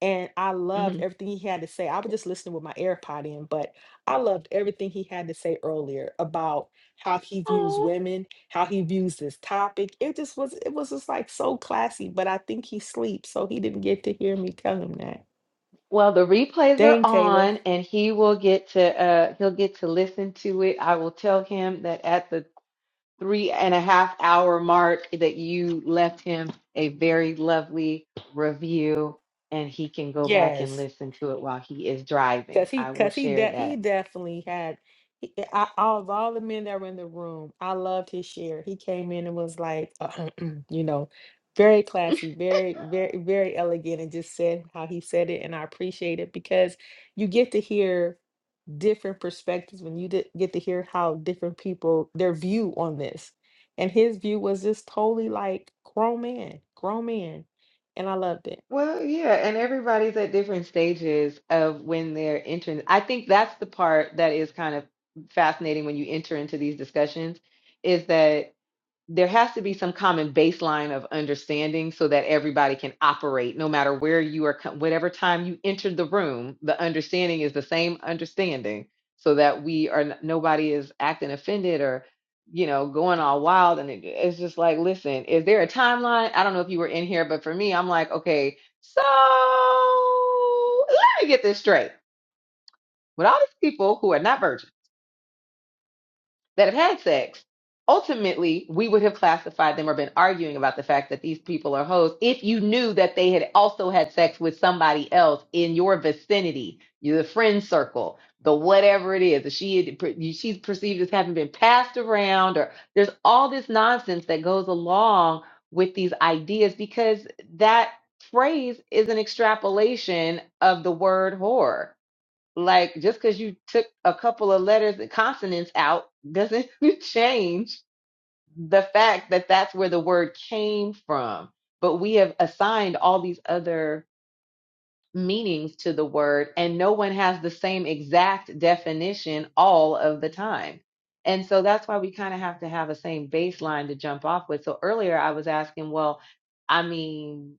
and I loved everything he had to say. I was just listening with my AirPod in, but I loved everything he had to say earlier about how he
Mm-hmm.
views women, how he views this topic. It just was, it was just like so classy. But I think he sleeps, so he didn't get to hear me tell him that.
Well, the replays are
Dang, Taylor.
on, and he will get to uh he'll get to listen to it. I will tell him that at the three and a half hour mark that you left him a very lovely review, and he can go back and
Yes.
listen to it while he is
Cause
driving.
he,
I will
cause he,
share
de- he
that.
definitely had. He, I, of all the men that were in the room, I loved his share. He came in and was like, you know, very classy, very, very, very elegant, and just said how he said it, and I appreciate it because you get to hear different perspectives when you di- get to hear how different people their view on this, and his view was just totally like grown man, grown man, and I loved
Well, yeah, and everybody's at different stages of when they're entering. I think that's the part that is kind of fascinating when you enter into these discussions is that there has to be some common baseline of understanding so that everybody can operate no matter where you are co- whatever time you entered the room the understanding is the same understanding so that we are n- nobody is acting offended or you know going all wild and it, it's just like listen is there a timeline i don't know if you were in here but for me i'm like okay so let me get this straight with all these people who are not virgins that have had sex. Ultimately, we would have classified them or been arguing about the fact that these people are hoes if you knew that they had also had sex with somebody else in your vicinity, your friend circle, the whatever it is. If she had, she's perceived as having been passed around, or there's all this nonsense that goes along with these ideas because that phrase is an extrapolation of the word whore like just because you took a couple of letters and consonants out doesn't change the fact that that's where the word came from. But we have assigned all these other meanings to the word, and no one has the same exact definition all of the time. And so that's why we kind of have to have a same baseline to jump off with. So earlier I was asking, well, I mean,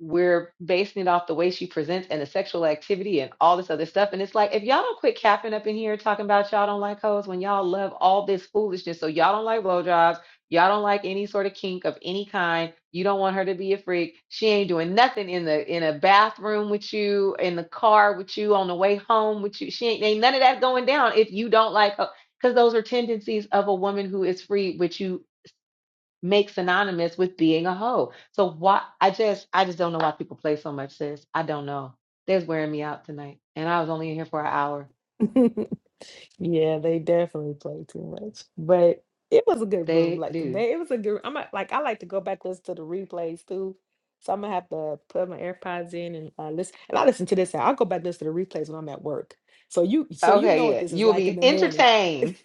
we're basing it off the way she presents and the sexual activity and all this other stuff. And it's like, if y'all don't quit capping up in here talking about y'all don't like hoes when y'all love all this foolishness. So y'all don't like blowjobs. Y'all don't like any sort of kink of any kind. You don't want her to be a freak. She ain't doing nothing in the in a bathroom with you, in the car with you, on the way home with you. She ain't, ain't none of that going down if you don't like her. Because those are tendencies of a woman who is free, which you make synonymous with being a hoe. So why I just I just don't know why people play so much, sis. I don't know. They're wearing me out tonight. And I was only in here for an hour.
it. Yeah, they definitely played too much. But it was a good room.
They
Like
do.
they it was a good I'm a- like I like to go back listen to the replays too. So I'm gonna have to put my AirPods in and uh, listen. And I listen to this. I'll go back listen to the replays when I'm at work. So you so you know
Okay,
what
yeah.
this is
You will
like in
be
the morning.
entertained.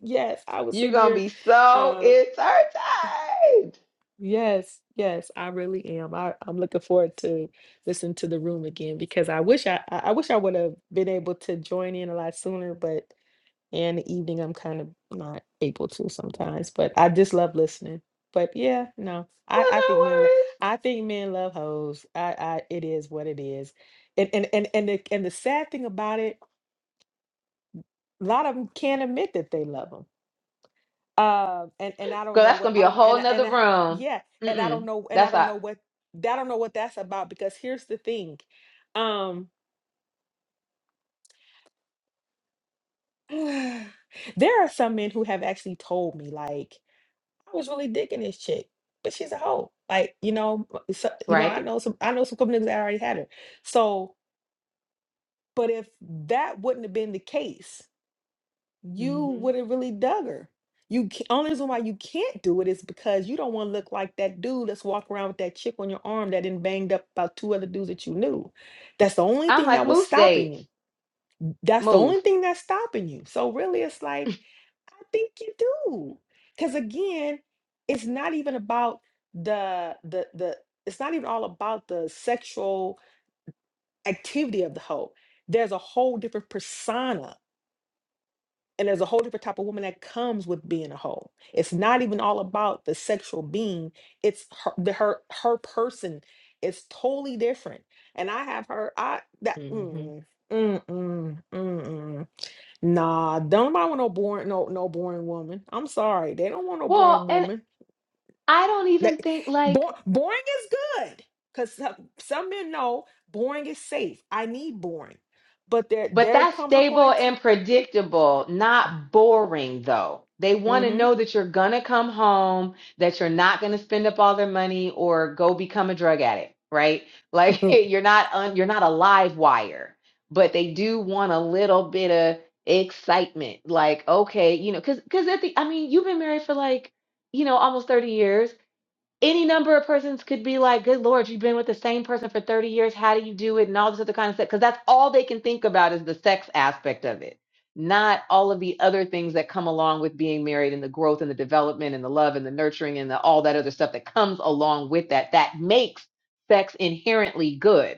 yes, I will
You're
sit
gonna
here.
be so
Uh
entertained.
yes, yes, I really am. I, I'm looking forward to listening to the room again because I wish I I I wish I would have been able to join in a lot sooner, but and the evening I'm kind of not able to sometimes, but I just love listening. But yeah, no, I,
Well,
I think
no
men lo-
worries.
I think men love hoes. I, I it is what it is, and and and and the, and the sad thing about it, a lot of them can't admit that they love them. Um, and and I don't
Girl,
know
that's
what
gonna be
I
a
don't and
whole
I- and
nother
I,
room.
yeah, and I don't
Mm-mm.
know and I
That's
don't
not
know what I don't know what that's about because here's the thing, um, there are some men who have actually told me like. I was really digging this chick, but she's a hoe. Like, you know, b- so, you know, I
right.
know some I know some couple niggas that already had her. So, but if that wouldn't have been the case, you
Mm-hmm.
would have really dug her. You ca- only reason why you can't do it is because you don't want to look like that dude that's walking around with that chick on your arm that then banged up about two other dudes that you knew. That's the only
I'm
thing
like,
that was
move
stopping
states,
you that's the only
move.
thing that's stopping you. So really, it's like, I think you do. Because again, it's not even about the the the it's not even all about the sexual activity of the hoe. There's a whole different persona and there's a whole different type of woman that comes with being a hoe. It's not even all about the sexual being. It's her the, her her person. It's totally different. And I have her I that
hmm
mm, mm, mm, mm, mm. Nah, don't nobody want no boring, no no boring woman. I'm sorry, they don't want no boring
Well, and
woman.
I don't
That
even think like.
bo- boring is good because some, some men know boring is safe. I need boring, but there
But
there
that's
comes a
stable
point.
and predictable, not boring though. They want to
Mm-hmm.
know that you're going to come home, that you're not going to spend up all their money or go become a drug addict, right? Like you're not un, you're not a live wire, but they do want a little bit of excitement. Like, okay, you know, cuz cuz at the I mean, you've been married for like, you know, almost 30 years any number of persons could be like, "Good Lord, you've been with the same person for thirty years. How do you do it?" and all this other kind of stuff. Because that's all they can think about is the sex aspect of it, not all of the other things that come along with being married and the growth and the development and the love and the nurturing and the, all that other stuff that comes along with that. That makes sex inherently good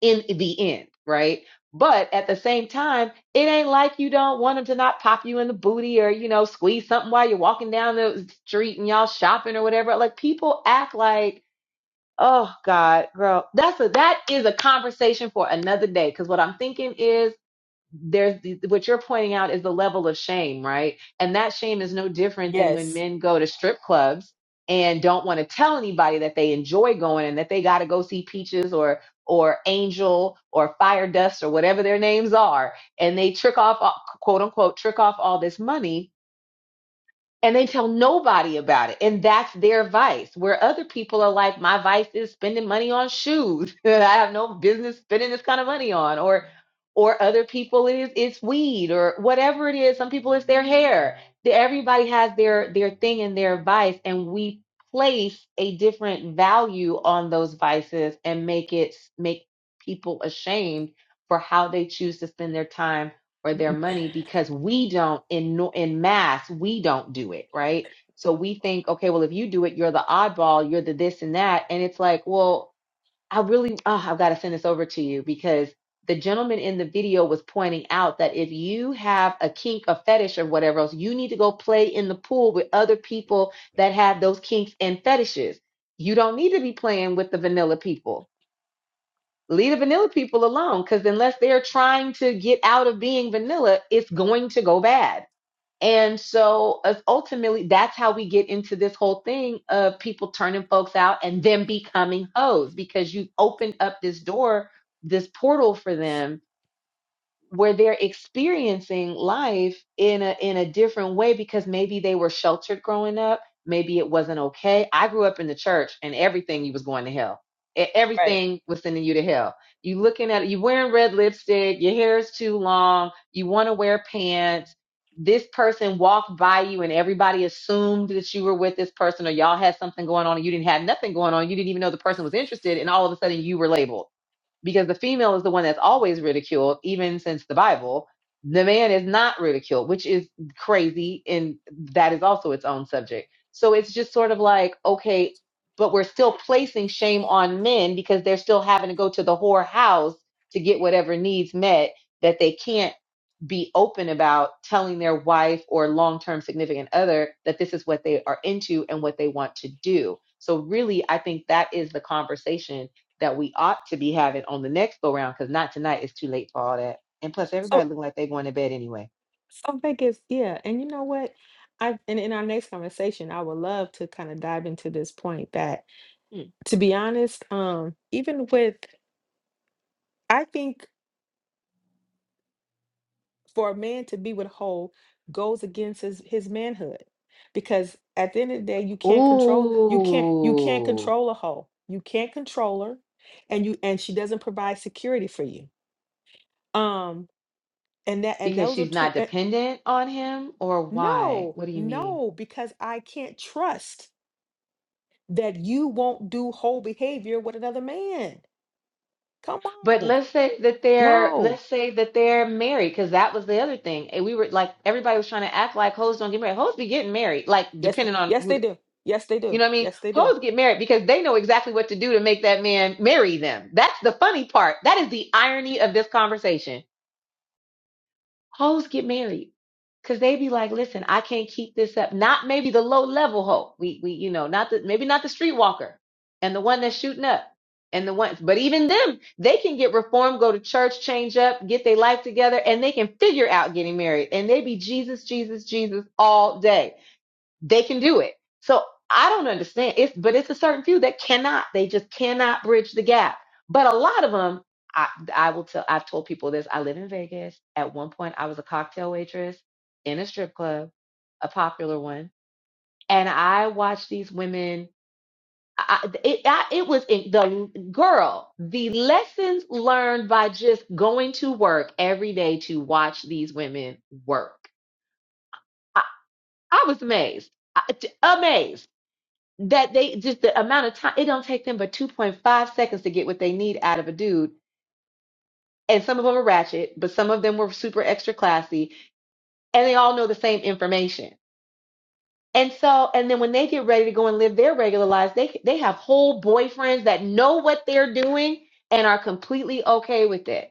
in the end, right? But at the same time, it ain't like you don't want them to not pop you in the booty or, you know, squeeze something while you're walking down the street and y'all shopping or whatever. Like people act like, oh God, girl, that's a that is a conversation for another day. Cause what I'm thinking is there's the, what you're pointing out is the level of shame, right? And that shame is no different than when
yes,
men go to strip clubs and don't want to tell anybody that they enjoy going and that they got to go see Peaches or or Angel or Fire Dust or whatever their names are, and they trick off quote unquote trick off all this money and they tell nobody about it and that's their vice where other people are like my vice is spending money on shoes that i have no business spending this kind of money on or or other people it is it's weed or whatever it is some people it's their hair The- everybody has their their thing and their vice and we place a different value on those vices and make it make people ashamed for how they choose to spend their time or their money because we don't in no- in mass we don't do it right so we think okay well if you do it you're the oddball you're the this and that and it's like well i really oh, i've got to send this over to you because the gentleman in the video was pointing out that if you have a kink a fetish or whatever else you need to go play in the pool with other people that have those kinks and fetishes you don't need to be playing with the vanilla people leave the vanilla people alone because unless they're trying to get out of being vanilla, it's going to go bad. And so us- ultimately, that's how we get into this whole thing of people turning folks out and them becoming hoes because you opened up this door, this portal for them where they're experiencing life in a in a different way because maybe they were sheltered growing up maybe it wasn't okay i grew up in the church and everything you was going to hell E-
right.
everything was sending you to hell you looking at you wearing red lipstick your hair is too long you want to wear pants this person walked by you and everybody assumed that you were with this person or y'all had something going on and you didn't have nothing going on you didn't even know the person was interested and all of a sudden you were labeled because the female is the one that's always ridiculed, even since the Bible. The man is not ridiculed, which is crazy. And that is also its own subject. So it's just sort of like, okay, but we're still placing shame on men because they're still having to go to the whore house to get whatever needs met that they can't be open about telling their wife or long term significant other that this is what they are into and what they want to do. So, really, I think that is the conversation that we ought to be having on the next go round because not tonight. It's too late for all that. And plus,
So
everybody looking like they're going to bed anyway.
so I think it's yeah, and you know what? I and in our next conversation, I would love to kind of dive into this point that,
Hmm.
to be honest, um, even with I think. for a man to be with whole goes against his his manhood because at the end of the day you can't control you can't you can't
Ooh,
control a hoe you can't control her and you and she doesn't provide security for you um and that and
because
those are
she's
two
not
eh,
dependent on him, or why?
no
What do you mean?
no because i can't trust that you won't do whole behavior with another man come
But
on
let's say that they're
no
let's say that they're married because that was the other thing. And we were like everybody was trying to act like hoes don't get married. Hoes be getting married, like
yes th-
depending on
yes
who.
they
The,
do yes they
you
do
know what I mean?
yes they do
Hoes get married because they know exactly what to do to make that man marry them. That's the funny part. That is the irony of this conversation Hoes get married because they be like, listen, I can't keep this up. Not maybe the low level hoe. We we you know not the maybe not the streetwalker and the one that's shooting up and the ones. But even them, they can get reformed, go to church, change up, get their life together, and they can figure out getting married. And they be Jesus, Jesus, Jesus all day they can do it. So I don't understand. It's but it's a certain few that cannot. They just cannot bridge the gap. But a lot of them, I I will tell. I've told people this. I live in Vegas. At one point, I was a cocktail waitress in a strip club, a popular one, and I watched these women. I, it I, it was in, the girl. The lessons learned by just going to work every day to watch these women work. I, I was amazed. I, amazed that they just the amount of time it don't take them but 2.5 seconds to get what they need out of a dude and some of them are ratchet but some of them were super extra classy and they all know the same information and so and then when they get ready to go and live their regular lives they they have whole boyfriends that know what they're doing and are completely okay with it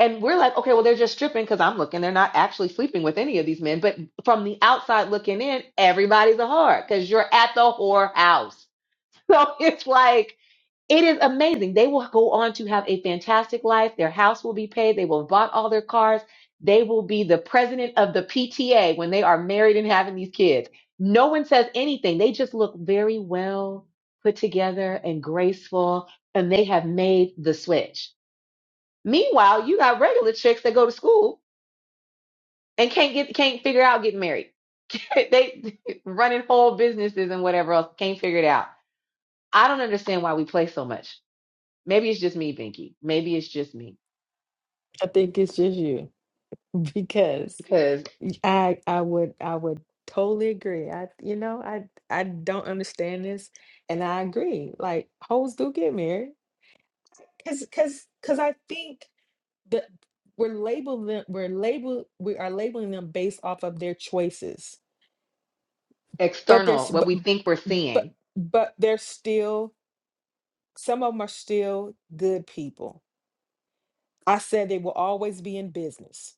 and we're like okay well they're just stripping because i'm looking they're not actually sleeping with any of these men but from the outside looking in everybody's a whore because you're at the whore house so it's like It is amazing. They will go on to have a fantastic life. Their house will be paid. They will have bought all their cars. They will be the president of the PTA when they are married and having these kids. No one says anything. They just look very well put together and graceful, and they have made the switch. Meanwhile, you got regular chicks that go to school and can't get can't figure out getting married. they running whole businesses and whatever else can't figure it out. I don't understand why we play so much. Maybe it's just me, Binky. Maybe it's just me
I think it's just you because
because
I I would I would totally agree. I you know I I don't understand this, and I agree. Like hoes do get married, cause cause cause I think that we're labeling them we're label we are labeling them based off of their choices, but there's
external, what
but
we think we're
but
seeing,
but they're still some of them are still good people. I said they will always be in business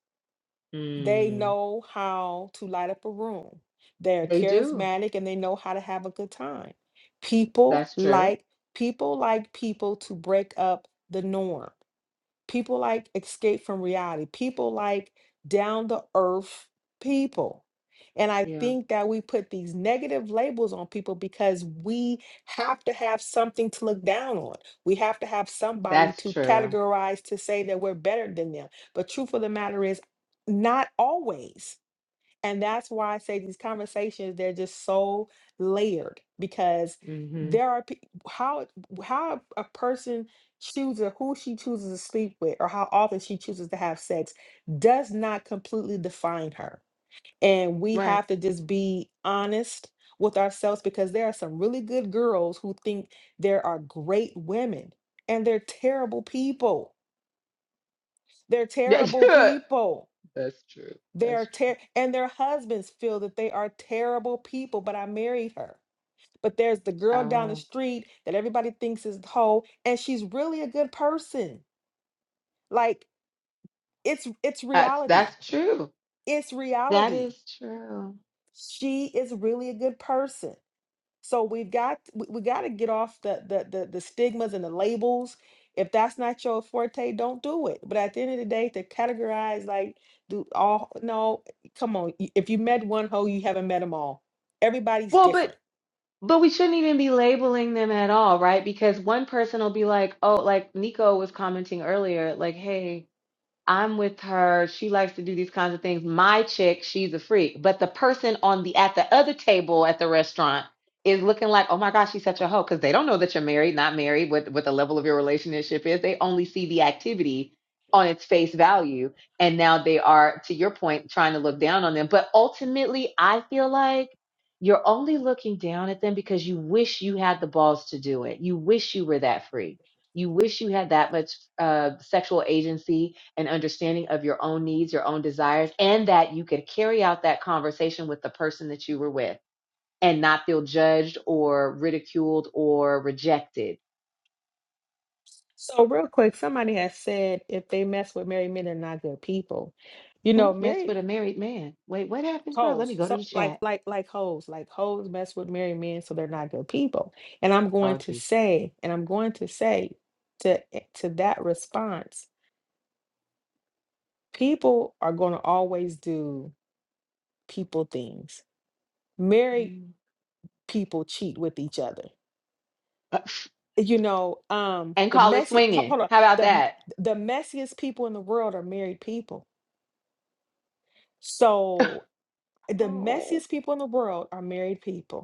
They
mm,
know how to light up a room. They're
they do.
charismatic and they know how to have a good time. People
That's true.
like people like people to break up the norm people like escape from reality, people like down the earth people. And I
Yeah,
think that we put these negative labels on people because we have to have something to look down on. We have to have somebody
that's
to
true.
categorize to say that we're better than them. But truth of the matter is, not always. And that's why I say these conversations, they're just so layered because
hmm
there are pe- how how a person chooses who she chooses to sleep with or how often she chooses to have sex does not completely define her. And we
Right.
have to just be honest with ourselves because there are some really good girls who think there are great women and they're terrible people. They're
Yeah,
terrible people
that's true.
they're
That's true.
ter- and their husbands feel that they are terrible people, but I married her. But there's the girl down the
Oh,
street that everybody thinks is whole, and she's really a good person. Like it's it's
that's
reality.
that's true.
It's
That
reality.
is true.
She is really a good person. So we've got we, we got to get off the, the the the stigmas and the labels. If that's not your forte, don't do it. But at the end of the day, to categorize like do all no, come on. y- If you met one hoe, you haven't met them all. Everybody's
Well, but
different.
but we shouldn't even be labeling them at all, right? Because one person will be like, oh, like Nico was commenting earlier, like, hey. I'm with her. She likes to do these kinds of things. My chick, she's a freak. But the person on the at the other table at the restaurant is looking like, oh my gosh, she's such a hoe. Because they don't know that you're married, not married, what what the level of your relationship is. They only see the activity on its face value. And now they are, to your point, trying to look down on them. But ultimately, I feel like you're only looking down at them because you wish you had the balls to do it. You wish you were that free. You wish you had that much uh, sexual agency an understanding of your own needs, your own desires, and that you could carry out that conversation with the person that you were with and not feel judged or ridiculed or rejected.
So real quick, somebody has said if they mess with married men, they're not good people. You know,
Who messed
married.
with a married man? Wait, what happened, girl? Let me
hoes.
go to
So
the
like
chat.
like like hoes. Like hoes mess with married men, so they're not good people. And I'm going
Oh,
to
jeez.
say, and I'm going to say to eh, to that response, people are going to always do people things. Married
Mm.
people cheat with each other. You know, um,
And
the
call it
messy ho-
swinging.
hold on.
How about
The m-
that?
the messiest people in the world are married people. So the
Oh,
messiest people in the world are married people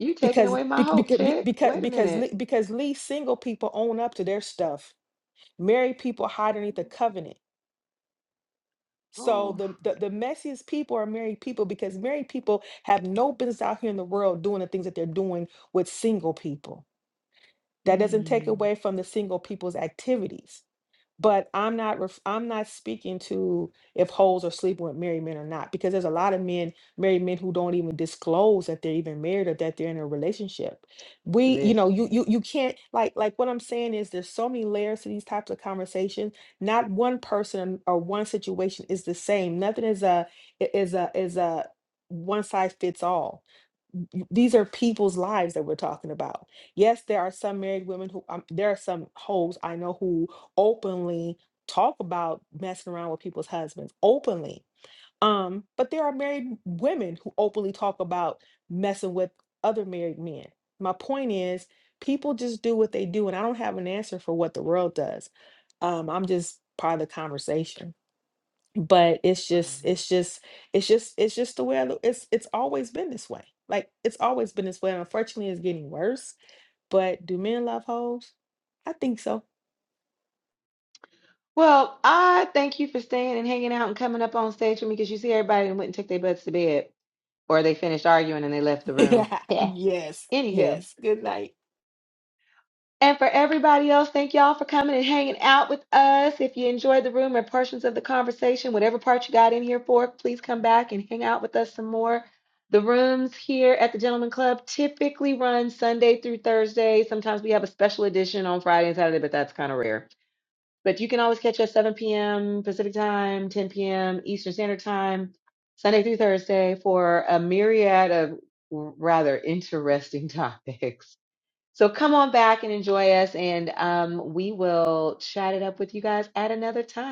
you taking
because
away my hope,
because
chick.
because
Wait a
because
minute.
le- because least single people own up to their stuff. Married people hide underneath the covenant. So
Oh,
the, the the messiest people are married people because married people have no business out here in the world doing the things that they're doing with single people. That doesn't take
mm.
away from the single people's activities but I'm not ref- I'm not speaking to if hoes are sleeping with married men or not because there's a lot of men married men who don't even disclose that they're even married or that they're in a relationship. We you know you
listen.
you you can't like like what I'm saying is there's so many layers to these types of conversations. Not one person or one situation is the same. Nothing is a i- is a is a one size fits all y- these are people's lives that we're talking about. Yes, there are some married women who um, there are some hoes I know who openly talk about messing around with people's husbands openly. Um, but there are married women who openly talk about messing with other married men. My point is, people just do what they do, and I don't have an answer for what the world does. Um, I'm just part of the conversation but it's just
Right.
it's just it's just it's just the way I look. it's it's always been this way like it's always been this way and unfortunately it's getting worse but do men love hoes i think so
Well, I thank you for staying and hanging out and coming up on stage with me because you see everybody that went and took their butts to bed or they finished arguing and they left the room.
yes
Yeah.
yes
Anywho.
yes good night
And for everybody else, thank y'all for coming and hanging out with us. If you enjoyed the room or portions of the conversation, whatever part you got in here for, please come back and hang out with us some more. The rooms here at the Gentleman Club typically run Sunday through Thursday. Sometimes we have a special edition on Friday and Saturday, but that's kind of rare. But you can always catch us 7 p.m. Pacific time, 10 p.m. Eastern Standard Time, Sunday through Thursday for a myriad of rather interesting topics. So come on back and enjoy us, and um, we will chat it up with you guys at another time.